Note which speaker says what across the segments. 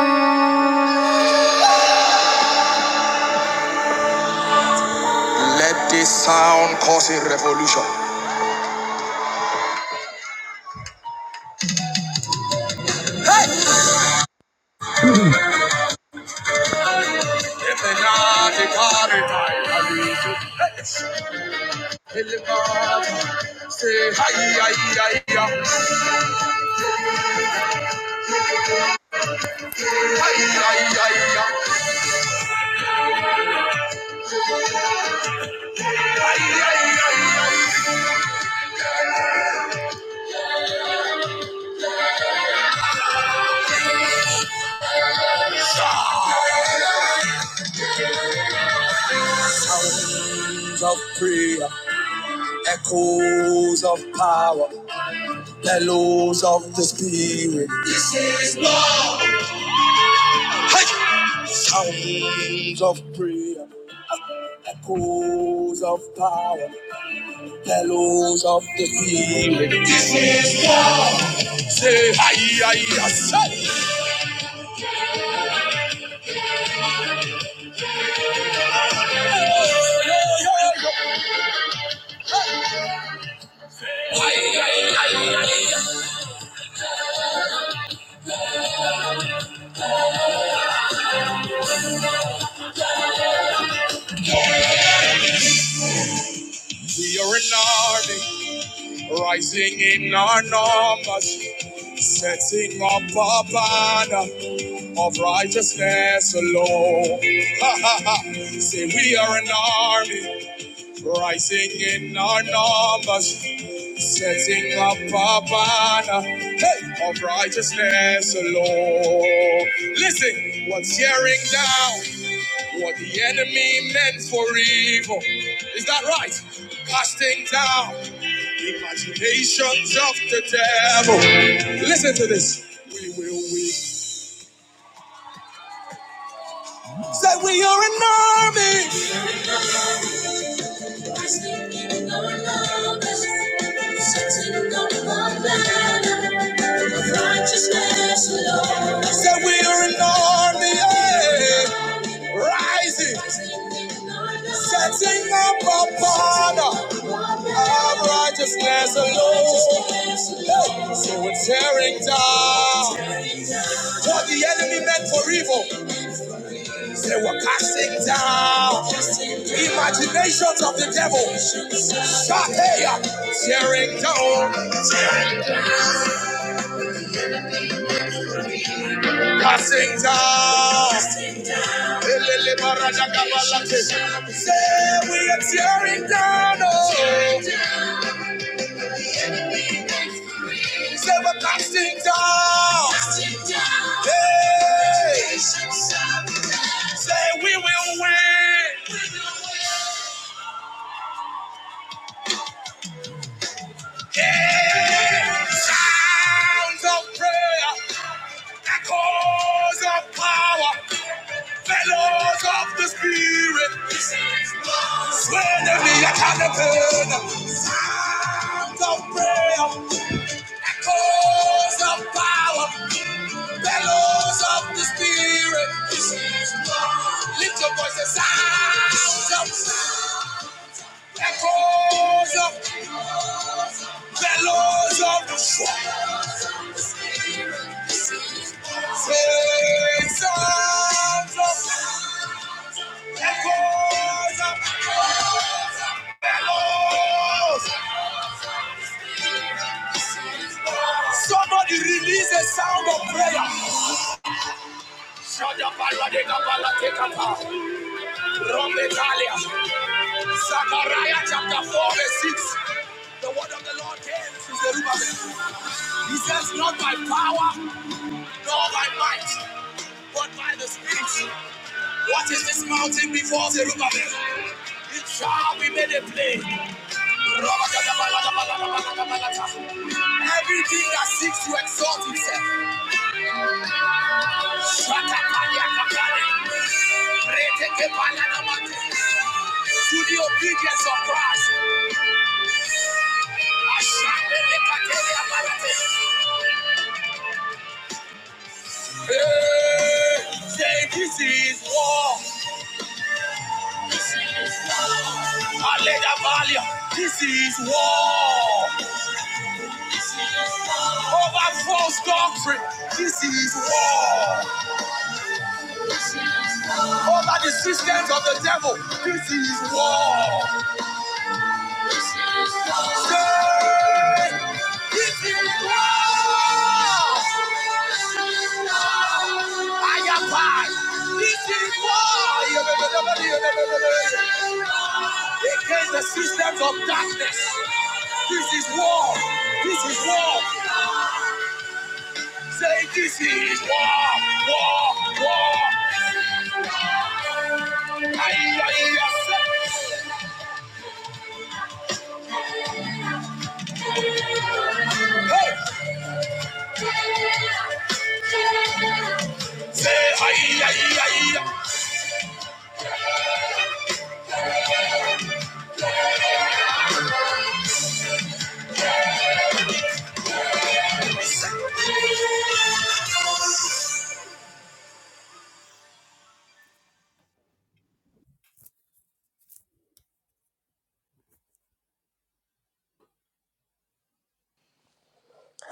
Speaker 1: Let this sound cause a revolution. Sounds of prayer, echoes of power, bellows of the spirit. Sounds of prayer, echoes of power, bellows of the spirit. This is what Say, hi, hi, hi, We are an army, rising in our numbers, setting up a banner of righteousness alone. Ha, ha, ha. Say we are an army, rising in our numbers, setting up a banner hey, of righteousness alone. Listen, what's tearing down? What the enemy meant for evil. Is that right? Casting down the imaginations of the devil. Listen to this. We will win. Say we are an army. Said we are an army, yeah, rising, setting up a banner of righteousness alone. Hey, So we're tearing down what the enemy meant for evil. They were casting down imaginations of the devil. Shahaya, tearing down. Passing down. Elele barada gabalate. Say we are tearing down. Oh. Say we're casting down. Hey. Say we will win. Sounds of prayer. Echoes of power, fellows of the spirit, swaying every academy, sound of prayer. Echoes of power, fellows of the spirit, lift your voices, sounds of echoes of fellows of the spirit, swaying sounds of Somebody release a sound of prayer. Shadabaladekabalakekata. Romekalia. Zechariah chapter 4 verse 6. The word of the Lord came to Zerubbabel. He says, Not by power. Nor by might, but by the Spirit. What is this mountain before Zerubbabel? It shall be made a plain. Everything that seeks to exalt itself. To the obedience of Christ. Ashapelekateliabalate. Hey, say this is war. Aleja Valia, this is war. Over false doctrine, this is war. Over the systems of the devil, this is war. Say, This is war. Ayapai. This is why He came the systems of darkness. This is war. This is war. Say this is war. War. War. Ay, ay, ay. Hey. Say ay, ay, ay.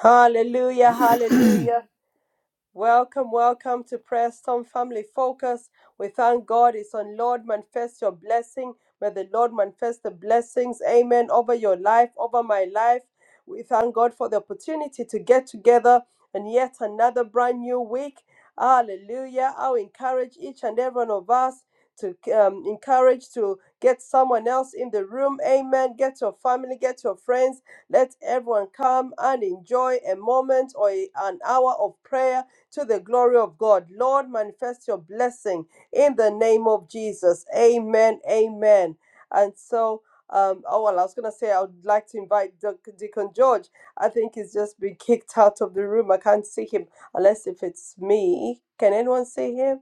Speaker 2: Hallelujah, hallelujah, Welcome, welcome to Prayer Storm Family Focus. We thank God it's on Lord manifest your blessing. May the Lord manifest the blessings, amen, over your life, over my life. We thank God for the opportunity to get together and yet another brand new week. Hallelujah. I'll encourage each and every one of us to um, encourage to get someone else in the room. Amen. Get your family, get your friends. Let everyone come and enjoy a moment or a- an hour of prayer to the glory of God. Lord, manifest your blessing in the name of Jesus. Amen. Amen. And so, um, oh, well, I was going to say, I would like to invite Dec- Deacon George. I think he's just been kicked out of the room. I can't see him unless if it's me. Can anyone see him?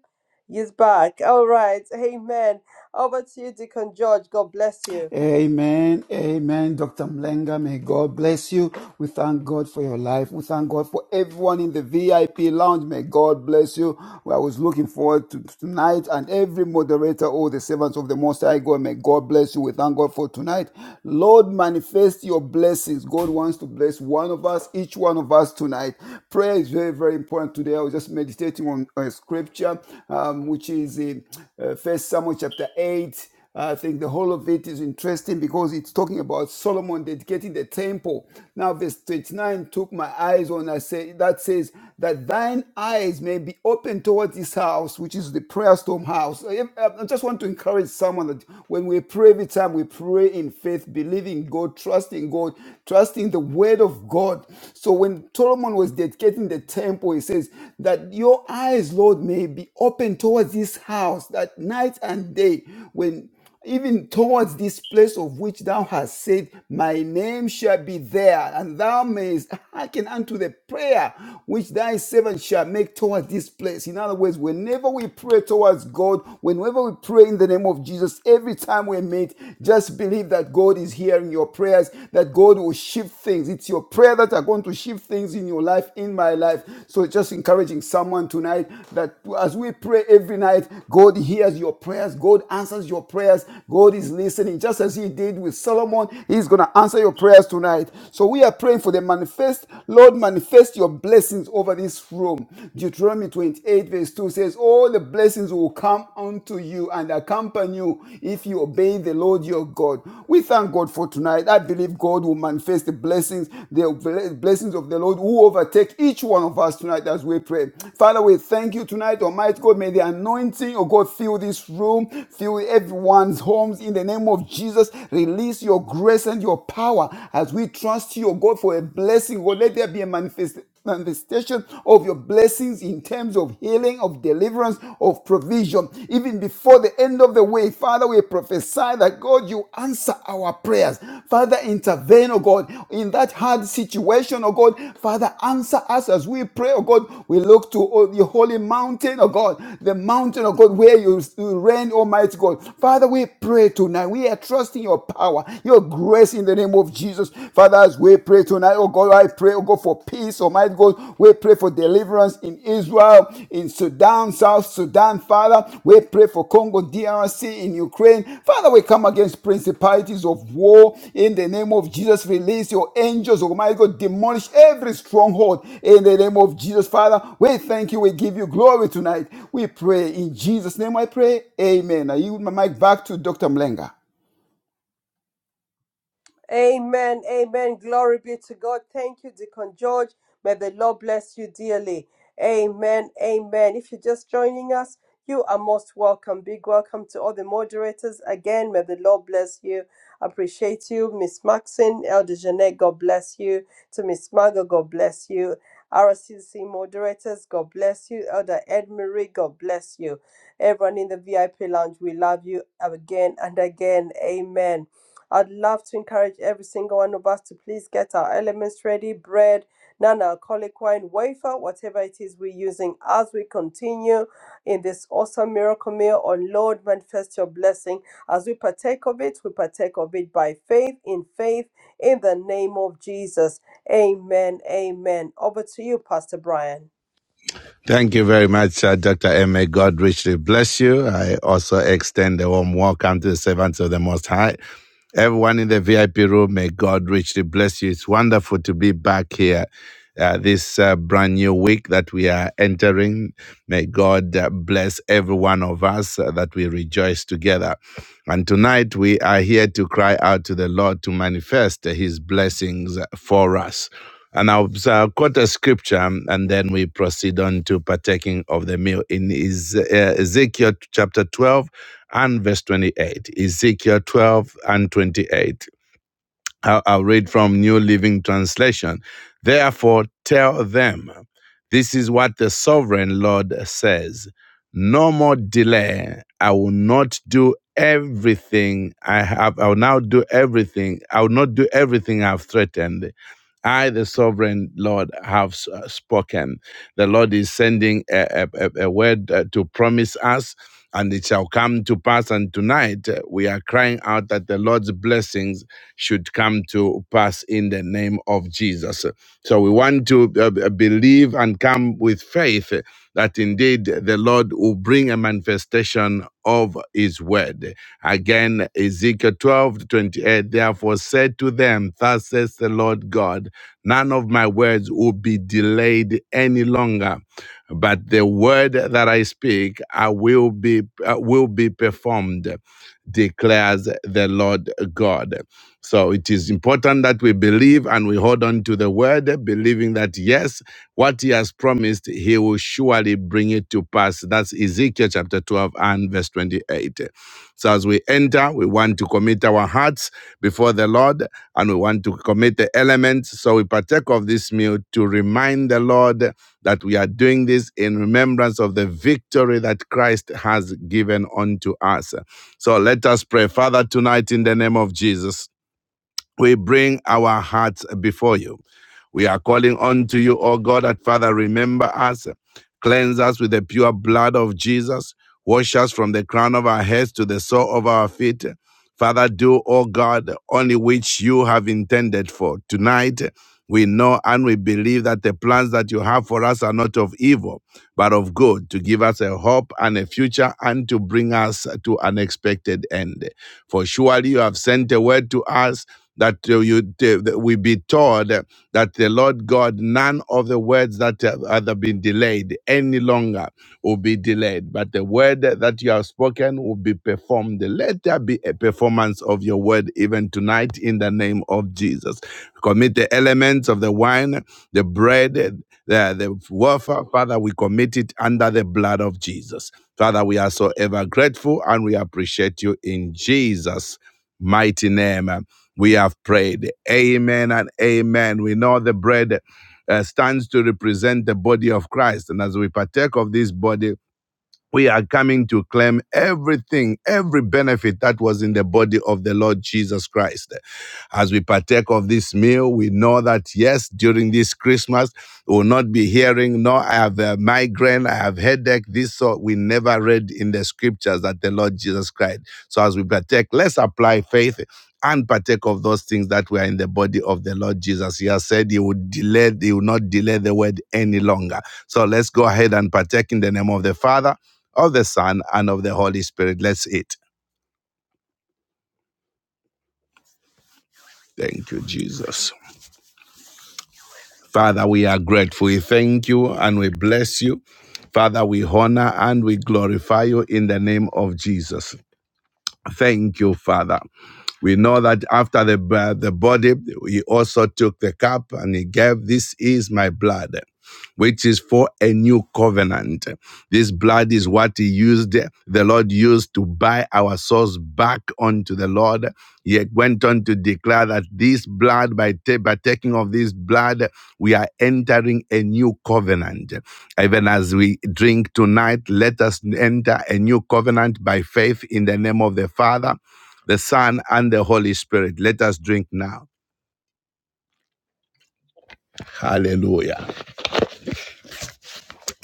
Speaker 2: He's back. All right. Amen. Over to you, Deacon George. God bless you.
Speaker 3: Amen. Amen. Dr. Mlenga, may God bless you. We thank God for your life. We thank God for everyone in the VIP lounge. May God bless you. Well, I was looking forward to tonight and every moderator, all the servants of the Most High God, may God bless you. We thank God for tonight. Lord, manifest your blessings. God wants to bless one of us, each one of us tonight. Prayer is very, very important today. I was just meditating on a scripture, um, which is in uh, First Samuel chapter 8 I think the whole of it is interesting because it's talking about Solomon dedicating the temple. Now, verse 29 took my eyes on. I say that says that thine eyes may be open towards this house, which is the prayer storm house. I, I- just want to encourage someone that when we pray every time, we pray in faith, believing God, trusting God, trusting the word of God. So when Solomon was dedicating the temple, he says that your eyes, Lord, may be open towards this house that night and day, when even towards this place of which thou hast said, My name shall be there, and thou mayest hearken unto the prayer which thy servant shall make towards this place. In other words, whenever we pray towards God, whenever we pray in the name of Jesus, every time we meet, just believe that God is hearing your prayers, that God will shift things. It's it's your prayer that are going to shift things in your life, in my life. So just encouraging someone tonight that as we pray every night, God hears your prayers, God answers your prayers, God is listening. Just as He did with Solomon, He's going to answer your prayers tonight. So we are praying for the manifest, Lord, manifest your blessings over this room. Deuteronomy 28, verse 2 says, All the blessings will come unto you and accompany you if you obeying the Lord your God. We thank God for tonight. I believe God will manifest the blessings, the blessings of the Lord who overtake each one of us tonight as we pray. Father, we thank you tonight, Almighty God. May the anointing of God fill this room, fill everyone's homes in the name of Jesus. Release your grace and your power as we trust you, O God, for a blessing. God, let there be a manifest, manifestation of your blessings in terms of healing, of deliverance, of provision. Even before the end of the way, Father, we prophesy that God, you answer our prayers. Father, intervene, oh God, in that hard situation, oh God. Father, answer us as we pray, oh God. We look to oh, the holy mountain, oh God, the mountain, oh God, where you you reign, Almighty God. Father, we pray tonight. We are trusting your power, your grace in the name of Jesus. Jesus. Father, as we pray tonight, oh God, I pray, oh God, for peace, Almighty God. We pray for deliverance in Israel, in Sudan, South Sudan, Father. We pray for Congo, DRC, in Ukraine. Father, we come against principalities of war in the name of Jesus. Release your angels, Almighty God, demolish every stronghold in the name of Jesus, Father. We thank you. We give you glory tonight. We pray in Jesus' name. I pray. Amen. I yield my mic back to Dr. Mlenga.
Speaker 2: Amen. Amen. Glory be to God. Thank you, Deacon George. May the Lord bless you dearly. Amen. Amen. If you're just joining us, you are most welcome. Big welcome to all the moderators. Again, may the Lord bless you. Appreciate you, Miss Maxine, Elder Jeanette. God bless you. To Miss Margot, God bless you. RCC moderators, God bless you. Elder Ed Marie, God bless you. Everyone in the VIP lounge, we love you again and again. Amen. I'd love to encourage every single one of us to please get our elements ready bread, non alcoholic wine, wafer, whatever it is we're using as we continue in this awesome miracle meal. On Lord, manifest your blessing. As we partake of it, we partake of it by faith, in faith, in the name of Jesus. Amen. Amen. Over to you, Pastor Brian.
Speaker 1: Thank you very much, uh, Dr. M. May God richly bless you. I also extend a warm welcome to the servants of the Most High. Everyone in the VIP room, may God richly bless you. It's wonderful to be back here. Uh, this uh, brand new week that we are entering, may God uh, bless every one of us uh, that we rejoice together. And tonight we are here to cry out to the Lord to manifest His blessings for us. And I'll uh, quote a scripture and then we proceed on to partaking of the meal in Ez- uh, Ezekiel chapter 12 and verse 28, Ezekiel 12 and 28. I'll, I'll read from New Living Translation. Therefore, tell them, this is what the sovereign Lord says No more delay. I will not do everything I have. I will now do everything. I will not do everything I've threatened. I, the sovereign Lord, have uh, spoken. The Lord is sending a, a, a a word uh, to promise us, and it shall come to pass. And tonight uh, we are crying out that the Lord's blessings should come to pass in the name of Jesus. So we want to uh, believe and come with faith that indeed the Lord will bring a manifestation of his word. Again, Ezekiel 12 to 28, therefore said to them, Thus says the Lord God, none of my words will be delayed any longer, but the word that I speak I will be uh, will be performed, declares the Lord God. So it is important that we believe and we hold on to the word, believing that yes, what he has promised, he will surely bring it to pass. That's Ezekiel chapter 12 and verse 28. So as we enter, we want to commit our hearts before the Lord and we want to commit the elements. So we partake of this meal to remind the Lord that we are doing this in remembrance of the victory that Christ has given unto us. So let us pray. Father, tonight in the name of Jesus we bring our hearts before you. We are calling unto you, O God, that Father, remember us, cleanse us with the pure blood of Jesus, wash us from the crown of our heads to the sole of our feet. Father, do, O God, only which you have intended for. Tonight, we know and we believe that the plans that you have for us are not of evil, but of good, to give us a hope and a future and to bring us to an expected end. For surely you have sent a word to us that uh, you uh, that we be told uh, that the Lord God, none of the words that have either been delayed any longer will be delayed, but the word that you have spoken will be performed. Let there be a performance of your word even tonight in the name of Jesus. Commit the elements of the wine, the bread. The, the warfare, Father, we commit it under the blood of Jesus. Father, we are so ever grateful and we appreciate you in Jesus' mighty name. We have prayed. Amen and amen. We know the bread uh, stands to represent the body of Christ. And as we partake of this body, we are coming to claim everything, every benefit that was in the body of the Lord Jesus Christ. As we partake of this meal, we know that yes, during this Christmas, we will not be hearing, no, I have a migraine, I have headache. This sort we never read in the scriptures that the Lord Jesus Christ. So as we partake, let's apply faith and partake of those things that were in the body of the Lord Jesus. He has said he would delay, he will not delay the word any longer. So let's go ahead and partake in the name of the Father, of the Son, and of the Holy Spirit. Let's eat. Thank you, Jesus. Father, we are grateful. We thank you and we bless you. Father, we honor and we glorify you in the name of Jesus. Thank you, Father. We know that after the, b- the body, he also took the cup and he gave, This is my blood. which is for a new covenant. This blood is what he used, the Lord used to buy our souls back unto the Lord. He went on to declare that this blood, by, ta- by taking of this blood, we are entering a new covenant. Even as we drink tonight, let us enter a new covenant by faith in the name of the Father, the Son, and the Holy Spirit. Let us drink now. Hallelujah.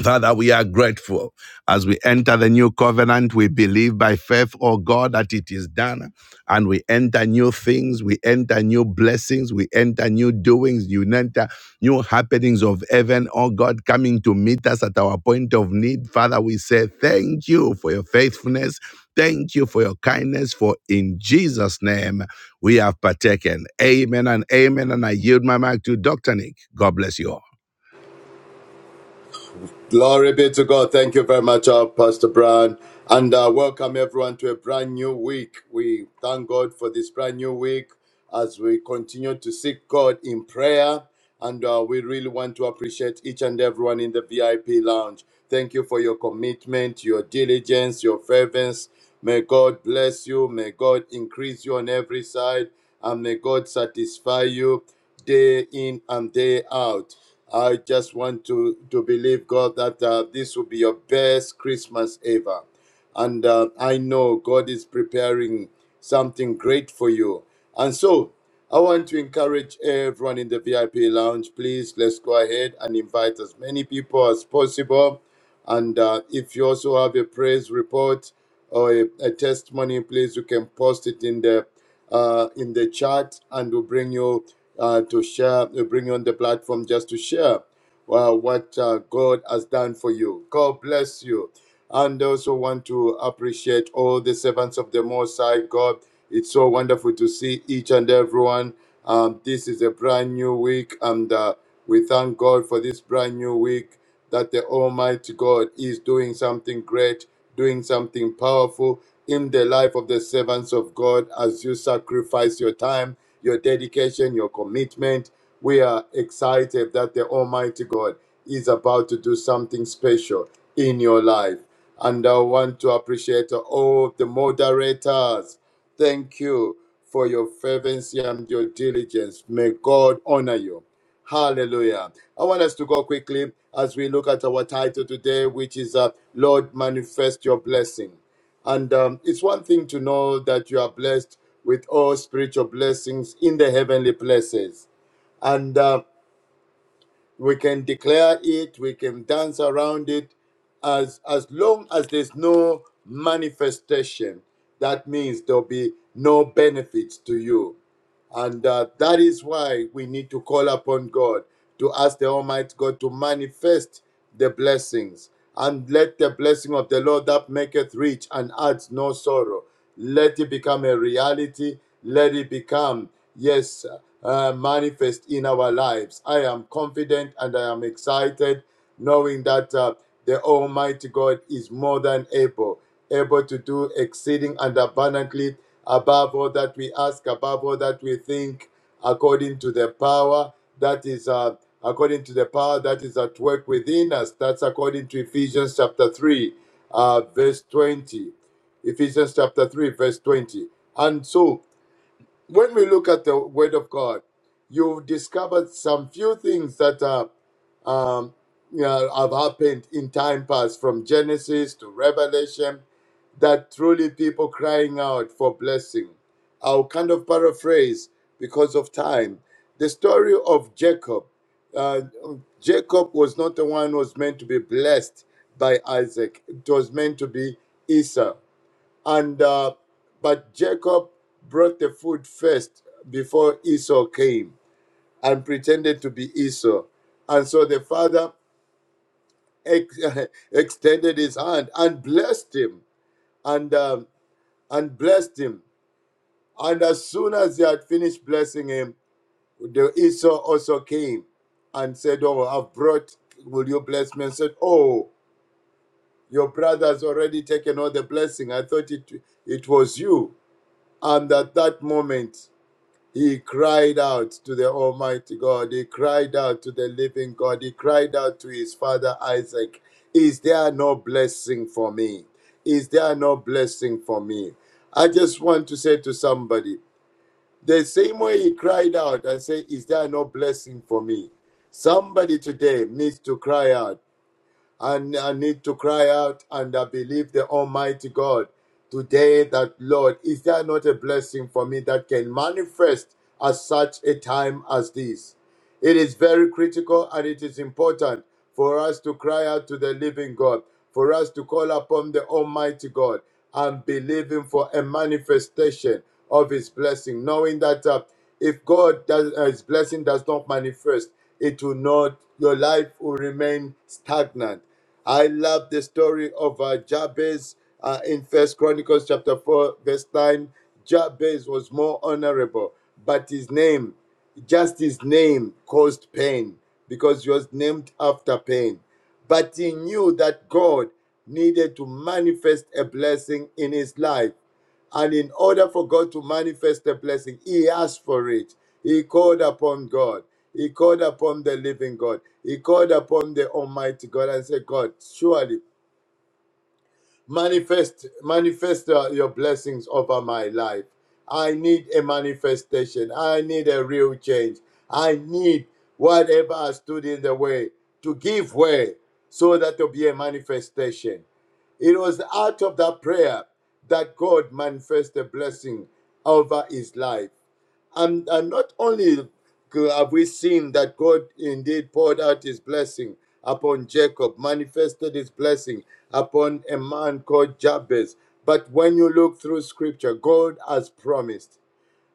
Speaker 1: Father, we are grateful. As we enter the new covenant, we believe by faith, oh God, that it is done. And we enter new things, we enter new blessings, we enter new doings, you enter new happenings of heaven, oh God, coming to meet us at our point of need. Father, we say thank you for your faithfulness. Thank you for your kindness, for in Jesus' name we have partaken. Amen and amen. And I yield my mic to Dr. Nick. God bless you all.
Speaker 4: Glory be to God. Thank you very much, uh, Pastor Brown. And uh, welcome everyone to a brand new week. We thank God for this brand new week as we continue to seek God in prayer. And uh, we really want to appreciate each and everyone in the VIP lounge. Thank you for your commitment, your diligence, your fervence. May God bless you. May God increase you on every side. And may God satisfy you day in and day out. I just want to, to believe, God, that uh, this will be your best Christmas ever. And uh, I know God is preparing something great for you. And so I want to encourage everyone in the VIP lounge, please let's go ahead and invite as many people as possible. And uh, if you also have a praise report or a, a testimony, please you can post it in the uh, in the chat, and we'll bring you uh, to share, to bring you on the platform just to share uh, what uh, God has done for you. God bless you. And also want to appreciate all the servants of the Most High God. It's so wonderful to see each and everyone. Um, this is a brand new week, and uh, we thank God for this brand new week that the Almighty God is doing something great, doing something powerful in the life of the servants of God as you sacrifice your time, your dedication, your commitment. We are excited that the Almighty God is about to do something special in your life. And I want to appreciate all the moderators Thank you for your fervency and your diligence. May God honor you. Hallelujah. I want us to go quickly as we look at our title today, which is uh, Lord, manifest your blessing. And um, it's one thing to know that you are blessed with all spiritual blessings in the heavenly places. And uh, we can declare it we can dance around it as as long as there's no manifestation that means there'll be no benefits to you and uh, that is why we need to call upon God to ask the Almighty God to manifest the blessings. And let the blessing of the Lord that maketh rich and adds no sorrow, let it become a reality. Let it become, yes, uh, uh, manifest in our lives. I am confident and I am excited knowing that uh, the Almighty God is more than able, able to do exceeding and abundantly above all that we ask, above all that we think, according to the power that is uh, according to the power that is at work within us. That's according to Ephesians chapter 3, uh, verse 20. Ephesians chapter 3, verse 20. And so when we look at the Word of God, you've discovered some few things that are, um, you know, have happened in time past, from Genesis to Revelation, that truly people crying out for blessing. I'll kind of paraphrase because of time. The story of Jacob. Uh, Jacob was not the one who was meant to be blessed by Isaac. It was meant to be Esau. And uh, but Jacob brought the food first before Esau came and pretended to be Esau. And so the father ex- extended his hand and blessed him and um, and blessed him. And as soon as he had finished blessing him, the Esau also came and said, "Oh, I've brought. Will you bless me?" And said, "Oh, your brother's already taken all the blessing. I thought it it was you." And at that moment. He cried out to the Almighty God. He cried out to the living God. He cried out to his father Isaac, Is there no blessing for me? Is there no blessing for me? I just want to say to somebody, the same way he cried out and said, Is there no blessing for me? Somebody today needs to cry out and I need to cry out and I believe the Almighty God today that, Lord, is there not a blessing for me that can manifest at such a time as this? It is very critical and it is important for us to cry out to the living God, for us to call upon the Almighty God and believe Him for a manifestation of His blessing, knowing that. Uh, if God does, uh, His blessing does not manifest, it will not. Your life will remain stagnant. I love the story of uh, Jabez uh, in First Chronicles chapter four, verse nine. Jabez was more honorable, but his name, just his name, caused pain because he was named after pain. But he knew that God needed to manifest a blessing in his life. And in order for God to manifest the blessing, he asked for it. He called upon God. He called upon the living God. He called upon the Almighty God and said, God, surely manifest manifest uh, your blessings over my life i need a manifestation i need a real change i need whatever has stood in the way to give way so that there'll be a manifestation it was out of that prayer that god manifested a blessing over his life and, and not only have we seen that God indeed poured out his blessing upon Jacob, manifested his blessing upon a man called Jabez, but when you look through scripture, God has promised.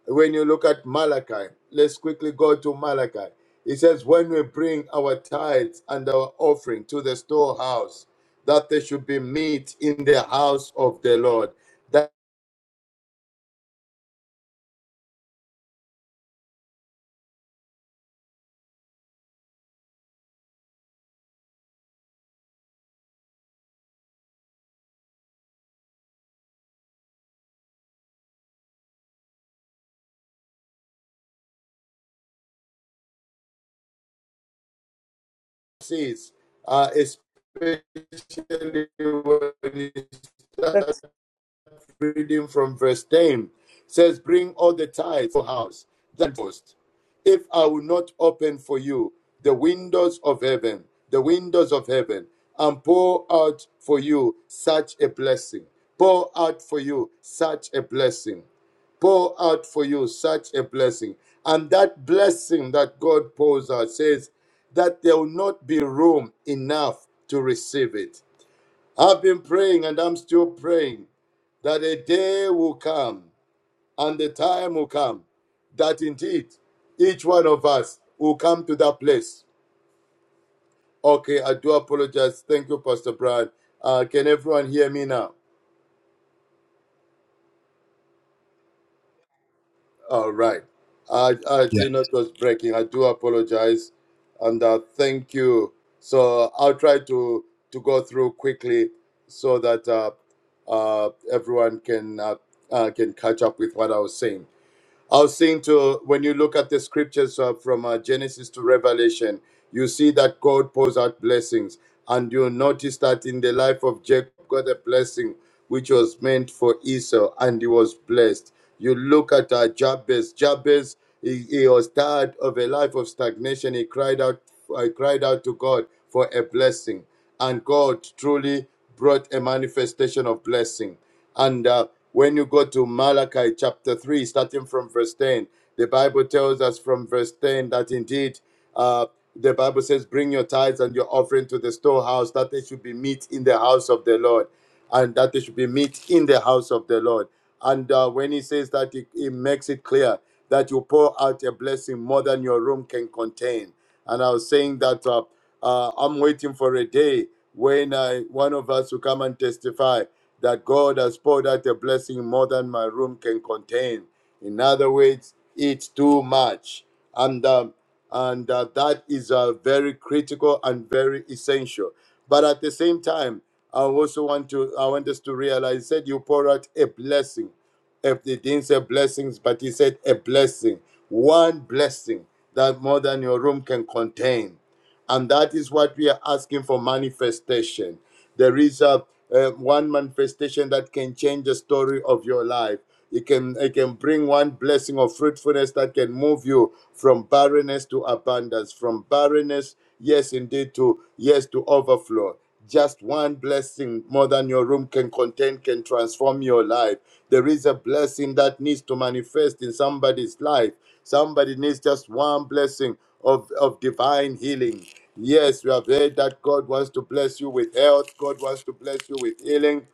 Speaker 4: When you look at Malachi, let's quickly go to Malachi. It says, When we bring our tithes and our offering to the storehouse, that there should be meat in the house of the Lord seeds, uh, especially when you
Speaker 2: Thanks.
Speaker 4: reading from verse 10 It says, Bring all the tithes to the house, that post. If I will not open for you the windows of heaven, the windows of heaven, and pour out for you such a blessing, pour out for you such a blessing pour out for you such a blessing. And that blessing that God pours out says that there will not be room enough to receive it I've been praying and I'm still praying that a day will come and the time will come that indeed each one of us will come to that place. Okay, I do apologize. Thank you, Pastor Brad. Uh, can everyone hear me now? All right. I, I did not was breaking. I do apologize. And uh, thank you. So I'll try to, to go through quickly so that uh, uh, everyone can, uh, uh, can catch up with what I was saying. I was saying to when you look at the scriptures uh, from uh, Genesis to Revelation, you see that God pours out blessings, and you notice that in the life of Jacob, got a blessing which was meant for Esau, and he was blessed. You look at uh, Jabez. Jabez, he, he was tired of a life of stagnation. He cried out, uh, cried out to God for a blessing, and God truly brought a manifestation of blessing. And uh, when you go to Malachi chapter 3, starting from verse 10, the Bible tells us from verse 10 that indeed uh, the Bible says, Bring your tithes and your offering to the storehouse, that there should be meat in the house of the Lord, and that there should be meat in the house of the Lord. And uh, when he says that, he, he makes it clear that you pour out a blessing more than your room can contain. And I was saying that. Uh, uh, I'm waiting for a day when I, one of us will come and testify that God has poured out a blessing more than my room can contain. In other words, it's too much. And, um, and uh, that is uh, very critical and very essential. But at the same time, I also want to I want us to realize he said you pour out a blessing. If he didn't say blessings, but he said a blessing, one blessing that more than your room can contain and that is what we are asking for manifestation. There is a uh, one manifestation that can change the story of your life. It can it can bring one blessing of fruitfulness that can move you from barrenness to abundance, from barrenness, yes indeed, to yes to overflow. Just one blessing more than your room can contain can transform your life. There is a blessing that needs to manifest in somebody's life. Somebody needs just one blessing of, of divine healing. Yes, we have heard that God wants to bless you with health, God wants to bless you with healing.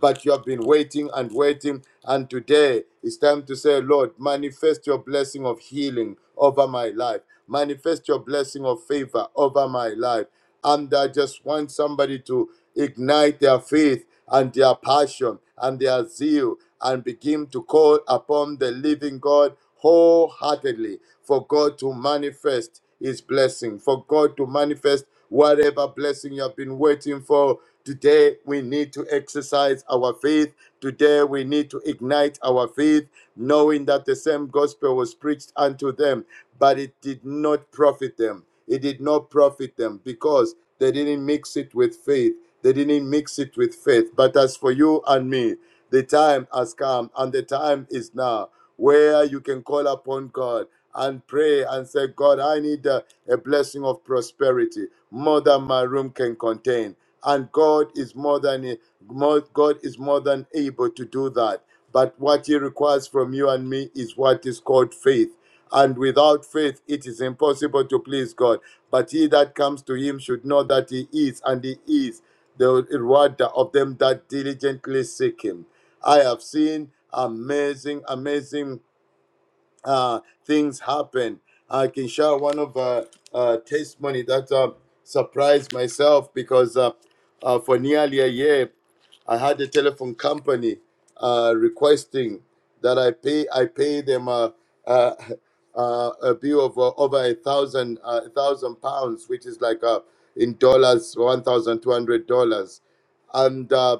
Speaker 4: But you have been waiting and waiting, and today it's time to say, Lord, manifest your blessing of healing over my life, manifest your blessing of favor over my life. And I just want somebody to ignite their faith and their passion and their zeal and begin to call upon the living God wholeheartedly for God to manifest his blessing, for God to manifest whatever blessing you have been waiting for Today we need to exercise our faith. Today we need to ignite our faith, knowing that the same gospel was preached unto them, but it did not profit them. It did not profit them because they didn't mix it with faith. They didn't mix it with faith. But as for you and me, the time has come and the time is now where you can call upon God and pray and say, God, I need a, a blessing of prosperity more than my room can contain. And God is more than more, God is more than able to do that. But what He requires from you and me is what is called faith. And without faith, it is impossible to please God. But he that comes to him should know that he is, and he is the rewarder of them that diligently seek him. I have seen amazing, amazing uh, things happen. I can share one of uh, uh, testimony that uh, surprised myself because uh, uh, for nearly a year, I had a telephone company uh, requesting that I pay I pay them a uh, uh, a bill of uh, over a thousand uh, a thousand pounds, which is like uh, in dollars one thousand two hundred dollars, and. Uh,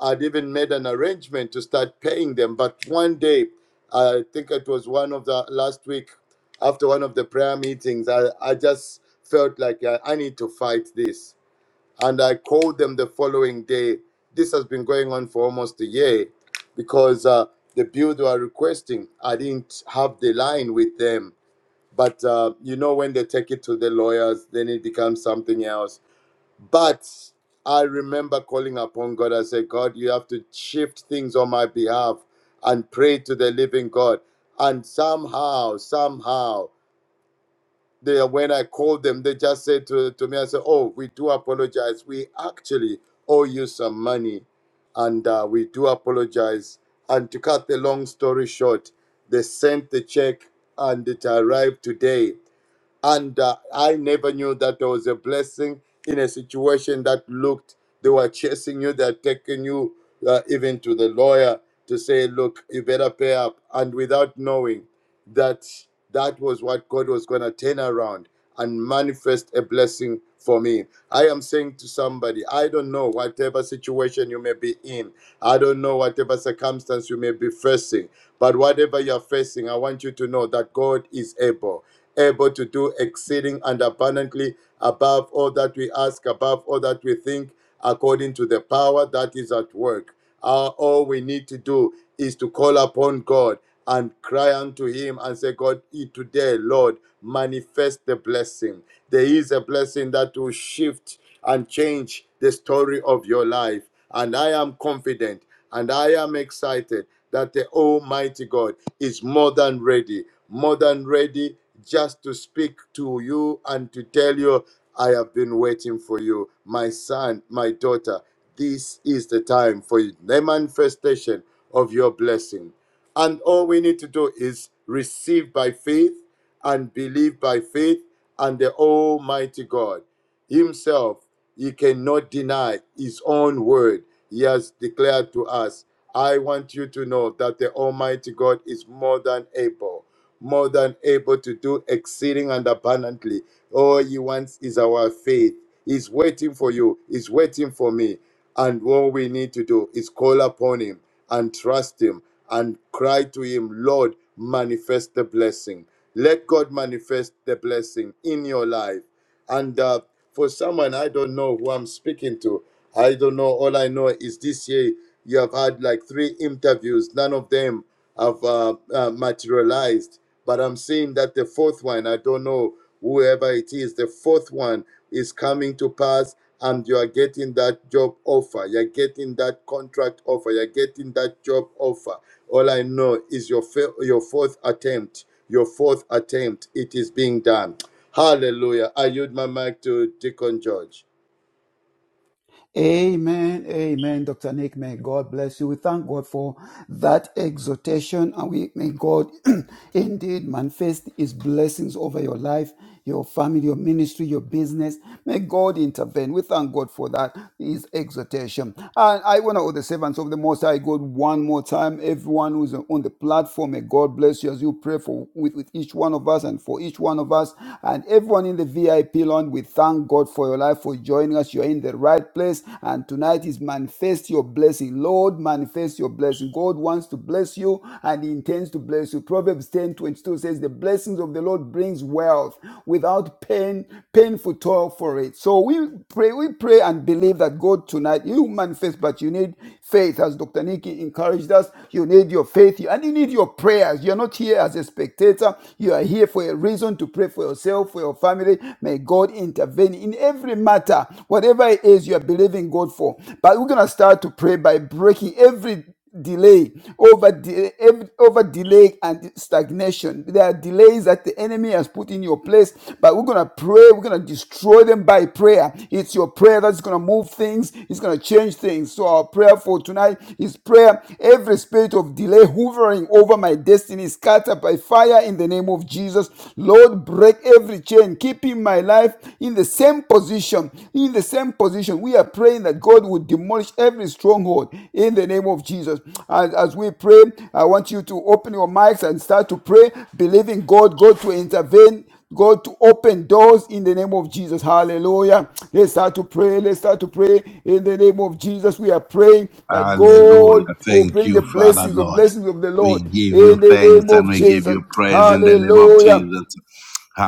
Speaker 4: I'd even made an arrangement to start paying them. But one day, I think it was one of the last week after one of the prayer meetings, I, I just felt like I, I need to fight this. And I called them the following day. This has been going on for almost a year because uh, the bill they were requesting, I didn't have the line with them. But uh, you know, when they take it to the lawyers, then it becomes something else but I remember calling upon God. I said, God, you have to shift things on my behalf and pray to the living God. And somehow, somehow, they, when I called them, they just said to, to me, I said, Oh, we do apologize. We actually owe you some money. And uh, we do apologize. And to cut the long story short, they sent the check and it arrived today and uh, I never knew that there was a blessing in a situation that looked they were chasing you, they're taking you uh, even to the lawyer to say, look, you better pay up, and without knowing that that was what God was going to turn around and manifest a blessing for me. I am saying to somebody, I don't know whatever situation you may be in, I don't know whatever circumstance you may be facing, but whatever you're facing, I want you to know that God is able, able to do exceeding and abundantly above all that we ask, above all that we think, according to the power that is at work. Uh, all we need to do is to call upon God and cry unto Him and say, God, eh, today, Lord, manifest the blessing. There is a blessing that will shift and change the story of your life. And I am confident and I am excited that the Almighty God is more than ready, more than ready just to speak to you and to tell you, I have been waiting for you, my son, my daughter. This is the time for the manifestation of your blessing. And all we need to do is receive by faith and believe by faith, and the Almighty God Himself, He cannot deny His own word. He has declared to us, I want you to know that the Almighty God is more than able more than able to do exceeding and abundantly. All he wants is our faith. He's waiting for you, he's waiting for me. And all we need to do is call upon him and trust him and cry to him, Lord, manifest the blessing. Let God manifest the blessing in your life. And uh, for someone, I don't know who I'm speaking to. I don't know. All I know is this year you have had like three interviews. None of them have uh, uh, materialized. But I'm seeing that the fourth one, I don't know whoever it is, the fourth one is coming to pass and you are getting that job offer. You're getting that contract offer. You're getting that job offer. All I know is your, fa- your fourth attempt. Your fourth attempt, it is being done. Hallelujah. I yield my mic to Deacon George.
Speaker 3: Amen. Amen. Dr. Nick, may God bless you. We thank God for that exhortation and we may God indeed manifest his blessings over your life, your family, your ministry, your business. May God intervene. We thank God for that, his exhortation. And I want to all the servants of the Most High God one more time. Everyone who's on the platform, may God bless you as you pray for with, with each one of us and for each one of us and everyone in the VIP land. We thank God for your life, for joining joining us. You're in the right place. And tonight is manifest your blessing. Lord, manifest your blessing. God wants to bless you and He intends to bless you. Proverbs 10 22 says, The blessings of the Lord brings wealth without pain, painful toil for it. So we pray, we pray and believe that God tonight, you manifest, but you need faith. As Dr. Nikki encouraged us, you need your faith and you need your prayers. You're not here as a spectator, you are here for a reason to pray for yourself, for your family. May God intervene intervene in every matter, whatever it is you are believing God for. But we're going to start to pray by breaking every delay over de- ev- over delay and stagnation there are delays that the enemy has put in your place but we're gonna pray we're gonna destroy them by prayer it's your prayer that's gonna move things it's gonna change things so our prayer for tonight is prayer every spirit of delay hovering over my destiny is scattered by fire in the name of jesus lord break every change, keeping my life in the same position. In the same position, we are praying that God would demolish every stronghold in the name of Jesus. As, as we pray, I want you to open your mics and start to pray, believing God, God to intervene. God to open doors in the name of Jesus. Hallelujah. Let's start to pray. Let's start to pray in the name of Jesus. We are praying that
Speaker 1: Hallelujah.
Speaker 3: God will
Speaker 1: Thank
Speaker 3: bring the
Speaker 1: you, Father
Speaker 3: blessings, the
Speaker 1: Lord.
Speaker 3: blessings of the
Speaker 1: We
Speaker 3: Lord
Speaker 1: give you
Speaker 3: in the name
Speaker 1: thanks and
Speaker 3: of
Speaker 1: we give
Speaker 3: Jesus.
Speaker 1: you praise in the name of
Speaker 3: Hallelujah.
Speaker 1: Jesus.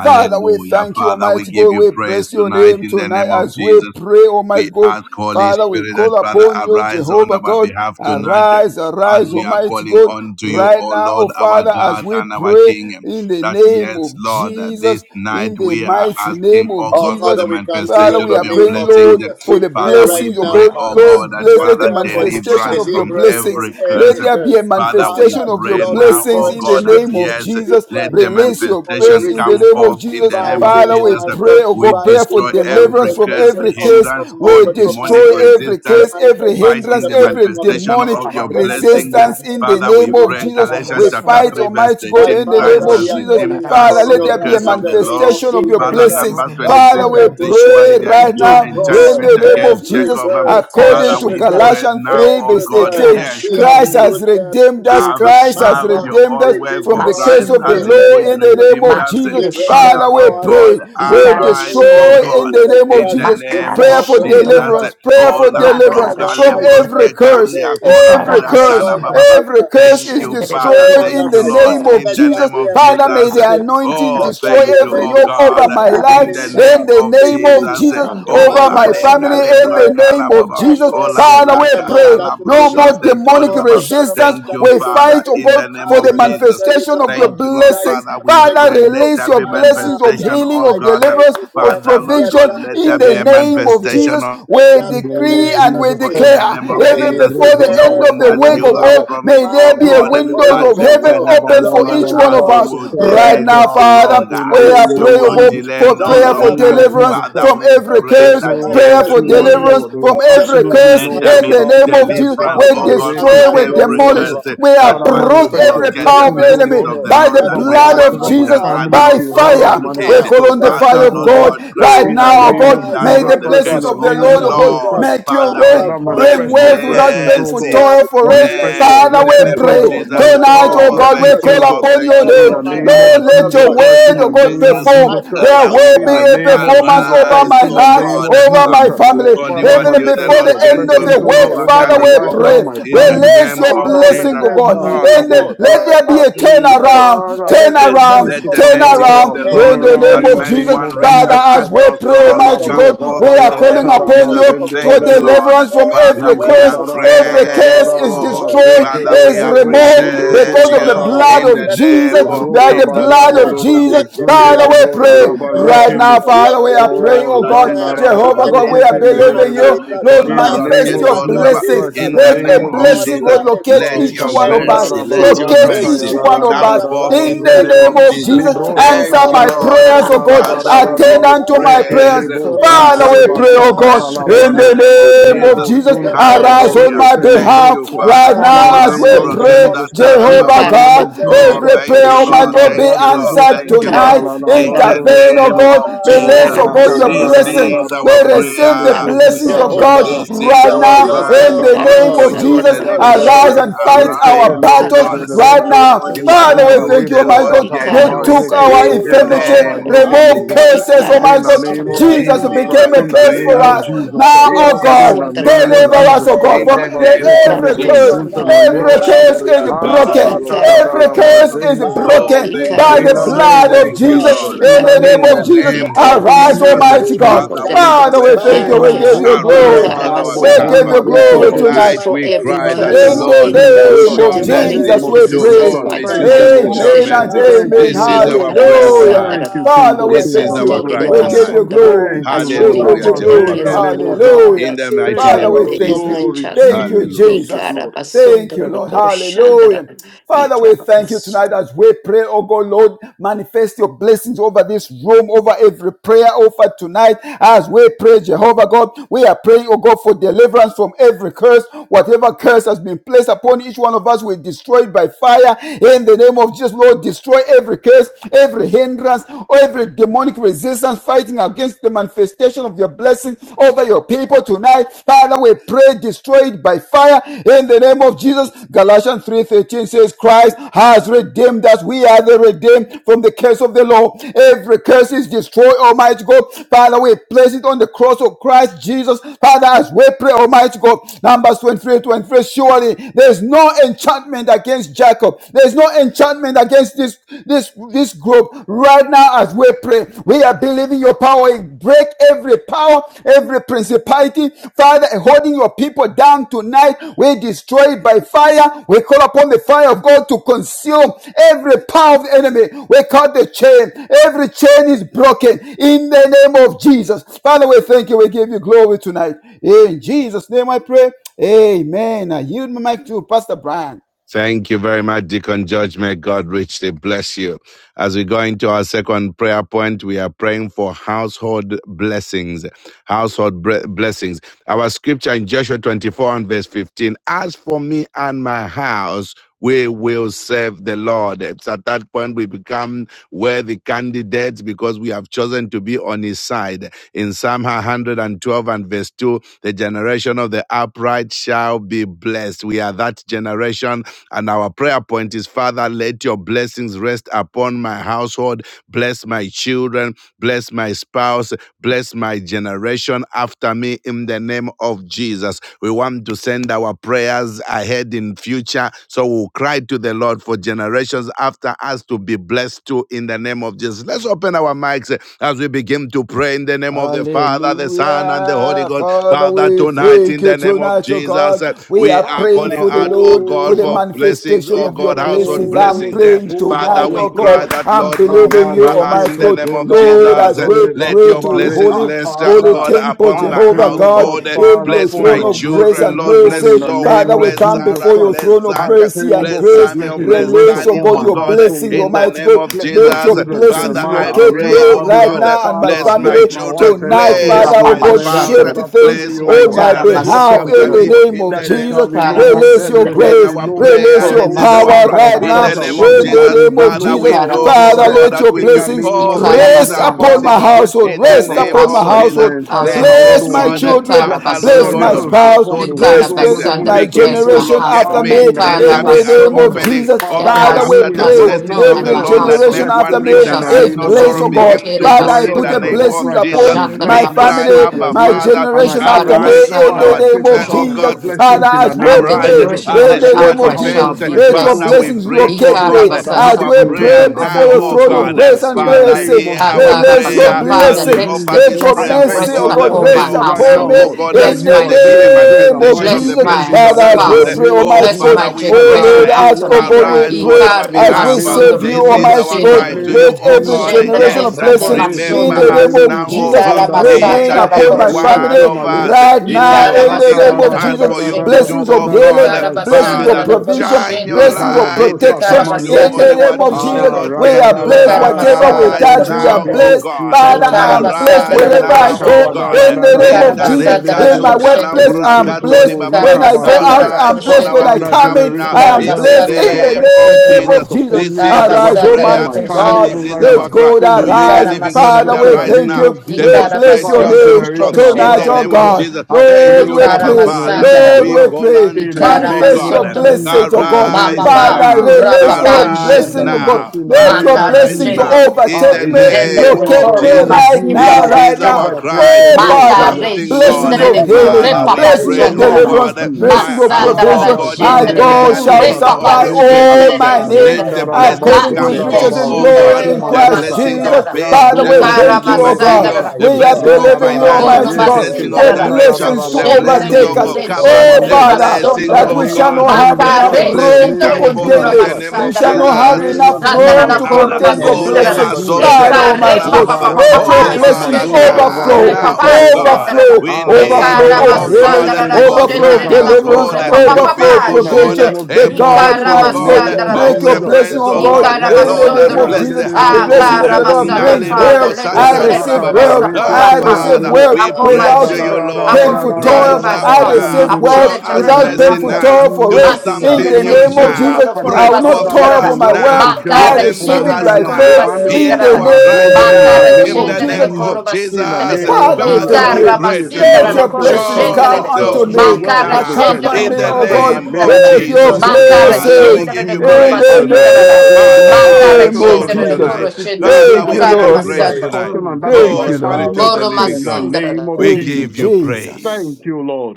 Speaker 3: Father, we thank you,
Speaker 1: Father, we
Speaker 3: Almighty
Speaker 1: give
Speaker 3: God.
Speaker 1: you
Speaker 3: We
Speaker 1: praise
Speaker 3: bless your
Speaker 1: tonight
Speaker 3: name
Speaker 1: in the
Speaker 3: tonight
Speaker 1: name of
Speaker 3: as we
Speaker 1: Jesus.
Speaker 3: pray,
Speaker 1: We
Speaker 3: Almighty God.
Speaker 1: ask, Holy
Speaker 3: Father, we
Speaker 1: Spirit, that
Speaker 3: call
Speaker 1: Father,
Speaker 3: upon you,
Speaker 1: arise on
Speaker 3: Jehovah
Speaker 1: our
Speaker 3: God.
Speaker 1: behalf tonight
Speaker 3: Arise,
Speaker 1: as
Speaker 3: arise,
Speaker 1: we are
Speaker 3: Almighty
Speaker 1: calling
Speaker 3: God,
Speaker 1: on to you,
Speaker 3: right
Speaker 1: O
Speaker 3: now,
Speaker 1: Lord,
Speaker 3: oh
Speaker 1: our
Speaker 3: Father, as
Speaker 1: God
Speaker 3: we
Speaker 1: and our
Speaker 3: pray
Speaker 1: King.
Speaker 3: in the
Speaker 1: That
Speaker 3: name
Speaker 1: yes,
Speaker 3: of
Speaker 1: Lord, that this
Speaker 3: Jesus,
Speaker 1: night
Speaker 3: in the
Speaker 1: we are
Speaker 3: mighty
Speaker 1: asking,
Speaker 3: name
Speaker 1: O
Speaker 3: of
Speaker 4: Oh,
Speaker 1: God, for
Speaker 3: Jesus.
Speaker 4: Father,
Speaker 1: the
Speaker 4: we come to you
Speaker 3: Father,
Speaker 1: manifestation
Speaker 4: in
Speaker 3: we
Speaker 4: the
Speaker 1: of
Speaker 3: are
Speaker 1: your
Speaker 4: name
Speaker 3: praying,
Speaker 4: of
Speaker 1: blessings.
Speaker 3: Lord,
Speaker 4: Jesus.
Speaker 3: for
Speaker 4: We
Speaker 3: the
Speaker 4: pray
Speaker 1: Father,
Speaker 4: right
Speaker 1: we
Speaker 3: blessings, oh
Speaker 4: now,
Speaker 1: pray,
Speaker 3: God.
Speaker 5: Masundra,
Speaker 1: O
Speaker 4: Father,
Speaker 1: God,
Speaker 3: Lord,
Speaker 1: that
Speaker 3: bless,
Speaker 5: Masundra,
Speaker 4: the
Speaker 3: let
Speaker 1: Father,
Speaker 3: the
Speaker 4: prayer for de-
Speaker 3: manifestation
Speaker 1: deliverance
Speaker 3: of your
Speaker 1: from
Speaker 4: deliverance
Speaker 3: blessings,
Speaker 1: every
Speaker 4: from
Speaker 1: curse.
Speaker 3: let
Speaker 4: every
Speaker 3: there be a
Speaker 4: curse.
Speaker 1: Father, we
Speaker 4: Father,
Speaker 3: manifestation of your
Speaker 1: pray
Speaker 4: Lord,
Speaker 1: now,
Speaker 3: blessings
Speaker 4: destroy
Speaker 1: O
Speaker 3: in the
Speaker 1: God, that
Speaker 4: every
Speaker 3: name
Speaker 5: Mapiedeshindra,
Speaker 3: of
Speaker 4: curse,
Speaker 1: yes,
Speaker 3: Jesus.
Speaker 1: let
Speaker 4: hindrance,
Speaker 1: the
Speaker 4: or
Speaker 3: Release your blessings
Speaker 4: demonic
Speaker 1: manifestation
Speaker 3: place in the
Speaker 1: come
Speaker 3: name of
Speaker 1: forth
Speaker 4: resistance,
Speaker 1: in
Speaker 3: Jesus.
Speaker 1: the name of
Speaker 4: fighting,
Speaker 3: Father,
Speaker 4: oh
Speaker 3: we
Speaker 4: my
Speaker 1: Jesus.
Speaker 3: pray,
Speaker 4: God,
Speaker 3: oh
Speaker 1: We
Speaker 3: God, prayer for
Speaker 4: fighting
Speaker 1: destroy
Speaker 4: the
Speaker 1: every
Speaker 3: deliverance from
Speaker 1: curse,
Speaker 4: manifestation
Speaker 3: every
Speaker 4: of,
Speaker 3: case.
Speaker 4: of
Speaker 1: hindrance,
Speaker 4: my
Speaker 1: or
Speaker 3: We
Speaker 4: God, of my
Speaker 3: destroy
Speaker 1: demonic
Speaker 4: blessing,
Speaker 3: every
Speaker 1: resistance
Speaker 4: the
Speaker 3: case, every
Speaker 4: manifestation of
Speaker 1: fighting
Speaker 3: hindrance,
Speaker 4: the
Speaker 1: the
Speaker 3: every
Speaker 4: blessing of the
Speaker 1: manifestation
Speaker 3: demonic
Speaker 1: of
Speaker 4: family,
Speaker 1: your
Speaker 4: the
Speaker 1: blessings.
Speaker 4: manifestation
Speaker 3: resistance
Speaker 4: of the
Speaker 3: in the
Speaker 1: Father, we
Speaker 3: name
Speaker 4: blessing,
Speaker 3: of
Speaker 1: pray,
Speaker 4: Almighty
Speaker 3: Jesus.
Speaker 4: God, of
Speaker 1: Galatians
Speaker 3: We
Speaker 4: the
Speaker 1: chapter
Speaker 3: fight,
Speaker 1: 3,
Speaker 4: bloodline.
Speaker 1: verse
Speaker 3: Almighty God,
Speaker 4: My
Speaker 1: 13,
Speaker 3: in the name
Speaker 1: Christ
Speaker 4: Father,
Speaker 3: of
Speaker 1: has
Speaker 4: we are
Speaker 3: Jesus.
Speaker 1: redeemed
Speaker 4: calling
Speaker 1: us
Speaker 3: Father,
Speaker 4: upon
Speaker 1: from
Speaker 3: let
Speaker 4: you
Speaker 1: the
Speaker 3: there
Speaker 4: right
Speaker 3: be a
Speaker 1: curse
Speaker 4: now in
Speaker 1: of
Speaker 4: the
Speaker 1: the
Speaker 4: name
Speaker 1: law.
Speaker 4: of
Speaker 3: manifestation of your
Speaker 4: Jesus
Speaker 1: Father,
Speaker 4: Christ.
Speaker 3: blessings.
Speaker 1: Numbers
Speaker 4: The
Speaker 1: 23,
Speaker 3: Father, we
Speaker 4: Father,
Speaker 1: 23: surely
Speaker 3: pray
Speaker 4: today
Speaker 1: there is
Speaker 3: right
Speaker 1: no
Speaker 3: now in
Speaker 4: destroy
Speaker 3: the
Speaker 1: enchantment
Speaker 3: name of
Speaker 1: against
Speaker 4: every
Speaker 3: Jesus,
Speaker 1: Jacob.
Speaker 4: curse,
Speaker 3: according
Speaker 1: Father,
Speaker 3: to
Speaker 4: every
Speaker 1: we
Speaker 4: curse,
Speaker 1: pray
Speaker 3: Galatians
Speaker 1: now,
Speaker 3: 3,
Speaker 1: oh
Speaker 4: every
Speaker 3: verse
Speaker 1: God,
Speaker 4: curse.
Speaker 1: yes.
Speaker 3: 18.
Speaker 4: Be
Speaker 3: Christ
Speaker 1: Mm.
Speaker 3: has
Speaker 4: uprooted,
Speaker 3: redeemed us.
Speaker 4: be
Speaker 1: Have,
Speaker 3: Christ has
Speaker 1: have
Speaker 4: dismantled,
Speaker 1: your
Speaker 3: redeemed us
Speaker 1: own
Speaker 4: be
Speaker 1: way,
Speaker 3: from
Speaker 1: for
Speaker 3: the
Speaker 4: destroyed,
Speaker 3: curse
Speaker 1: Christ
Speaker 3: of the
Speaker 4: be
Speaker 1: has
Speaker 3: law
Speaker 1: indeed
Speaker 3: destroy in
Speaker 4: rendered
Speaker 3: the name
Speaker 1: redeemed
Speaker 4: useless,
Speaker 3: of
Speaker 1: us.
Speaker 3: Jesus.
Speaker 4: be rendered
Speaker 1: Father,
Speaker 3: Father, we
Speaker 1: Lord God,
Speaker 4: powerless
Speaker 3: pray. We
Speaker 4: in
Speaker 5: Ikara
Speaker 4: the
Speaker 1: arise,
Speaker 4: name
Speaker 1: O
Speaker 4: of
Speaker 3: destroy
Speaker 5: shandra,
Speaker 3: in
Speaker 1: God,
Speaker 3: the
Speaker 4: Jesus
Speaker 3: name of
Speaker 1: in
Speaker 4: Christ,
Speaker 1: the
Speaker 3: Jesus.
Speaker 4: the
Speaker 1: name
Speaker 5: makara
Speaker 4: Son
Speaker 3: Prayer
Speaker 1: of
Speaker 4: of
Speaker 3: for
Speaker 4: the living
Speaker 1: Jesus.
Speaker 5: shandra,
Speaker 4: God.
Speaker 3: deliverance. Prayer
Speaker 1: O
Speaker 3: for
Speaker 4: Abba,
Speaker 1: Lambro
Speaker 3: deliverance
Speaker 5: makara
Speaker 4: Father,
Speaker 3: from
Speaker 4: I
Speaker 5: shandra,
Speaker 4: pray
Speaker 3: every
Speaker 1: Calebroske
Speaker 3: curse.
Speaker 1: Caria
Speaker 4: today that
Speaker 3: Every
Speaker 5: ikara
Speaker 1: Colambria
Speaker 4: my
Speaker 3: curse,
Speaker 4: Lord and
Speaker 5: masundra,
Speaker 1: Calababa.
Speaker 4: my
Speaker 3: every
Speaker 4: God.
Speaker 3: curse
Speaker 1: Thank
Speaker 3: is
Speaker 1: you,
Speaker 5: shandra de
Speaker 4: My
Speaker 1: Father.
Speaker 3: destroyed
Speaker 4: Lord
Speaker 5: kira
Speaker 4: and
Speaker 3: in
Speaker 1: Thank you,
Speaker 3: the
Speaker 4: my
Speaker 1: Lord,
Speaker 4: God,
Speaker 3: name
Speaker 5: masindra,
Speaker 3: of
Speaker 1: in
Speaker 4: let
Speaker 1: the
Speaker 4: there
Speaker 3: Jesus.
Speaker 1: name
Speaker 4: be
Speaker 1: of
Speaker 4: a
Speaker 3: Father,
Speaker 4: major
Speaker 3: may the
Speaker 1: Jesus.
Speaker 5: ikara
Speaker 4: shift.
Speaker 3: anointing
Speaker 4: Let
Speaker 5: masandra,
Speaker 1: Oh,
Speaker 4: there
Speaker 3: destroy
Speaker 4: be
Speaker 1: thank
Speaker 4: a
Speaker 1: you,
Speaker 3: every
Speaker 1: oh
Speaker 4: major
Speaker 3: yoke
Speaker 1: God,
Speaker 3: over
Speaker 4: shift
Speaker 3: my
Speaker 5: ikara
Speaker 3: life
Speaker 1: in
Speaker 4: beginning
Speaker 1: the name
Speaker 3: in
Speaker 4: now.
Speaker 5: masundra,
Speaker 3: the
Speaker 1: of
Speaker 3: name of
Speaker 4: Beginning
Speaker 1: Jesus.
Speaker 3: Jesus,
Speaker 4: now.
Speaker 5: shandra
Speaker 1: Oh,
Speaker 5: de
Speaker 3: over
Speaker 4: My
Speaker 3: my
Speaker 5: kira
Speaker 4: God,
Speaker 1: Maleka
Speaker 3: family
Speaker 4: I
Speaker 5: shandra,
Speaker 3: in
Speaker 1: Lembra
Speaker 4: pray
Speaker 3: the name
Speaker 4: that
Speaker 3: of
Speaker 1: Calababa.
Speaker 4: my
Speaker 5: ikara
Speaker 3: Jesus.
Speaker 1: Oh,
Speaker 4: God, you are
Speaker 3: Father,
Speaker 1: Lambra
Speaker 4: not
Speaker 5: masindra,
Speaker 3: we
Speaker 4: the man
Speaker 3: pray
Speaker 4: that you
Speaker 3: no
Speaker 4: should
Speaker 3: more
Speaker 4: lie,
Speaker 5: shandra de
Speaker 3: demonic
Speaker 4: nor
Speaker 5: kira
Speaker 1: Calabrotos
Speaker 4: the son of
Speaker 3: resistance.
Speaker 5: shandra,
Speaker 4: man
Speaker 1: Thank
Speaker 4: that
Speaker 1: you,
Speaker 3: We
Speaker 4: you should
Speaker 1: Father,
Speaker 3: fight, oh
Speaker 4: repent.
Speaker 1: in
Speaker 3: God,
Speaker 1: the name
Speaker 4: Have
Speaker 3: for
Speaker 1: of
Speaker 3: the
Speaker 4: you not
Speaker 1: Jesus.
Speaker 4: said it,
Speaker 3: manifestation of manifestation
Speaker 4: O
Speaker 3: of your
Speaker 4: God?
Speaker 1: Thank you, Lord.
Speaker 4: Shall you
Speaker 3: blessings.
Speaker 1: Father,
Speaker 4: not
Speaker 1: we
Speaker 4: make
Speaker 3: Father,
Speaker 1: pray.
Speaker 4: it
Speaker 1: Let
Speaker 4: good?
Speaker 3: release
Speaker 1: there
Speaker 3: your
Speaker 1: be
Speaker 4: My
Speaker 3: blessings of
Speaker 4: Father,
Speaker 1: manifestation,
Speaker 3: healing,
Speaker 1: oh
Speaker 4: I
Speaker 3: of
Speaker 1: God.
Speaker 4: pray
Speaker 3: deliverance,
Speaker 4: to them,
Speaker 3: of
Speaker 1: Father, Lord
Speaker 4: let
Speaker 3: provision
Speaker 1: God,
Speaker 4: there
Speaker 1: let
Speaker 4: be
Speaker 3: in
Speaker 1: there
Speaker 4: a
Speaker 3: the
Speaker 1: be a
Speaker 4: major
Speaker 3: name of
Speaker 4: shift.
Speaker 1: manifestation,
Speaker 3: Jesus.
Speaker 1: oh,
Speaker 4: Let
Speaker 3: We
Speaker 4: there
Speaker 6: the
Speaker 4: be a
Speaker 5: makara
Speaker 6: name of
Speaker 3: decree and
Speaker 4: major
Speaker 3: we
Speaker 6: Jesus
Speaker 1: God, in
Speaker 4: shift
Speaker 6: Christ.
Speaker 3: declare,
Speaker 1: the name of
Speaker 3: even
Speaker 4: beginning
Speaker 1: Jesus,
Speaker 3: before the end
Speaker 4: today,
Speaker 3: of
Speaker 1: knowing
Speaker 3: the
Speaker 1: that
Speaker 4: my
Speaker 3: week,
Speaker 1: you
Speaker 3: oh
Speaker 1: have
Speaker 4: God.
Speaker 3: God,
Speaker 1: promised,
Speaker 3: may
Speaker 1: oh
Speaker 3: there be
Speaker 4: Father,
Speaker 3: a
Speaker 1: God,
Speaker 4: I
Speaker 3: windows
Speaker 4: call
Speaker 1: that
Speaker 3: of
Speaker 1: the
Speaker 4: upon
Speaker 3: heaven
Speaker 1: word
Speaker 4: you.
Speaker 1: that has
Speaker 3: open for
Speaker 4: Lord,
Speaker 1: gone
Speaker 3: each one
Speaker 1: out,
Speaker 3: of
Speaker 1: you
Speaker 4: destroy
Speaker 3: us.
Speaker 1: will
Speaker 3: Right
Speaker 1: delay
Speaker 3: now,
Speaker 1: no
Speaker 4: every
Speaker 3: Father,
Speaker 4: demonic
Speaker 1: longer.
Speaker 6: In
Speaker 3: we
Speaker 6: the
Speaker 3: are
Speaker 6: name
Speaker 1: You
Speaker 6: of
Speaker 3: praying, oh
Speaker 1: will
Speaker 4: resistance.
Speaker 6: Jesus
Speaker 3: God,
Speaker 1: delay
Speaker 3: for
Speaker 6: Christ,
Speaker 1: no
Speaker 6: in the
Speaker 3: prayer for
Speaker 4: Father,
Speaker 6: name
Speaker 1: longer.
Speaker 6: of
Speaker 4: from that
Speaker 3: deliverance
Speaker 6: Jesus
Speaker 1: Father,
Speaker 6: Christ,
Speaker 4: God,
Speaker 3: from
Speaker 1: we
Speaker 4: from
Speaker 3: every
Speaker 1: pray
Speaker 6: there
Speaker 4: seeing
Speaker 6: is
Speaker 3: curse,
Speaker 6: no
Speaker 1: that
Speaker 4: the
Speaker 6: one
Speaker 1: yes.
Speaker 3: prayer
Speaker 6: like
Speaker 3: for
Speaker 6: you, mighty
Speaker 4: manifestation
Speaker 1: mm,
Speaker 3: deliverance
Speaker 6: God. There is
Speaker 3: from
Speaker 4: of the
Speaker 3: every
Speaker 6: absolutely
Speaker 3: curse
Speaker 1: let
Speaker 4: blessing
Speaker 6: no
Speaker 4: of
Speaker 1: there
Speaker 4: the
Speaker 6: one
Speaker 3: in
Speaker 1: be
Speaker 3: the
Speaker 6: like
Speaker 4: Lord
Speaker 6: you.
Speaker 3: name of
Speaker 4: that
Speaker 3: Jesus.
Speaker 6: Ah,
Speaker 1: deliverance,
Speaker 4: maketh
Speaker 3: We
Speaker 1: oh
Speaker 4: rich
Speaker 1: God,
Speaker 4: and
Speaker 1: from
Speaker 3: destroy,
Speaker 4: add
Speaker 3: we
Speaker 4: no
Speaker 1: every
Speaker 3: demolish,
Speaker 1: curse
Speaker 6: bariketererebo.
Speaker 4: sorrow.
Speaker 3: we
Speaker 4: My
Speaker 1: that
Speaker 6: Father,
Speaker 1: wants to
Speaker 4: Father,
Speaker 3: uproot
Speaker 4: I
Speaker 6: manifest your
Speaker 4: am
Speaker 3: every the
Speaker 1: blockade
Speaker 4: calling
Speaker 1: the
Speaker 3: power of
Speaker 6: blessings,
Speaker 3: the
Speaker 6: O
Speaker 4: upon
Speaker 1: blessings
Speaker 6: God,
Speaker 3: enemy,
Speaker 1: of
Speaker 4: you
Speaker 1: the
Speaker 3: by
Speaker 1: Lord
Speaker 3: the
Speaker 4: that
Speaker 1: that
Speaker 6: over
Speaker 4: the
Speaker 6: my
Speaker 1: make
Speaker 3: blood
Speaker 4: time
Speaker 6: life,
Speaker 1: one
Speaker 3: of
Speaker 4: has
Speaker 6: over
Speaker 1: rich
Speaker 6: my
Speaker 3: Jesus,
Speaker 1: and
Speaker 4: come
Speaker 1: add
Speaker 6: family.
Speaker 4: and
Speaker 3: by
Speaker 1: no
Speaker 4: the time
Speaker 1: sorrow
Speaker 6: Jehovah,
Speaker 3: fire.
Speaker 4: is
Speaker 1: to it.
Speaker 3: We
Speaker 4: now.
Speaker 6: manifest
Speaker 3: call
Speaker 6: your
Speaker 3: on the
Speaker 4: That
Speaker 1: Father,
Speaker 3: fire
Speaker 6: blessings,
Speaker 3: of
Speaker 6: O
Speaker 1: Lord
Speaker 4: Father,
Speaker 3: God
Speaker 6: God,
Speaker 1: God, Christ
Speaker 3: right
Speaker 4: you
Speaker 6: in the
Speaker 1: has
Speaker 3: now, oh
Speaker 6: name of
Speaker 1: redeemed
Speaker 3: God.
Speaker 4: arise,
Speaker 1: us
Speaker 3: May
Speaker 6: Jesus
Speaker 3: the
Speaker 1: from the
Speaker 4: Almighty
Speaker 6: Christ, in
Speaker 3: blessings
Speaker 4: God,
Speaker 1: curse
Speaker 6: the
Speaker 3: of the
Speaker 1: of
Speaker 6: name
Speaker 1: the
Speaker 3: Lord,
Speaker 6: of
Speaker 3: oh
Speaker 4: Almighty
Speaker 6: Jesus
Speaker 3: God,
Speaker 1: law.
Speaker 6: Christ.
Speaker 4: God,
Speaker 3: make you
Speaker 1: Father,
Speaker 3: rich,
Speaker 1: we
Speaker 4: Father,
Speaker 6: Father,
Speaker 1: pray
Speaker 4: fight
Speaker 3: bring
Speaker 6: manifest
Speaker 4: for
Speaker 6: your
Speaker 3: wealth
Speaker 4: me, O
Speaker 3: without
Speaker 6: blessings,
Speaker 4: God.
Speaker 6: O
Speaker 3: painful
Speaker 1: mercy.
Speaker 6: God.
Speaker 3: toil
Speaker 4: Fight
Speaker 3: for
Speaker 4: for
Speaker 3: it.
Speaker 6: Manifest your
Speaker 1: Mercy
Speaker 4: Mlenga.
Speaker 1: in
Speaker 3: Father,
Speaker 1: the
Speaker 3: we
Speaker 4: Fight
Speaker 6: blessings,
Speaker 1: name
Speaker 6: O
Speaker 1: of
Speaker 4: for
Speaker 3: pray
Speaker 6: God.
Speaker 1: Jesus.
Speaker 4: Natasha and
Speaker 6: Manifest
Speaker 3: tonight,
Speaker 6: your
Speaker 3: oh
Speaker 1: Oh,
Speaker 4: Erasmus
Speaker 3: God, we
Speaker 6: blessings,
Speaker 1: thank you,
Speaker 6: O
Speaker 3: call
Speaker 4: Joshua.
Speaker 1: Lord.
Speaker 6: God.
Speaker 3: upon
Speaker 1: Thank
Speaker 3: your
Speaker 1: you,
Speaker 4: Fight
Speaker 6: In
Speaker 1: Lord.
Speaker 4: for
Speaker 6: the
Speaker 4: my
Speaker 3: name.
Speaker 1: Thank
Speaker 6: name
Speaker 1: you,
Speaker 6: of
Speaker 3: Lord,
Speaker 1: Lord.
Speaker 4: household, O
Speaker 3: let
Speaker 6: Jesus
Speaker 3: your
Speaker 1: In
Speaker 4: God.
Speaker 1: the
Speaker 6: Christ,
Speaker 1: name
Speaker 3: word,
Speaker 6: in
Speaker 3: oh
Speaker 1: of
Speaker 6: the
Speaker 3: God,
Speaker 6: name of
Speaker 1: Jesus
Speaker 4: I
Speaker 6: Jesus
Speaker 3: perform.
Speaker 6: Christ.
Speaker 1: that
Speaker 4: pray,
Speaker 3: There
Speaker 1: thou we
Speaker 3: will
Speaker 6: In
Speaker 3: be
Speaker 4: Father,
Speaker 6: the
Speaker 1: pray.
Speaker 3: a
Speaker 6: name
Speaker 4: Father,
Speaker 6: of
Speaker 4: my
Speaker 3: performance
Speaker 6: Jesus
Speaker 4: God,
Speaker 3: over
Speaker 1: Arise,
Speaker 6: Christ,
Speaker 3: my
Speaker 6: in the
Speaker 1: O
Speaker 3: life,
Speaker 4: Father,
Speaker 6: name
Speaker 4: oh
Speaker 6: of
Speaker 1: God,
Speaker 3: over
Speaker 4: God,
Speaker 6: Jesus
Speaker 3: my
Speaker 4: and
Speaker 6: Christ.
Speaker 1: and do
Speaker 3: family,
Speaker 4: do
Speaker 1: only
Speaker 6: Father,
Speaker 1: what
Speaker 3: even
Speaker 1: you, the
Speaker 4: there
Speaker 6: manifest
Speaker 3: before
Speaker 4: is
Speaker 1: Lord,
Speaker 3: the
Speaker 6: your
Speaker 1: can
Speaker 3: end of
Speaker 1: do.
Speaker 6: blessings,
Speaker 3: the
Speaker 6: oh
Speaker 3: work.
Speaker 6: God,
Speaker 4: manifestation
Speaker 6: over
Speaker 3: Father,
Speaker 6: my
Speaker 4: of
Speaker 3: we
Speaker 1: Overcoming,
Speaker 6: life,
Speaker 1: O God,
Speaker 6: over
Speaker 3: pray.
Speaker 4: blessing
Speaker 6: my
Speaker 4: of
Speaker 1: in
Speaker 4: God,
Speaker 1: the
Speaker 6: family.
Speaker 3: Release
Speaker 1: name
Speaker 4: my
Speaker 3: your
Speaker 1: of
Speaker 6: Father,
Speaker 4: Lord
Speaker 6: let
Speaker 4: and
Speaker 3: blessing,
Speaker 1: Jesus.
Speaker 3: oh
Speaker 4: my
Speaker 6: there be,
Speaker 3: God,
Speaker 4: God.
Speaker 1: Lord,
Speaker 6: oh
Speaker 1: I
Speaker 3: and
Speaker 1: will
Speaker 6: God.
Speaker 3: let
Speaker 4: Destroy
Speaker 1: pray.
Speaker 3: there be
Speaker 6: Ah,
Speaker 3: a
Speaker 4: every
Speaker 1: Mm.
Speaker 4: curse,
Speaker 3: turnaround,
Speaker 6: Father,
Speaker 3: turn
Speaker 6: let
Speaker 4: every
Speaker 1: Let,
Speaker 6: there be
Speaker 3: around.
Speaker 6: a
Speaker 4: curse
Speaker 1: let
Speaker 4: of
Speaker 1: the
Speaker 3: turn
Speaker 1: mercy
Speaker 4: failure,
Speaker 1: of
Speaker 3: around
Speaker 6: supernatural
Speaker 1: the Lord
Speaker 3: in
Speaker 4: every
Speaker 3: the
Speaker 6: turnaround
Speaker 1: that
Speaker 3: name
Speaker 6: in
Speaker 4: curse
Speaker 3: of
Speaker 6: the
Speaker 4: of
Speaker 1: make
Speaker 3: Jesus.
Speaker 6: name
Speaker 1: one
Speaker 6: of
Speaker 1: rich
Speaker 3: Father,
Speaker 4: disappointment,
Speaker 1: and
Speaker 6: Jesus
Speaker 1: add
Speaker 3: as
Speaker 6: Christ.
Speaker 3: we
Speaker 1: no
Speaker 4: every
Speaker 3: pray,
Speaker 1: sorrow
Speaker 4: curse
Speaker 6: Allah
Speaker 4: of
Speaker 3: Almighty
Speaker 6: bros
Speaker 1: come
Speaker 3: God,
Speaker 1: forth
Speaker 3: we
Speaker 4: witchcraft,
Speaker 1: in
Speaker 3: are
Speaker 1: the
Speaker 6: zatayara
Speaker 3: calling
Speaker 1: name of
Speaker 4: every
Speaker 3: upon
Speaker 6: karaba
Speaker 3: you
Speaker 4: curse
Speaker 1: Jesus.
Speaker 4: of
Speaker 3: for
Speaker 1: Thank you,
Speaker 6: zenderebo.
Speaker 4: poverty,
Speaker 1: Lord.
Speaker 3: deliverance from
Speaker 4: every
Speaker 1: Father,
Speaker 3: every
Speaker 1: we
Speaker 4: curse
Speaker 3: curse.
Speaker 1: are
Speaker 4: of
Speaker 5: shandra.
Speaker 4: lack,
Speaker 3: Every curse is
Speaker 4: every
Speaker 1: grateful.
Speaker 6: Zizandararararararaba
Speaker 4: curse.
Speaker 3: destroyed,
Speaker 1: Father,
Speaker 4: Let
Speaker 1: we
Speaker 3: is
Speaker 4: them be
Speaker 6: zenkelebo
Speaker 3: removed
Speaker 1: appreciate
Speaker 6: zunderebo
Speaker 3: because of the
Speaker 1: you
Speaker 4: uprooted.
Speaker 1: in
Speaker 3: blood
Speaker 6: shatarabande.
Speaker 3: of
Speaker 1: the
Speaker 4: Let them
Speaker 1: name
Speaker 3: Jesus.
Speaker 4: be
Speaker 1: of
Speaker 3: By
Speaker 6: Roka
Speaker 3: the
Speaker 1: Jesus.
Speaker 3: blood
Speaker 6: barando
Speaker 4: uprooted.
Speaker 3: of
Speaker 1: Father, we
Speaker 4: Let
Speaker 3: Jesus,
Speaker 6: rodobo
Speaker 4: them be
Speaker 3: Father,
Speaker 4: uprooted
Speaker 1: pray.
Speaker 3: we
Speaker 6: zundelebro
Speaker 3: pray
Speaker 6: daraba
Speaker 1: Remember
Speaker 3: right
Speaker 4: uprooted.
Speaker 1: us,
Speaker 6: yekende.
Speaker 3: now,
Speaker 1: O
Speaker 4: Let
Speaker 3: Father,
Speaker 1: God,
Speaker 3: we
Speaker 4: it
Speaker 3: are
Speaker 4: be
Speaker 1: at
Speaker 3: praying, oh
Speaker 6: Oh,
Speaker 1: such
Speaker 3: God,
Speaker 1: a
Speaker 4: uprooted
Speaker 1: time as
Speaker 3: Jehovah
Speaker 4: right
Speaker 3: God,
Speaker 4: now
Speaker 1: this.
Speaker 3: we are
Speaker 4: in the name of
Speaker 3: believing
Speaker 6: Zandarabarikitindididibo.
Speaker 3: you.
Speaker 1: Mandale
Speaker 4: Jesus,
Speaker 3: Lord,
Speaker 6: in the
Speaker 4: by the
Speaker 6: name
Speaker 3: manifest
Speaker 6: of
Speaker 3: your
Speaker 4: blood of
Speaker 1: Baba.
Speaker 6: Jesus Christ,
Speaker 3: blessings.
Speaker 6: in
Speaker 4: Jesus.
Speaker 1: In
Speaker 6: the
Speaker 1: the
Speaker 3: Let
Speaker 6: name
Speaker 4: My
Speaker 3: a
Speaker 1: name
Speaker 6: of
Speaker 1: of
Speaker 4: God,
Speaker 6: Jesus
Speaker 3: blessing,
Speaker 4: you
Speaker 1: Jesus,
Speaker 3: God,
Speaker 6: Christ.
Speaker 4: are
Speaker 3: locate
Speaker 1: let
Speaker 4: able
Speaker 3: each
Speaker 1: your
Speaker 3: one
Speaker 4: help
Speaker 3: of
Speaker 6: Lekazonda
Speaker 4: us
Speaker 3: us.
Speaker 4: to
Speaker 1: mercy,
Speaker 5: Shindere
Speaker 6: raba
Speaker 1: let
Speaker 4: do
Speaker 1: your
Speaker 3: Locate
Speaker 6: rakataya
Speaker 3: each
Speaker 5: Masin,
Speaker 1: mercy.
Speaker 6: ra
Speaker 4: exceeding
Speaker 3: one
Speaker 6: ra
Speaker 3: of
Speaker 6: ra
Speaker 4: and
Speaker 6: ra
Speaker 1: Come
Speaker 3: us.
Speaker 6: ra ra
Speaker 1: forth
Speaker 6: ba
Speaker 1: in
Speaker 3: In
Speaker 1: the
Speaker 4: abundantly
Speaker 1: name
Speaker 5: Sanda
Speaker 6: zondere.
Speaker 3: the
Speaker 1: of
Speaker 3: name of
Speaker 1: Jesus.
Speaker 3: Jesus,
Speaker 4: above
Speaker 5: Masundara,
Speaker 6: Lebroza
Speaker 4: all
Speaker 6: ta
Speaker 1: Thank
Speaker 3: answer
Speaker 6: ra
Speaker 1: you,
Speaker 3: my
Speaker 4: that
Speaker 6: ra ra
Speaker 1: Lord.
Speaker 6: ra
Speaker 4: I
Speaker 3: prayers,
Speaker 6: ra
Speaker 4: ask,
Speaker 3: oh God.
Speaker 6: ra ra
Speaker 5: Akara
Speaker 6: ra
Speaker 1: Father,
Speaker 6: ra ra
Speaker 1: we
Speaker 4: above
Speaker 6: ra.
Speaker 1: give
Speaker 3: Attend
Speaker 5: Shandra,
Speaker 4: all
Speaker 1: you
Speaker 3: unto
Speaker 4: that I
Speaker 3: my
Speaker 6: Leke
Speaker 4: think.
Speaker 1: praise.
Speaker 3: prayers.
Speaker 6: Rebo,
Speaker 4: The
Speaker 5: Toro
Speaker 1: Father,
Speaker 3: Father,
Speaker 4: time
Speaker 3: we
Speaker 1: we
Speaker 4: is
Speaker 1: give
Speaker 3: pray,
Speaker 5: Masundara,
Speaker 1: you
Speaker 3: oh
Speaker 4: now.
Speaker 1: grace
Speaker 3: God,
Speaker 4: The
Speaker 1: in
Speaker 3: in
Speaker 5: Shindara,
Speaker 1: the
Speaker 6: Lekazondarabakatayadadadadadabazondiri.
Speaker 4: time
Speaker 1: name of
Speaker 6: Librozataradadadadadadadadada. Lekerebozunteribasakatalabrando.
Speaker 4: is
Speaker 3: the name of
Speaker 4: now.
Speaker 1: Jesus.
Speaker 3: Jesus,
Speaker 4: The
Speaker 5: Shindere
Speaker 3: arise
Speaker 4: moment
Speaker 5: Kodashin,
Speaker 3: on
Speaker 1: Hallelujah.
Speaker 4: is
Speaker 3: my
Speaker 1: Thank
Speaker 4: now.
Speaker 3: behalf
Speaker 1: you,
Speaker 6: Redozundarabasteketelibrosku.
Speaker 4: My
Speaker 1: Father.
Speaker 3: right
Speaker 6: In
Speaker 4: Father,
Speaker 5: Ikara
Speaker 6: the
Speaker 4: we
Speaker 3: now
Speaker 4: are
Speaker 3: as
Speaker 6: name
Speaker 3: we
Speaker 6: of
Speaker 4: calling
Speaker 5: Masundara,
Speaker 3: pray,
Speaker 4: upon
Speaker 6: Jesus
Speaker 4: you
Speaker 6: Christ,
Speaker 4: right
Speaker 6: in the
Speaker 4: now
Speaker 3: Jehovah
Speaker 1: Olambrokesatarababa.
Speaker 5: Ikara
Speaker 6: name
Speaker 4: in
Speaker 3: God,
Speaker 6: of
Speaker 4: the
Speaker 6: Jesus
Speaker 4: name
Speaker 1: Oh,
Speaker 3: every
Speaker 6: Christ.
Speaker 4: of
Speaker 5: Masundara,
Speaker 1: thank
Speaker 3: prayer,
Speaker 1: you,
Speaker 4: Jesus
Speaker 3: oh my
Speaker 6: In
Speaker 1: Lord.
Speaker 6: the
Speaker 5: Kodashindara,
Speaker 3: God,
Speaker 4: Christ,
Speaker 3: be
Speaker 1: Thank you,
Speaker 6: Rado
Speaker 4: the
Speaker 1: Lord.
Speaker 6: bo
Speaker 4: Son
Speaker 3: answered
Speaker 1: Thank
Speaker 4: of
Speaker 1: you,
Speaker 4: the
Speaker 1: Lord.
Speaker 5: Ikara
Speaker 6: siketa
Speaker 3: tonight.
Speaker 6: la
Speaker 4: living
Speaker 6: la
Speaker 1: In
Speaker 4: God.
Speaker 1: the
Speaker 5: Masandara,
Speaker 6: rando, do
Speaker 4: My
Speaker 3: Intervene,
Speaker 6: do
Speaker 3: oh
Speaker 6: do
Speaker 1: name
Speaker 6: do.
Speaker 1: of
Speaker 3: God,
Speaker 4: Father,
Speaker 6: Oh,
Speaker 3: release,
Speaker 1: Jesus.
Speaker 5: Ikara
Speaker 3: oh God,
Speaker 6: raka
Speaker 4: we
Speaker 3: your
Speaker 6: da da
Speaker 4: call
Speaker 1: This
Speaker 6: da
Speaker 5: Masundara,
Speaker 6: da
Speaker 3: blessing.
Speaker 4: upon
Speaker 6: da
Speaker 1: is
Speaker 6: da
Speaker 3: We
Speaker 1: our
Speaker 6: ba
Speaker 4: you.
Speaker 6: ye
Speaker 3: receive
Speaker 6: kende
Speaker 3: the
Speaker 1: prayer
Speaker 5: Ikara Masandara, Ikara
Speaker 6: kuzu
Speaker 3: blessings
Speaker 6: da da
Speaker 3: of
Speaker 6: da
Speaker 5: Masandara,
Speaker 3: God
Speaker 6: da da.
Speaker 4: Jehovah,
Speaker 1: this is
Speaker 3: right
Speaker 1: our
Speaker 4: show
Speaker 6: Oh,
Speaker 3: now
Speaker 1: cry
Speaker 6: raka
Speaker 3: in
Speaker 4: yourself
Speaker 6: da
Speaker 3: the
Speaker 6: da da
Speaker 3: name
Speaker 6: da
Speaker 1: unto
Speaker 3: of
Speaker 4: strong.
Speaker 6: da da
Speaker 1: you,
Speaker 3: Jesus.
Speaker 6: da
Speaker 1: the
Speaker 6: da
Speaker 4: Just
Speaker 6: da
Speaker 1: living
Speaker 6: da
Speaker 4: show
Speaker 6: da.
Speaker 3: Arise
Speaker 1: God.
Speaker 3: and
Speaker 5: Kodashindara,
Speaker 4: yourself
Speaker 3: fight
Speaker 6: Reke
Speaker 1: Arise,
Speaker 3: our
Speaker 4: strong.
Speaker 6: tende
Speaker 1: O
Speaker 6: de
Speaker 5: Ikara
Speaker 6: de
Speaker 1: God.
Speaker 6: de
Speaker 3: battles
Speaker 6: de
Speaker 4: Abba
Speaker 6: bo.
Speaker 3: right
Speaker 1: Do
Speaker 5: Masandara,
Speaker 3: now.
Speaker 1: only what
Speaker 3: Father,
Speaker 4: Father,
Speaker 3: we
Speaker 5: Kodashindara,
Speaker 6: Rizumba
Speaker 1: you,
Speaker 3: thank you, oh
Speaker 1: the
Speaker 6: libro
Speaker 3: my
Speaker 1: Lord,
Speaker 3: God.
Speaker 1: can
Speaker 3: You
Speaker 5: Ikara
Speaker 4: Jehovah.
Speaker 6: shataraba
Speaker 1: do.
Speaker 3: took
Speaker 6: ye
Speaker 3: our
Speaker 6: kende
Speaker 1: In
Speaker 5: Masandara,
Speaker 4: Oh
Speaker 1: the
Speaker 6: zun
Speaker 3: infirmity,
Speaker 4: Lord,
Speaker 6: taraba
Speaker 1: name
Speaker 6: ye
Speaker 5: Kodashindara,
Speaker 1: of
Speaker 6: kende
Speaker 3: remove care
Speaker 6: zun.
Speaker 1: Jesus.
Speaker 4: appear
Speaker 3: word says,
Speaker 1: Hmm.
Speaker 3: oh
Speaker 5: Ikara
Speaker 4: now,
Speaker 3: my
Speaker 6: In the
Speaker 3: God,
Speaker 6: name of
Speaker 4: appear
Speaker 1: This
Speaker 3: Jesus
Speaker 5: Masundara,
Speaker 6: Jesus
Speaker 1: is
Speaker 4: now,
Speaker 3: became
Speaker 6: Christ,
Speaker 3: a
Speaker 1: our
Speaker 6: in the
Speaker 3: curse for
Speaker 6: name
Speaker 1: prayer,
Speaker 4: appear
Speaker 6: of
Speaker 3: us.
Speaker 1: Lord.
Speaker 6: Jesus
Speaker 4: now.
Speaker 6: Christ,
Speaker 3: Now,
Speaker 1: This
Speaker 5: Ora
Speaker 3: oh
Speaker 1: is
Speaker 6: in
Speaker 4: Father,
Speaker 1: our
Speaker 6: the
Speaker 3: God,
Speaker 5: vasindra da
Speaker 1: cry,
Speaker 6: name of
Speaker 3: deliver
Speaker 1: Lord.
Speaker 4: break
Speaker 3: us,
Speaker 6: Jesus
Speaker 3: oh
Speaker 5: koshenda.
Speaker 3: God,
Speaker 1: In
Speaker 6: Christ.
Speaker 3: from
Speaker 1: the
Speaker 4: every
Speaker 6: Abba
Speaker 3: the,
Speaker 4: curse
Speaker 1: name
Speaker 4: that
Speaker 6: zeke
Speaker 1: of
Speaker 4: has
Speaker 5: Ikara
Speaker 3: every
Speaker 4: been
Speaker 6: libro
Speaker 3: curse.
Speaker 1: Jesus.
Speaker 6: zun
Speaker 5: basandra
Speaker 4: pronounced
Speaker 5: da
Speaker 1: Oh,
Speaker 3: Every
Speaker 6: tamayeka.
Speaker 4: by
Speaker 5: koshenda.
Speaker 3: curse
Speaker 1: Lambria,
Speaker 3: is
Speaker 4: voices of
Speaker 6: Ah,
Speaker 3: broken.
Speaker 1: Calambro,
Speaker 4: jealousy
Speaker 6: raka
Speaker 5: Ikara
Speaker 4: and
Speaker 6: da da
Speaker 1: Coste,
Speaker 3: Every
Speaker 6: da ba
Speaker 4: envy.
Speaker 3: curse
Speaker 5: basandra.
Speaker 1: Calababa.
Speaker 3: is
Speaker 6: zende de bo.
Speaker 4: Father,
Speaker 1: Oh,
Speaker 3: broken
Speaker 1: thank
Speaker 5: Ikara
Speaker 4: every
Speaker 3: by
Speaker 1: you,
Speaker 6: In
Speaker 3: the
Speaker 6: the
Speaker 4: curse
Speaker 1: Lord.
Speaker 4: of
Speaker 5: masandra
Speaker 6: name
Speaker 3: blood
Speaker 6: of
Speaker 3: of
Speaker 4: mighty
Speaker 1: Thank you,
Speaker 4: God.
Speaker 3: Jesus.
Speaker 6: Jesus,
Speaker 1: Lord.
Speaker 6: in
Speaker 3: In
Speaker 5: da
Speaker 6: the
Speaker 3: the
Speaker 4: Oh
Speaker 1: In
Speaker 6: name
Speaker 3: name
Speaker 1: the
Speaker 3: of
Speaker 4: Lord
Speaker 6: of
Speaker 3: Jesus,
Speaker 1: name
Speaker 4: from
Speaker 6: Jesus,
Speaker 1: of
Speaker 4: the
Speaker 6: in the
Speaker 4: mouth
Speaker 3: arise,
Speaker 4: of
Speaker 6: name
Speaker 1: Jesus.
Speaker 6: of
Speaker 5: Ikarabasandra,
Speaker 3: Almighty
Speaker 4: pull
Speaker 5: pray
Speaker 3: God.
Speaker 4: him
Speaker 5: for
Speaker 1: Father,
Speaker 6: Jesus.
Speaker 1: we
Speaker 4: down.
Speaker 5: deliverance
Speaker 3: Father,
Speaker 1: pray,
Speaker 3: we
Speaker 5: from
Speaker 1: oh
Speaker 3: thank you.
Speaker 5: every
Speaker 1: God,
Speaker 3: We
Speaker 6: Lebo
Speaker 3: give
Speaker 5: curse.
Speaker 4: Father,
Speaker 3: you
Speaker 6: zomba leka
Speaker 4: break
Speaker 3: glory.
Speaker 1: arise on
Speaker 4: our
Speaker 1: our
Speaker 6: rado
Speaker 3: We
Speaker 4: God.
Speaker 1: behalf.
Speaker 3: give
Speaker 5: Ikarabasandra,
Speaker 6: zomba
Speaker 3: you
Speaker 6: leke
Speaker 4: Yes,
Speaker 3: glory
Speaker 5: Lord,
Speaker 6: tende.
Speaker 3: tonight.
Speaker 1: Tonight
Speaker 4: human
Speaker 5: destroy
Speaker 1: we
Speaker 5: every
Speaker 6: In
Speaker 1: cry
Speaker 6: the
Speaker 4: cases
Speaker 1: that
Speaker 4: are
Speaker 1: the
Speaker 6: name
Speaker 3: In
Speaker 5: curse
Speaker 4: God,
Speaker 6: of
Speaker 3: the
Speaker 5: in
Speaker 1: Lord
Speaker 5: the
Speaker 6: Jesus
Speaker 1: will
Speaker 5: us,
Speaker 3: name
Speaker 4: cases
Speaker 6: Christ,
Speaker 1: show
Speaker 3: of
Speaker 4: by
Speaker 6: in the
Speaker 5: demonic
Speaker 1: mercy
Speaker 6: name
Speaker 3: Jesus,
Speaker 4: enemies,
Speaker 6: of
Speaker 3: we
Speaker 1: to
Speaker 6: Jesus
Speaker 5: resistance
Speaker 3: pray.
Speaker 6: Christ.
Speaker 1: whom
Speaker 4: cases
Speaker 1: he
Speaker 4: by
Speaker 5: fighting
Speaker 6: Thank
Speaker 5: my
Speaker 6: you,
Speaker 1: chooses to
Speaker 6: Lord.
Speaker 4: haters.
Speaker 1: show
Speaker 3: Amen
Speaker 5: manifestation
Speaker 3: and
Speaker 5: of
Speaker 1: mercy.
Speaker 5: blessing.
Speaker 6: Thank
Speaker 4: Father,
Speaker 6: you,
Speaker 3: amen.
Speaker 1: This
Speaker 6: most
Speaker 1: is
Speaker 4: break
Speaker 1: our
Speaker 4: their
Speaker 6: merciful
Speaker 1: prayer
Speaker 6: God.
Speaker 3: Hallelujah.
Speaker 1: tonight.
Speaker 6: Thank
Speaker 5: Ikarabasandra,
Speaker 6: you,
Speaker 4: power,
Speaker 6: King
Speaker 3: Father,
Speaker 6: of
Speaker 3: we
Speaker 5: as
Speaker 1: This
Speaker 4: break
Speaker 6: kings
Speaker 1: is
Speaker 3: thank
Speaker 4: their
Speaker 5: as
Speaker 6: and
Speaker 3: you.
Speaker 1: our
Speaker 6: Lord of
Speaker 1: cry
Speaker 3: We
Speaker 6: lords.
Speaker 4: control
Speaker 3: give
Speaker 1: tonight.
Speaker 3: you
Speaker 4: and
Speaker 5: Kigedemasandra,
Speaker 4: their
Speaker 3: glory.
Speaker 6: Thank you,
Speaker 5: as
Speaker 3: We
Speaker 6: Lord.
Speaker 3: give
Speaker 5: redeemed
Speaker 1: Hallelujah,
Speaker 3: you
Speaker 4: influence
Speaker 5: from
Speaker 6: Abba
Speaker 5: the
Speaker 1: Jehovah
Speaker 3: glory.
Speaker 5: curse
Speaker 6: zeke
Speaker 4: right
Speaker 5: of
Speaker 1: God.
Speaker 5: the Lord, the
Speaker 6: leboza.
Speaker 4: now
Speaker 1: In
Speaker 3: Hallelujah.
Speaker 1: the
Speaker 5: numbers
Speaker 4: in
Speaker 1: mighty
Speaker 6: Take
Speaker 4: the
Speaker 3: Father,
Speaker 5: showing
Speaker 1: name
Speaker 6: all
Speaker 1: of
Speaker 3: we
Speaker 6: the
Speaker 5: there
Speaker 4: name of
Speaker 3: thank
Speaker 5: is no
Speaker 1: Jesus.
Speaker 3: you.
Speaker 6: glory.
Speaker 4: Jesus.
Speaker 3: Thank
Speaker 5: enchantment.
Speaker 3: you,
Speaker 1: Hallelujah.
Speaker 6: Jesus is
Speaker 3: Jesus.
Speaker 6: Lord.
Speaker 3: Thank you,
Speaker 5: Ikarabasandra,
Speaker 3: Lord. Hallelujah.
Speaker 5: Goroshandra,
Speaker 3: Father, we thank you tonight
Speaker 5: Ikarabasandra,
Speaker 3: as we pray, oh God, Lord, manifest your blessings over this room, over every prayer offered tonight. As we pray, Jehovah God, we are praying, oh God, for deliverance from every curse. Whatever curse has been placed upon each one of us, we destroy it by fire. In the name of Jesus, Lord, destroy every curse, every hindrance, every demonic resistance fighting against release the manifestation of your blessing over your people tonight. Father, we pray destroyed by fire in the name of Jesus. Galatians 3:13 says, Christ has redeemed us. We are the redeemed from the curse of the law. Every curse is destroyed, Almighty God. Father, we place it on the cross of Christ Jesus. Father, as we pray, Almighty God, Numbers 23 23. surely there's no enchantment against Jacob, there's no enchantment against this this this group right now as we pray. We are believing your power. Break every power, every principality, Father, and holding your people down tonight. We destroy it by fire. We call upon the fire of God to consume every power of the enemy. We cut the chain. Every chain is broken in the name of Jesus. Father, we thank you. We give you glory tonight. In Jesus' name I pray. Amen. I yield my mic to Pastor Brian.
Speaker 1: Thank you very much, Deacon George. May God richly bless you. As we go into our second prayer point, we are praying for household blessings. Household bre- blessings. Our scripture in Joshua 24 and verse 15 As for me and my house, we will serve the Lord. It's at that point we become worthy candidates because we have chosen to be on his side. In Psalm 112 and verse 2, the generation of the upright shall be blessed. We are that generation, and our prayer point is Father, let your blessings rest upon my household. Bless my children, bless my spouse, bless my generation after me in the name of of Jesus. We want to send our prayers ahead in future. So we'll cry to the Lord for generations after us to be blessed too in the name of Jesus. Let's open our mics eh, as we begin to pray in the name of the Father, the Son, and the Holy
Speaker 3: Hallelujah.
Speaker 1: Ghost.
Speaker 3: Father,
Speaker 1: Father,
Speaker 3: we
Speaker 1: tonight
Speaker 3: thank
Speaker 1: in
Speaker 3: you
Speaker 1: the name of
Speaker 3: tonight, oh
Speaker 1: Jesus,
Speaker 3: God.
Speaker 1: eh,
Speaker 3: We
Speaker 1: we
Speaker 3: are
Speaker 6: Ah,
Speaker 1: are
Speaker 3: praying
Speaker 1: calling
Speaker 3: for the
Speaker 1: out, oh
Speaker 3: Lord, for
Speaker 1: God,
Speaker 3: the
Speaker 1: for
Speaker 6: Jehovah.
Speaker 1: blessings,
Speaker 3: manifestation
Speaker 1: oh
Speaker 6: Yes,
Speaker 3: of your
Speaker 1: God, household
Speaker 3: blessings. I'm
Speaker 6: Lord.
Speaker 1: blessings. eh.
Speaker 3: praying
Speaker 1: Father,
Speaker 6: Jehovah.
Speaker 3: tonight,
Speaker 6: Yes,
Speaker 3: oh
Speaker 1: we
Speaker 3: God.
Speaker 1: cry
Speaker 6: Lord.
Speaker 1: that,
Speaker 3: I'm
Speaker 1: Lord,
Speaker 3: believing you,
Speaker 1: remember us
Speaker 3: Almighty
Speaker 1: in
Speaker 6: Abarekete
Speaker 1: the
Speaker 3: God.
Speaker 1: name of Jesus
Speaker 3: Lord,
Speaker 6: zondaraba
Speaker 3: as
Speaker 1: us.
Speaker 3: we
Speaker 6: zonde
Speaker 1: Let
Speaker 3: pray
Speaker 1: your
Speaker 3: to the
Speaker 6: bakubare.
Speaker 1: blessings
Speaker 6: Ah,
Speaker 3: holy,
Speaker 1: rest, uh,
Speaker 3: holy
Speaker 6: Father,
Speaker 1: God,
Speaker 3: temple,
Speaker 1: upon
Speaker 6: I
Speaker 1: my
Speaker 6: pray,
Speaker 3: Jehovah
Speaker 6: O
Speaker 3: God,
Speaker 6: God,
Speaker 1: household.
Speaker 3: in
Speaker 6: Father,
Speaker 3: the
Speaker 1: Bless
Speaker 6: for
Speaker 3: throne
Speaker 1: my
Speaker 6: your
Speaker 3: of grace
Speaker 1: children,
Speaker 6: blessings,
Speaker 3: and
Speaker 6: O
Speaker 1: Lord.
Speaker 6: God,
Speaker 3: mercy.
Speaker 1: Bless
Speaker 6: in the
Speaker 1: Zoe,
Speaker 6: name
Speaker 3: Father, we
Speaker 6: of
Speaker 1: bless
Speaker 3: come
Speaker 6: Jesus
Speaker 1: Zara,
Speaker 3: before your
Speaker 6: Christ.
Speaker 1: bless
Speaker 3: throne of
Speaker 6: I
Speaker 1: Zach,
Speaker 6: pray,
Speaker 3: mercy
Speaker 6: O
Speaker 3: and
Speaker 6: God,
Speaker 1: bless
Speaker 6: for
Speaker 3: grace.
Speaker 1: Samuel,
Speaker 6: blessings to
Speaker 1: bless
Speaker 6: rest
Speaker 3: Release, oh
Speaker 1: Danny,
Speaker 6: upon
Speaker 3: God,
Speaker 6: my
Speaker 1: oh
Speaker 3: your
Speaker 1: God,
Speaker 6: household,
Speaker 3: blessings,
Speaker 6: O
Speaker 1: in the
Speaker 6: God.
Speaker 3: Almighty
Speaker 1: name
Speaker 3: God.
Speaker 1: of
Speaker 6: Bless my
Speaker 3: Let your
Speaker 1: Jesus.
Speaker 6: children,
Speaker 3: blessings
Speaker 1: Father, I
Speaker 6: Jeremiah,
Speaker 3: locate Visit
Speaker 1: pray,
Speaker 3: me
Speaker 6: Ariella,
Speaker 1: oh
Speaker 3: right
Speaker 1: God,
Speaker 6: Abigail.
Speaker 3: now and my
Speaker 6: Father,
Speaker 1: bless my
Speaker 3: family
Speaker 6: bless my
Speaker 1: children,
Speaker 6: wife,
Speaker 3: tonight,
Speaker 6: Esther. Bless
Speaker 1: bless
Speaker 3: Father.
Speaker 6: my
Speaker 3: Oh
Speaker 1: my
Speaker 5: Papa
Speaker 3: God,
Speaker 1: spouse,
Speaker 6: generations
Speaker 3: shift
Speaker 5: Jandra,
Speaker 6: that
Speaker 3: things
Speaker 6: family.
Speaker 1: bless
Speaker 6: O
Speaker 1: my
Speaker 3: on
Speaker 6: God.
Speaker 3: my
Speaker 6: Bless
Speaker 1: generation
Speaker 3: behalf
Speaker 6: us,
Speaker 3: in
Speaker 1: after
Speaker 6: O
Speaker 5: Ikarabasandra.
Speaker 3: the
Speaker 1: me,
Speaker 6: God
Speaker 3: name
Speaker 1: in
Speaker 3: of
Speaker 6: that
Speaker 1: the
Speaker 6: there
Speaker 1: name
Speaker 6: shall
Speaker 3: Jesus.
Speaker 1: of
Speaker 6: be no
Speaker 5: Ikara
Speaker 1: Jesus.
Speaker 6: more
Speaker 3: Release
Speaker 6: death,
Speaker 3: your
Speaker 6: there
Speaker 5: basundra,
Speaker 1: This
Speaker 6: shall
Speaker 1: is
Speaker 6: be
Speaker 3: grace,
Speaker 1: our
Speaker 6: no more
Speaker 1: prayer
Speaker 3: release
Speaker 1: and
Speaker 6: fear,
Speaker 5: koro
Speaker 3: your
Speaker 1: this
Speaker 6: oh
Speaker 1: is our
Speaker 6: God,
Speaker 3: power
Speaker 1: cry.
Speaker 5: masandra,
Speaker 6: of
Speaker 3: right
Speaker 1: In
Speaker 5: koro
Speaker 3: now
Speaker 1: the
Speaker 6: financial
Speaker 1: name of
Speaker 3: in
Speaker 6: losses,
Speaker 5: shindra.
Speaker 6: there
Speaker 1: Jesus,
Speaker 3: the
Speaker 6: will
Speaker 3: name
Speaker 6: be
Speaker 3: of
Speaker 1: Father,
Speaker 6: no
Speaker 3: Jesus.
Speaker 1: we
Speaker 6: more,
Speaker 5: Ikara
Speaker 6: oh
Speaker 1: know, oh
Speaker 3: Father,
Speaker 6: God, death.
Speaker 1: God,
Speaker 3: let
Speaker 5: basundra,
Speaker 1: that
Speaker 3: your
Speaker 1: with
Speaker 6: In
Speaker 1: you
Speaker 6: the
Speaker 3: blessings
Speaker 6: name
Speaker 1: all
Speaker 6: of
Speaker 5: ikara
Speaker 1: things
Speaker 3: rest
Speaker 6: Jesus,
Speaker 1: are
Speaker 3: upon
Speaker 5: basandra
Speaker 6: Father,
Speaker 3: my
Speaker 1: possible.
Speaker 6: bless
Speaker 3: household,
Speaker 6: us,
Speaker 1: In
Speaker 5: prayer
Speaker 1: the
Speaker 6: oh
Speaker 3: rest
Speaker 5: from
Speaker 1: name
Speaker 6: God.
Speaker 3: upon
Speaker 1: of
Speaker 3: my
Speaker 6: Bless
Speaker 5: household,
Speaker 6: my
Speaker 1: Jesus,
Speaker 3: household.
Speaker 6: entire
Speaker 1: let,
Speaker 5: household
Speaker 1: oh
Speaker 3: Bless
Speaker 6: household,
Speaker 3: my
Speaker 5: blessing.
Speaker 6: oh
Speaker 1: God,
Speaker 6: God.
Speaker 3: children,
Speaker 6: Bless the
Speaker 1: Father, Lord
Speaker 3: bless
Speaker 1: God,
Speaker 3: my
Speaker 6: generations
Speaker 5: Ikarabasondororo.
Speaker 6: to
Speaker 3: spouse,
Speaker 6: come, the
Speaker 1: household
Speaker 6: ones,
Speaker 3: bless
Speaker 6: oh
Speaker 1: blessings
Speaker 6: God,
Speaker 1: eh,
Speaker 6: even
Speaker 5: Ikarabasanda,
Speaker 3: my
Speaker 6: yet
Speaker 1: begin
Speaker 5: bless
Speaker 1: to
Speaker 5: my
Speaker 6: unborn.
Speaker 3: generation
Speaker 1: locate
Speaker 5: husband.
Speaker 3: after me
Speaker 6: Father,
Speaker 1: me.
Speaker 6: in the
Speaker 1: Let there
Speaker 3: in
Speaker 6: name of
Speaker 1: be
Speaker 3: the
Speaker 1: an
Speaker 3: name of
Speaker 6: Jesus,
Speaker 5: Ikarabasondororo.
Speaker 1: opening.
Speaker 3: Jesus.
Speaker 5: Yeah,
Speaker 6: Father,
Speaker 1: Open
Speaker 6: my
Speaker 3: Father,
Speaker 1: up
Speaker 5: as
Speaker 3: we
Speaker 1: that the
Speaker 6: lineage
Speaker 5: as
Speaker 3: pray
Speaker 6: right
Speaker 5: for
Speaker 1: blessings
Speaker 6: now,
Speaker 5: me
Speaker 1: of
Speaker 6: oh
Speaker 5: and
Speaker 1: the
Speaker 3: every
Speaker 5: my
Speaker 3: generation
Speaker 6: God,
Speaker 1: Lord
Speaker 6: is
Speaker 1: that
Speaker 5: household,
Speaker 3: generation
Speaker 1: make
Speaker 6: blessed,
Speaker 1: one
Speaker 3: after
Speaker 6: oh
Speaker 3: me
Speaker 5: we
Speaker 1: rich
Speaker 6: God, in
Speaker 1: and
Speaker 5: shall
Speaker 6: the
Speaker 1: add
Speaker 3: is
Speaker 5: serve
Speaker 6: name
Speaker 5: the
Speaker 1: no
Speaker 6: of
Speaker 3: blessed,
Speaker 5: Lord.
Speaker 1: sorrow
Speaker 3: oh
Speaker 6: Jesus.
Speaker 1: begin
Speaker 3: God.
Speaker 1: to
Speaker 6: The
Speaker 3: Father,
Speaker 1: flow
Speaker 3: I
Speaker 1: in
Speaker 6: generation
Speaker 3: put
Speaker 1: the
Speaker 3: a
Speaker 6: of the
Speaker 1: name
Speaker 5: Kerebasondororo.
Speaker 1: of
Speaker 3: blessing
Speaker 6: upright shall
Speaker 1: Jesus.
Speaker 3: upon
Speaker 6: be
Speaker 3: my
Speaker 6: blessed.
Speaker 1: We
Speaker 6: Trust
Speaker 1: cry,
Speaker 6: in
Speaker 3: family,
Speaker 6: your
Speaker 1: Abba,
Speaker 5: Jandarabasondororo.
Speaker 3: my
Speaker 6: word.
Speaker 1: Father.
Speaker 6: And I
Speaker 3: generation
Speaker 6: pray,
Speaker 3: after me
Speaker 6: Lord,
Speaker 1: Arise
Speaker 3: in
Speaker 1: on
Speaker 6: Father,
Speaker 3: the
Speaker 6: I
Speaker 5: Ikarabasandororo.
Speaker 1: our,
Speaker 6: pray
Speaker 3: name of
Speaker 6: for
Speaker 5: Joshua
Speaker 1: oh God,
Speaker 6: household
Speaker 5: 24,
Speaker 3: Jesus. Father,
Speaker 6: blessings in the
Speaker 3: as we
Speaker 6: name
Speaker 5: And the
Speaker 6: of
Speaker 1: Arise
Speaker 3: pray
Speaker 6: Jesus.
Speaker 5: generation
Speaker 1: as
Speaker 3: in
Speaker 5: of
Speaker 1: a
Speaker 6: I
Speaker 3: the
Speaker 5: the
Speaker 1: sure
Speaker 6: pray
Speaker 3: name
Speaker 6: for
Speaker 3: of
Speaker 5: upright
Speaker 3: Jesus,
Speaker 5: shall
Speaker 1: defense.
Speaker 6: household
Speaker 5: be
Speaker 3: let
Speaker 6: blessings,
Speaker 3: your
Speaker 6: oh
Speaker 1: Father,
Speaker 5: blessed.
Speaker 1: we
Speaker 6: God.
Speaker 3: blessings
Speaker 1: bring, oh
Speaker 6: Blessings,
Speaker 3: locate
Speaker 6: oh
Speaker 3: me
Speaker 1: God,
Speaker 6: God, that
Speaker 5: Ikarabasa,
Speaker 6: make
Speaker 3: as
Speaker 5: Psalm
Speaker 1: our
Speaker 6: it
Speaker 3: we
Speaker 6: me rich
Speaker 1: prayer
Speaker 3: pray
Speaker 6: and
Speaker 3: before
Speaker 1: now,
Speaker 6: added
Speaker 3: your
Speaker 1: oh
Speaker 6: no
Speaker 3: throne of
Speaker 5: 112,
Speaker 1: God.
Speaker 6: sorrow.
Speaker 3: grace
Speaker 5: verse
Speaker 3: and
Speaker 6: In
Speaker 5: 2.
Speaker 6: the
Speaker 1: Father,
Speaker 3: mercy.
Speaker 6: name
Speaker 1: hear
Speaker 6: of
Speaker 1: our
Speaker 6: Jesus,
Speaker 3: Release
Speaker 6: in the
Speaker 3: your
Speaker 5: Akarabasa.
Speaker 1: prayer
Speaker 6: name
Speaker 1: as
Speaker 5: Father,
Speaker 6: of
Speaker 1: we
Speaker 3: blessing.
Speaker 5: let
Speaker 1: offer
Speaker 5: the
Speaker 6: Jesus.
Speaker 3: Let
Speaker 1: this
Speaker 3: your
Speaker 6: I
Speaker 1: prayer,
Speaker 5: blessing
Speaker 1: oh
Speaker 6: thank
Speaker 3: mercy,
Speaker 5: rest
Speaker 3: oh
Speaker 6: you,
Speaker 1: God.
Speaker 3: God,
Speaker 6: Lord,
Speaker 5: upon
Speaker 6: that
Speaker 5: my
Speaker 3: rest
Speaker 6: even
Speaker 1: Help
Speaker 6: right
Speaker 1: now,
Speaker 3: upon
Speaker 6: now,
Speaker 3: me
Speaker 5: household.
Speaker 1: oh
Speaker 6: Lord,
Speaker 1: God,
Speaker 6: that
Speaker 3: in
Speaker 5: Bless
Speaker 6: you
Speaker 1: that
Speaker 3: the
Speaker 5: my
Speaker 6: are
Speaker 1: there be a
Speaker 6: doing
Speaker 5: children.
Speaker 6: great
Speaker 3: name
Speaker 6: and
Speaker 3: of
Speaker 1: manifestation of
Speaker 6: mighty
Speaker 1: the
Speaker 5: Bless
Speaker 3: Jesus.
Speaker 6: things in
Speaker 5: my
Speaker 1: blessings
Speaker 6: my
Speaker 1: of
Speaker 3: Father,
Speaker 1: the
Speaker 6: life
Speaker 3: as
Speaker 6: in
Speaker 3: we
Speaker 1: Lord.
Speaker 6: the
Speaker 5: spouse.
Speaker 3: pray,
Speaker 6: name of
Speaker 1: Oh
Speaker 3: Almighty
Speaker 5: Bless
Speaker 3: God,
Speaker 6: Jesus.
Speaker 1: Father,
Speaker 5: my
Speaker 1: we
Speaker 6: I
Speaker 3: oh
Speaker 5: generation
Speaker 3: Lord,
Speaker 6: thank
Speaker 1: cry.
Speaker 6: you,
Speaker 3: ask,
Speaker 5: after
Speaker 3: oh
Speaker 6: Lord.
Speaker 3: God,
Speaker 5: me.
Speaker 3: God,
Speaker 6: Thank
Speaker 3: we
Speaker 1: Arise
Speaker 6: you, Lord.
Speaker 1: on
Speaker 3: pray
Speaker 1: our
Speaker 5: Ikari
Speaker 6: In
Speaker 3: as
Speaker 6: the
Speaker 1: behalf.
Speaker 3: we
Speaker 6: name of
Speaker 3: save
Speaker 5: masondoro
Speaker 3: you,
Speaker 1: This is
Speaker 6: Jesus.
Speaker 3: Almighty
Speaker 1: our
Speaker 6: In the
Speaker 3: God.
Speaker 1: cry to
Speaker 6: name
Speaker 1: you,
Speaker 3: Let
Speaker 6: of
Speaker 1: oh
Speaker 3: every
Speaker 6: Jesus.
Speaker 1: God.
Speaker 5: Scendere
Speaker 3: generation
Speaker 6: Ah,
Speaker 5: le
Speaker 1: Yes,
Speaker 3: of
Speaker 6: Rabba
Speaker 5: fide
Speaker 3: blessings
Speaker 5: ma
Speaker 6: Reke
Speaker 1: remember
Speaker 3: in the
Speaker 6: Nere
Speaker 5: sondoro.
Speaker 3: name
Speaker 1: us
Speaker 3: of
Speaker 1: now,
Speaker 5: I
Speaker 1: oh
Speaker 3: Jesus
Speaker 1: God,
Speaker 5: cara
Speaker 6: Zunda
Speaker 5: ma
Speaker 6: Rabba
Speaker 1: each
Speaker 3: remain
Speaker 1: and
Speaker 5: da
Speaker 6: Sheke
Speaker 3: upon
Speaker 1: every
Speaker 3: my
Speaker 6: Baleko
Speaker 1: one
Speaker 3: family
Speaker 5: conoscendere.
Speaker 1: of
Speaker 6: Sumale.
Speaker 1: us.
Speaker 3: right
Speaker 5: I
Speaker 1: Is there
Speaker 3: now
Speaker 6: Oh,
Speaker 5: cara
Speaker 3: in
Speaker 5: ma
Speaker 3: the
Speaker 6: Raka
Speaker 1: anything
Speaker 6: Da
Speaker 3: name
Speaker 1: too
Speaker 3: of
Speaker 6: Da
Speaker 5: sandra da
Speaker 6: Da
Speaker 1: hard
Speaker 3: Jesus.
Speaker 1: for
Speaker 6: Da
Speaker 1: you
Speaker 6: Da
Speaker 1: to
Speaker 6: Da Da
Speaker 1: do,
Speaker 5: conoscendere.
Speaker 3: Blessings
Speaker 6: Da
Speaker 3: of
Speaker 1: oh
Speaker 6: Da
Speaker 5: I
Speaker 6: Da Da
Speaker 3: healing,
Speaker 1: God?
Speaker 6: Da Da
Speaker 5: cara ma
Speaker 3: blessings
Speaker 6: Zende
Speaker 3: of
Speaker 5: sandra
Speaker 1: Father,
Speaker 5: da
Speaker 3: provision,
Speaker 1: shine your
Speaker 5: conoscendere.
Speaker 3: blessings
Speaker 6: Zinkale
Speaker 3: of
Speaker 1: light
Speaker 5: I
Speaker 6: Brosa
Speaker 5: cara
Speaker 3: protection
Speaker 1: and
Speaker 5: ma
Speaker 1: do
Speaker 3: in the
Speaker 6: Kamandete.
Speaker 5: sandra
Speaker 1: only
Speaker 5: da
Speaker 3: name
Speaker 1: what
Speaker 3: of
Speaker 1: you, the
Speaker 3: Jesus.
Speaker 6: Ah,
Speaker 5: conoscendere.
Speaker 1: Lord,
Speaker 6: Ra
Speaker 3: We
Speaker 6: Da
Speaker 1: can
Speaker 3: are
Speaker 6: Da
Speaker 1: do.
Speaker 5: I
Speaker 6: Da
Speaker 3: blessed
Speaker 6: Da
Speaker 5: cara
Speaker 6: Da
Speaker 5: ma
Speaker 6: Da
Speaker 3: whatever
Speaker 6: Ba
Speaker 3: we
Speaker 5: sandra da
Speaker 1: Arise
Speaker 3: touch, we
Speaker 1: now,
Speaker 3: are
Speaker 1: O
Speaker 5: conoscendere.
Speaker 6: Bo
Speaker 3: blessed.
Speaker 1: God.
Speaker 6: Shita
Speaker 5: I
Speaker 3: Father, I
Speaker 5: cara ma
Speaker 3: am blessed
Speaker 1: Arise
Speaker 5: sandra da
Speaker 6: Oh,
Speaker 3: wherever I
Speaker 1: now,
Speaker 6: Raka
Speaker 1: O
Speaker 3: go
Speaker 6: Ba
Speaker 5: conoscendere.
Speaker 6: Da
Speaker 1: God.
Speaker 6: Da
Speaker 3: in
Speaker 6: Da
Speaker 5: I
Speaker 3: the
Speaker 6: Da
Speaker 3: name
Speaker 6: Ba
Speaker 5: cara
Speaker 3: of
Speaker 5: ma
Speaker 3: Jesus.
Speaker 6: Zende
Speaker 5: sandra
Speaker 3: In
Speaker 5: da
Speaker 3: my
Speaker 5: conoscendere.
Speaker 3: workplace, I
Speaker 6: Rico
Speaker 3: am blessed.
Speaker 6: Tobo
Speaker 3: When
Speaker 6: Rika
Speaker 3: I go out,
Speaker 6: Basete.
Speaker 5: Karabasatara
Speaker 1: Arise
Speaker 3: I'm
Speaker 6: Ah,
Speaker 1: on
Speaker 3: blessed blessed when
Speaker 1: our
Speaker 5: Kurshedam.
Speaker 3: I
Speaker 6: Father,
Speaker 3: come
Speaker 1: behalf
Speaker 3: in.
Speaker 1: now
Speaker 3: I
Speaker 6: generational
Speaker 3: am
Speaker 1: in the
Speaker 6: wealth,
Speaker 3: blessed
Speaker 6: oh
Speaker 3: in
Speaker 5: Karabasatara
Speaker 3: the
Speaker 6: God.
Speaker 1: name
Speaker 6: Let
Speaker 1: of
Speaker 6: it
Speaker 5: Kurshedam.
Speaker 3: name
Speaker 6: rest
Speaker 1: Jesus.
Speaker 3: of Jesus.
Speaker 6: upon
Speaker 1: This
Speaker 6: me. Let
Speaker 1: is
Speaker 6: it
Speaker 1: our
Speaker 3: Arise,
Speaker 6: rest upon
Speaker 5: Karabasatara
Speaker 1: prayer
Speaker 6: my
Speaker 3: Almighty
Speaker 1: and
Speaker 6: family
Speaker 3: God.
Speaker 5: Kurshedam.
Speaker 1: this
Speaker 6: even
Speaker 1: is
Speaker 6: right
Speaker 1: our
Speaker 3: Let
Speaker 6: now.
Speaker 1: cry.
Speaker 3: God
Speaker 6: In the
Speaker 1: To you, the
Speaker 6: name
Speaker 3: arise.
Speaker 6: of
Speaker 1: living God, that
Speaker 6: Jesus,
Speaker 3: Father,
Speaker 6: in
Speaker 3: we
Speaker 6: the
Speaker 5: Karamasundrum.
Speaker 1: arise
Speaker 3: thank
Speaker 6: name
Speaker 1: now.
Speaker 3: you.
Speaker 6: of
Speaker 3: We
Speaker 6: Jesus.
Speaker 3: bless
Speaker 1: Demonstrate
Speaker 3: your
Speaker 6: Father,
Speaker 5: Ikarabasundrum
Speaker 1: yourself
Speaker 3: name
Speaker 1: strong
Speaker 6: generational
Speaker 1: in
Speaker 3: tonight,
Speaker 1: the
Speaker 6: wealth,
Speaker 3: oh
Speaker 1: name
Speaker 6: oh
Speaker 1: of
Speaker 6: God.
Speaker 3: God.
Speaker 5: Kurshedam.
Speaker 1: Jesus.
Speaker 6: I pray,
Speaker 1: Thank
Speaker 3: Lord,
Speaker 6: oh
Speaker 1: you,
Speaker 3: we
Speaker 6: God,
Speaker 1: Abba
Speaker 6: for
Speaker 3: pray.
Speaker 1: Father.
Speaker 6: generational
Speaker 5: Ikaramasandra.
Speaker 3: Lord,
Speaker 1: We
Speaker 3: we
Speaker 6: wealth.
Speaker 1: call
Speaker 3: pray.
Speaker 6: In
Speaker 1: unto
Speaker 6: the
Speaker 1: you, O
Speaker 6: name
Speaker 3: Manifest
Speaker 1: God.
Speaker 3: your
Speaker 6: of
Speaker 5: Ikaramasondro.
Speaker 6: Jesus,
Speaker 3: blessings, oh
Speaker 6: in the
Speaker 3: God.
Speaker 6: name
Speaker 5: Mama
Speaker 1: Arise
Speaker 6: of
Speaker 5: ma
Speaker 3: Father,
Speaker 6: Jesus,
Speaker 1: now.
Speaker 5: kura
Speaker 6: in
Speaker 3: release
Speaker 6: the
Speaker 3: your
Speaker 5: papa
Speaker 6: name of
Speaker 1: Arise
Speaker 3: blessings, oh
Speaker 5: jondro.
Speaker 3: God.
Speaker 6: Jesus,
Speaker 1: now.
Speaker 6: in the
Speaker 3: Let your
Speaker 6: name of
Speaker 5: Makara
Speaker 1: Arise
Speaker 3: blessings
Speaker 6: Jesus.
Speaker 1: now.
Speaker 5: jendere.
Speaker 1: In
Speaker 6: Ah,
Speaker 3: overtake
Speaker 1: the
Speaker 6: it
Speaker 3: me,
Speaker 6: is you,
Speaker 5: Jendere
Speaker 1: name
Speaker 5: de
Speaker 6: oh
Speaker 1: of
Speaker 3: locate me
Speaker 6: God. It
Speaker 5: koro
Speaker 1: Jesus.
Speaker 6: is
Speaker 3: right
Speaker 6: you, oh
Speaker 3: now,
Speaker 1: This
Speaker 5: masindra
Speaker 6: God.
Speaker 1: is
Speaker 3: right
Speaker 1: our
Speaker 3: now.
Speaker 6: I
Speaker 5: jendro.
Speaker 6: pray
Speaker 1: cry.
Speaker 6: for
Speaker 3: Oh,
Speaker 1: Do
Speaker 6: wealth, oh God.
Speaker 3: Father,
Speaker 5: Makare
Speaker 1: something,
Speaker 6: In the
Speaker 1: Lord.
Speaker 3: blessings
Speaker 5: jendere
Speaker 3: of
Speaker 5: de
Speaker 6: name of
Speaker 4: Abba,
Speaker 3: healing,
Speaker 5: kure
Speaker 1: Father,
Speaker 4: Father,
Speaker 1: we
Speaker 4: I
Speaker 5: papa
Speaker 6: Jesus, in
Speaker 3: blessings
Speaker 1: pray,
Speaker 4: believe
Speaker 6: the
Speaker 3: of
Speaker 4: you
Speaker 1: oh
Speaker 4: and
Speaker 6: name
Speaker 4: I
Speaker 5: jendra.
Speaker 3: deliverance,
Speaker 6: of
Speaker 1: God,
Speaker 4: trust
Speaker 6: Jesus.
Speaker 4: you.
Speaker 1: my
Speaker 3: blessings of
Speaker 4: The
Speaker 1: house,
Speaker 5: Masandra
Speaker 4: time
Speaker 1: oh
Speaker 3: provision.
Speaker 4: is
Speaker 1: God, is
Speaker 3: My
Speaker 4: now
Speaker 5: jendere
Speaker 1: in
Speaker 4: and
Speaker 5: de
Speaker 4: the
Speaker 3: God
Speaker 6: Radabazonderebo
Speaker 1: dire
Speaker 3: shall
Speaker 4: moment
Speaker 5: kure
Speaker 1: need
Speaker 4: is
Speaker 1: of
Speaker 5: papa
Speaker 4: now.
Speaker 3: supply
Speaker 1: your
Speaker 6: kusatabarekete.
Speaker 3: all
Speaker 5: jendere
Speaker 1: blessings.
Speaker 4: Abba,
Speaker 5: de
Speaker 3: my
Speaker 4: Father,
Speaker 1: Let
Speaker 4: I
Speaker 6: Renda
Speaker 1: the
Speaker 3: needs
Speaker 5: jendere.
Speaker 4: pray
Speaker 1: blessings
Speaker 3: according to
Speaker 4: in
Speaker 1: come
Speaker 3: his
Speaker 4: the
Speaker 6: rarabazonda
Speaker 5: Makire
Speaker 1: forth,
Speaker 3: riches
Speaker 4: name
Speaker 3: and
Speaker 4: of
Speaker 1: oh
Speaker 6: rabaruba
Speaker 5: jendere
Speaker 1: God.
Speaker 5: de
Speaker 3: glory
Speaker 4: Jesus.
Speaker 3: in
Speaker 1: The
Speaker 5: koro
Speaker 3: Christ
Speaker 6: kimandusa.
Speaker 1: blessings
Speaker 4: Father,
Speaker 1: of
Speaker 5: masindra.
Speaker 3: Jesus.
Speaker 4: prayer
Speaker 1: peace,
Speaker 4: for
Speaker 3: Father,
Speaker 1: the
Speaker 3: we
Speaker 4: household
Speaker 6: Yadoze
Speaker 3: thank
Speaker 1: blessings of
Speaker 3: you, oh
Speaker 4: blessing,
Speaker 3: God.
Speaker 1: material,
Speaker 6: kelebosa.
Speaker 5: Ikaramasandra.
Speaker 1: the
Speaker 3: We
Speaker 4: Almighty
Speaker 3: we are
Speaker 1: blessing
Speaker 4: God.
Speaker 1: of
Speaker 3: believing you,
Speaker 6: Radararaba
Speaker 1: finance,
Speaker 4: Father,
Speaker 3: Almighty
Speaker 1: the
Speaker 3: God,
Speaker 4: oh
Speaker 6: yekeke
Speaker 1: blessing of
Speaker 3: for
Speaker 4: Lord, I
Speaker 5: Orobasindarara.
Speaker 6: zonda
Speaker 4: pray
Speaker 1: direction,
Speaker 4: in
Speaker 3: blessings
Speaker 4: the
Speaker 3: to
Speaker 1: the
Speaker 4: name of
Speaker 5: Shendere
Speaker 6: radarabazonde
Speaker 1: blessings
Speaker 5: de
Speaker 3: overtake
Speaker 1: of
Speaker 3: us.
Speaker 6: lebo
Speaker 1: uh,
Speaker 5: kide,
Speaker 4: Jesus, oh
Speaker 6: kusa
Speaker 1: cover,
Speaker 4: my
Speaker 3: Oh,
Speaker 5: shendere
Speaker 1: the
Speaker 5: de
Speaker 4: God.
Speaker 6: mande.
Speaker 3: Father,
Speaker 4: The
Speaker 6: In
Speaker 1: blessings,
Speaker 6: the
Speaker 3: that
Speaker 5: masondoro.
Speaker 1: oh
Speaker 3: we
Speaker 4: Father,
Speaker 6: name
Speaker 3: shall
Speaker 1: God.
Speaker 6: of
Speaker 3: not
Speaker 4: let
Speaker 3: have
Speaker 6: Jesus
Speaker 4: your
Speaker 1: Let
Speaker 3: enough
Speaker 1: the
Speaker 6: Christ,
Speaker 5: Bakare,
Speaker 6: in
Speaker 4: blessing,
Speaker 6: the
Speaker 1: blessing
Speaker 3: room to
Speaker 6: name
Speaker 5: shendere
Speaker 1: come
Speaker 5: de
Speaker 6: of
Speaker 4: Almighty
Speaker 1: forth
Speaker 3: contain
Speaker 5: kura
Speaker 4: God,
Speaker 1: in
Speaker 6: Jesus
Speaker 1: the
Speaker 6: Christ,
Speaker 3: it.
Speaker 1: name
Speaker 3: We
Speaker 1: of
Speaker 4: let
Speaker 3: shall
Speaker 4: your
Speaker 5: masandarara.
Speaker 6: in the
Speaker 3: not have
Speaker 1: Jesus.
Speaker 4: blessing,
Speaker 6: name
Speaker 3: enough
Speaker 6: of
Speaker 4: Abba,
Speaker 3: room
Speaker 6: Jesus
Speaker 5: Sandarara
Speaker 3: to
Speaker 4: Father.
Speaker 5: koro
Speaker 1: Father,
Speaker 6: Christ, in
Speaker 3: contain
Speaker 6: the
Speaker 3: your
Speaker 4: Yes,
Speaker 1: oh
Speaker 6: name
Speaker 5: basindarara.
Speaker 4: Almighty
Speaker 6: of
Speaker 3: blessing.
Speaker 1: leba
Speaker 4: God,
Speaker 1: som
Speaker 6: Jesus
Speaker 4: rest
Speaker 3: Father,
Speaker 6: Christ.
Speaker 4: upon my
Speaker 5: Ekare
Speaker 1: peliandara
Speaker 3: Almighty God,
Speaker 5: papa
Speaker 1: bababa.
Speaker 4: household.
Speaker 5: papa
Speaker 3: let
Speaker 6: Rebarada
Speaker 5: papa.
Speaker 3: your
Speaker 1: Oh
Speaker 4: Bless
Speaker 6: zote
Speaker 4: my
Speaker 3: blessings
Speaker 1: Father,
Speaker 6: mandoza
Speaker 5: Shendere de
Speaker 4: children.
Speaker 1: come
Speaker 5: kure
Speaker 3: overflow,
Speaker 6: rabareke
Speaker 1: now,
Speaker 4: Bless
Speaker 1: oh
Speaker 4: my
Speaker 5: papa
Speaker 6: tereno.
Speaker 1: God.
Speaker 4: spouse.
Speaker 5: sandarara.
Speaker 3: overflow,
Speaker 1: We
Speaker 6: Ah,
Speaker 4: Bless
Speaker 1: need
Speaker 4: my
Speaker 1: you,
Speaker 5: Ekara
Speaker 3: overflow of
Speaker 1: oh
Speaker 3: healing,
Speaker 4: generation.
Speaker 1: God.
Speaker 5: masandarara.
Speaker 1: Cause my
Speaker 4: After
Speaker 3: overflow
Speaker 5: Shendere
Speaker 3: of
Speaker 5: de
Speaker 4: me.
Speaker 3: deliverance,
Speaker 1: household
Speaker 5: makure
Speaker 4: Father,
Speaker 5: papa
Speaker 1: to
Speaker 6: radadabazenderebarekabazothamande.
Speaker 4: let
Speaker 1: be,
Speaker 3: overflow
Speaker 4: there
Speaker 3: of
Speaker 5: papa.
Speaker 4: be
Speaker 1: oh
Speaker 6: In the
Speaker 4: real
Speaker 1: God,
Speaker 3: provision.
Speaker 6: name
Speaker 5: Shendere.
Speaker 6: of
Speaker 3: The
Speaker 1: a
Speaker 3: Hey God,
Speaker 1: point,
Speaker 6: Jesus,
Speaker 4: manifestation
Speaker 5: Ikara
Speaker 6: in
Speaker 1: oh
Speaker 6: the
Speaker 3: Almighty
Speaker 4: of
Speaker 1: God,
Speaker 6: name
Speaker 3: God,
Speaker 4: the
Speaker 6: of
Speaker 5: masandarara
Speaker 3: make
Speaker 1: of
Speaker 3: your
Speaker 4: blessing
Speaker 6: Jesus.
Speaker 4: of
Speaker 5: jondoro.
Speaker 3: blessing
Speaker 4: the
Speaker 1: reference,
Speaker 3: on
Speaker 1: oh
Speaker 4: Lord
Speaker 6: Oh,
Speaker 3: God
Speaker 1: God.
Speaker 5: Ikara
Speaker 1: The
Speaker 3: in the
Speaker 4: right
Speaker 1: Lord
Speaker 3: name
Speaker 1: has
Speaker 3: of
Speaker 4: now
Speaker 5: masondoro.
Speaker 1: blessed
Speaker 3: Jesus.
Speaker 1: the
Speaker 4: in
Speaker 3: The
Speaker 4: the
Speaker 5: Ah,
Speaker 3: blessings
Speaker 1: household.
Speaker 4: name
Speaker 3: of
Speaker 5: kara
Speaker 3: the
Speaker 4: of
Speaker 3: Lord
Speaker 5: masanda.
Speaker 4: Jesus
Speaker 3: brings
Speaker 1: Nale
Speaker 6: rakabazendededededededededededede.
Speaker 4: Christ,
Speaker 3: wealth.
Speaker 1: bobo
Speaker 5: Father, let
Speaker 4: the
Speaker 5: your
Speaker 3: I
Speaker 6: Oh,
Speaker 4: Son
Speaker 1: santari
Speaker 4: of
Speaker 3: receive
Speaker 5: blessing
Speaker 4: the
Speaker 1: baba,
Speaker 5: rest
Speaker 3: wealth.
Speaker 4: living
Speaker 5: upon
Speaker 4: God.
Speaker 1: Ah
Speaker 5: my
Speaker 3: I
Speaker 4: My
Speaker 3: receive
Speaker 5: household
Speaker 1: Father,
Speaker 6: rakabareketenderebo.
Speaker 3: wealth
Speaker 1: we
Speaker 4: Father,
Speaker 5: upon my
Speaker 1: pray
Speaker 3: without
Speaker 1: to you,
Speaker 5: children,
Speaker 1: Lord.
Speaker 3: painful
Speaker 5: upon the,
Speaker 3: toil.
Speaker 1: Rise
Speaker 5: my
Speaker 1: up
Speaker 3: I
Speaker 5: spouse,
Speaker 1: now.
Speaker 3: receive
Speaker 6: Radadadadadadadadadabazenderebo.
Speaker 5: upon
Speaker 1: Show
Speaker 5: the
Speaker 3: wealth
Speaker 4: Abba,
Speaker 1: us
Speaker 6: In the
Speaker 5: generation
Speaker 3: without
Speaker 4: Father,
Speaker 1: mercy
Speaker 6: name
Speaker 3: painful
Speaker 4: call
Speaker 5: after
Speaker 6: of
Speaker 5: me.
Speaker 1: now.
Speaker 3: toil
Speaker 4: upon
Speaker 3: for
Speaker 4: you
Speaker 1: Do
Speaker 6: Jesus,
Speaker 3: it.
Speaker 4: right
Speaker 6: in the
Speaker 3: In
Speaker 4: now
Speaker 1: something
Speaker 3: the
Speaker 6: name
Speaker 5: Masindarere
Speaker 6: of
Speaker 1: new
Speaker 4: in
Speaker 3: name of
Speaker 4: the
Speaker 6: Jesus,
Speaker 1: now.
Speaker 4: name
Speaker 5: jondororo
Speaker 3: Jesus,
Speaker 6: I
Speaker 4: of
Speaker 6: pray,
Speaker 3: I
Speaker 1: Break
Speaker 3: will
Speaker 5: koroba
Speaker 4: Jesus,
Speaker 3: not
Speaker 1: forth
Speaker 6: Father,
Speaker 1: for
Speaker 6: let
Speaker 3: toil
Speaker 6: the
Speaker 5: sindarara.
Speaker 3: for
Speaker 1: us
Speaker 3: my
Speaker 4: by
Speaker 6: wealth
Speaker 4: the
Speaker 6: of
Speaker 3: wealth.
Speaker 6: the
Speaker 1: now.
Speaker 4: blood
Speaker 3: I
Speaker 4: of
Speaker 5: Makara
Speaker 6: Gentiles come
Speaker 1: Remember
Speaker 3: receive it
Speaker 4: Jesus,
Speaker 6: unto
Speaker 1: us
Speaker 5: jenderere
Speaker 6: me
Speaker 3: by
Speaker 6: and my
Speaker 4: with
Speaker 5: koroba
Speaker 1: now.
Speaker 3: faith.
Speaker 4: the
Speaker 6: family
Speaker 4: help
Speaker 3: In
Speaker 1: Hear
Speaker 4: of
Speaker 3: the
Speaker 4: the
Speaker 6: and
Speaker 5: sindarara.
Speaker 1: our
Speaker 6: my
Speaker 4: Holy
Speaker 1: cries
Speaker 6: bloodline
Speaker 4: Spirit
Speaker 6: in
Speaker 4: of
Speaker 1: now.
Speaker 6: the
Speaker 5: Makara
Speaker 4: God.
Speaker 3: name
Speaker 6: name
Speaker 1: In
Speaker 3: of
Speaker 1: the
Speaker 6: of
Speaker 1: name
Speaker 5: jenderere
Speaker 3: Jesus.
Speaker 6: Jesus.
Speaker 1: of
Speaker 5: koroba
Speaker 6: In the
Speaker 1: Jesus.
Speaker 5: sindarere.
Speaker 6: name
Speaker 4: Oh,
Speaker 6: of
Speaker 3: Father, we
Speaker 6: Jesus,
Speaker 1: Father,
Speaker 3: thank
Speaker 6: let
Speaker 1: we
Speaker 4: Father,
Speaker 6: there
Speaker 5: Ikara
Speaker 3: you.
Speaker 6: be
Speaker 1: pray
Speaker 6: a
Speaker 4: we
Speaker 1: to
Speaker 3: Let
Speaker 1: you.
Speaker 5: masindarara
Speaker 3: your
Speaker 4: trust
Speaker 5: koro
Speaker 4: you,
Speaker 6: supernatural
Speaker 3: blessings
Speaker 1: Show
Speaker 3: come
Speaker 6: transfer
Speaker 4: awesome
Speaker 5: jenderere.
Speaker 1: yourself
Speaker 3: unto
Speaker 4: God.
Speaker 6: of the
Speaker 3: me.
Speaker 1: strong
Speaker 6: wealth
Speaker 4: We
Speaker 5: Makara
Speaker 6: of the
Speaker 1: now.
Speaker 4: trust you,
Speaker 3: Accompany
Speaker 5: jenderere
Speaker 1: In
Speaker 3: me,
Speaker 6: Gentiles.
Speaker 4: King
Speaker 1: the
Speaker 3: O
Speaker 4: of
Speaker 5: koroba
Speaker 6: In
Speaker 4: Kings.
Speaker 6: the
Speaker 3: God,
Speaker 1: name of
Speaker 6: name
Speaker 5: sindarara.
Speaker 4: We
Speaker 6: of
Speaker 3: with your
Speaker 1: Jesus.
Speaker 4: trust
Speaker 6: Jesus,
Speaker 4: you,
Speaker 6: in
Speaker 4: King
Speaker 6: the
Speaker 5: Makara
Speaker 4: of
Speaker 1: Father,
Speaker 6: name
Speaker 4: Glory.
Speaker 1: we
Speaker 3: blessings
Speaker 6: of
Speaker 1: give
Speaker 5: jenderere
Speaker 1: you
Speaker 6: Jesus,
Speaker 3: in
Speaker 5: koroba
Speaker 1: praise
Speaker 6: I
Speaker 1: tonight.
Speaker 6: declare,
Speaker 5: sindarara.
Speaker 4: Jehovah,
Speaker 6: oh
Speaker 1: Father,
Speaker 6: God,
Speaker 1: we
Speaker 6: ah,
Speaker 1: give
Speaker 3: the
Speaker 5: Makara
Speaker 1: you
Speaker 3: name
Speaker 6: Exodus
Speaker 3: of
Speaker 1: glory
Speaker 6: chapter
Speaker 5: jenderere
Speaker 6: 6,
Speaker 3: Jesus.
Speaker 5: koro
Speaker 6: verse
Speaker 1: tonight.
Speaker 4: manifestation,
Speaker 6: 6 to
Speaker 5: jendere.
Speaker 6: 8, O
Speaker 1: Father,
Speaker 3: Thank
Speaker 1: we
Speaker 6: God,
Speaker 3: you,
Speaker 1: give
Speaker 5: Ikara
Speaker 1: you
Speaker 6: to be
Speaker 3: Lord.
Speaker 6: my
Speaker 1: praise
Speaker 5: masandara.
Speaker 1: tonight.
Speaker 4: manifestation
Speaker 6: portion and
Speaker 5: Mm.
Speaker 6: that of
Speaker 3: Thank
Speaker 1: Oh,
Speaker 6: my
Speaker 3: you,
Speaker 4: of
Speaker 3: Lord.
Speaker 1: Spirit
Speaker 6: family
Speaker 1: of the
Speaker 4: household
Speaker 5: Koro
Speaker 1: living
Speaker 6: in the
Speaker 1: God,
Speaker 4: blessings, oh
Speaker 6: name
Speaker 5: masindarara.
Speaker 4: God.
Speaker 6: of
Speaker 1: we
Speaker 3: Thank you,
Speaker 1: give
Speaker 6: Jesus.
Speaker 1: you praise.
Speaker 6: Thank
Speaker 3: Jesus.
Speaker 6: you, Lord.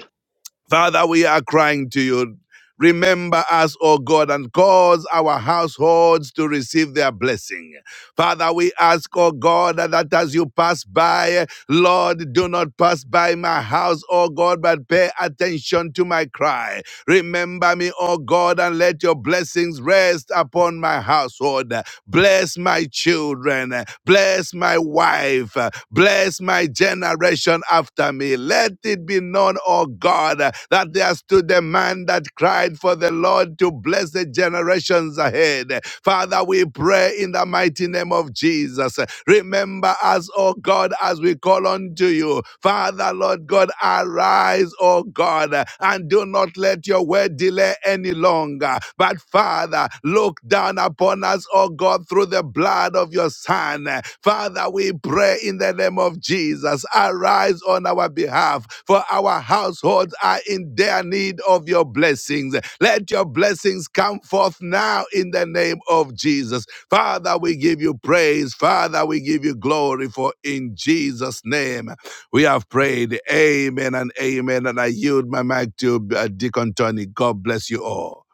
Speaker 1: Father, we are crying to you. Remember us, O God, and cause our households to receive their blessing. Father, we ask, O God, that as you pass by, Lord, do not pass by my house, O God, but pay attention to my cry. Remember me, O God, and let your blessings rest upon my household. Bless my children. Bless my wife. Bless my generation after me. Let it be known known, O God, uh, that there stood a man that cried for the Lord to bless the generations ahead. Father, we pray in the mighty name of Jesus. Remember us, O God, as we call unto you. Father, Lord God, arise, O God, and do not let your word delay any longer. But Father, look down and upon us, oh God, through the blood of your Son. Father, we pray in the name of Jesus. Arise on our behalf, for our households are in dire need of your blessings. Let your blessings come forth now in the name of Jesus. Father, we give you praise. Father, we give you glory, for in Jesus' name we have prayed. Amen and amen. And I yield my mic to uh, Deacon Tony. God bless you all.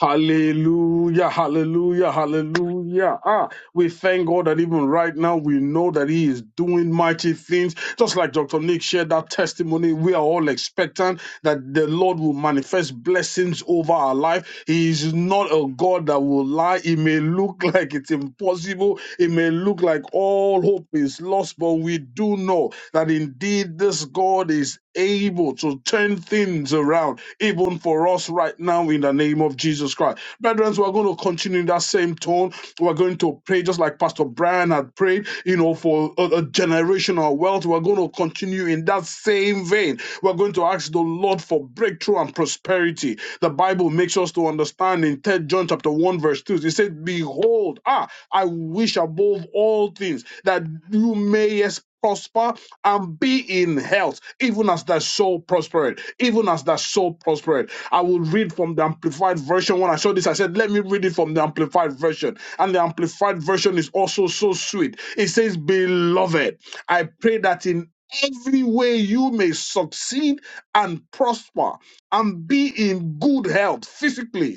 Speaker 6: Hallelujah, hallelujah, hallelujah. Ah, we thank God that even right now we know that He is doing mighty things. Just like Dr. Nick shared that testimony, we are all expectant that the Lord will manifest blessings over our life. He is not a God that will lie. It may look like it's impossible, it may look like all hope is lost, but we do know that indeed this God is able to turn things around, even for us right now, in the name of Jesus Christ. Brethren, we're going to continue in that same tone. We're going to pray just like Pastor Brian had prayed, you know, for a, a generational wealth. We're going to continue in that same vein. We're going to ask the Lord for breakthrough and prosperity. The Bible makes us to understand in Third John chapter 1, verse 2, it said, Behold, ah, I wish above all things that you may experience prosper and be in health, even as thy soul prospered. Even as thy soul prospered. I will read from the Amplified Version. When I saw this, I said, let me read it from the Amplified Version. And the Amplified Version is also so sweet. It says, Beloved, I pray that in every way you may succeed and prosper and be in good health physically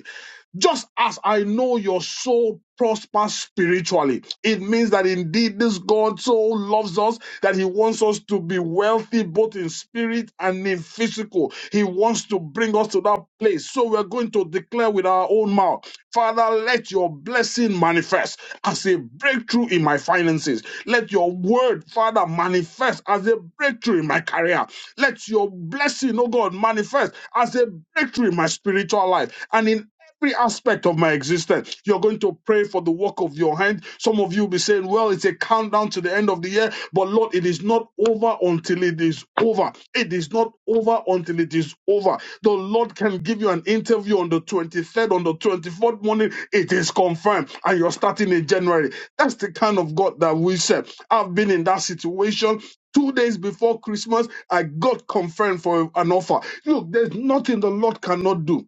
Speaker 6: just as I know your soul prospers spiritually, it means that indeed this God so loves us that he wants us to be wealthy both in spirit and in physical. He wants to bring us to that place. So we're going to declare with our own mouth, Father, let your blessing manifest as a breakthrough in my finances. Let your word, Father, manifest as a breakthrough in my career. Let your blessing, oh God, manifest as a breakthrough in my spiritual life and in every aspect of my existence. You're going to pray for the work of your hand. Some of you will be saying, Well, it's a countdown to the end of the year, but Lord, it is not over until it is over. It is not over until it is over. The Lord can give you an interview on the 23rd, on the 24th morning. It is confirmed, and you're starting in January. That's the kind of God that we serve. I've been in that situation. Two days before Christmas, I got confirmed for an offer. Look, there's nothing the Lord cannot do.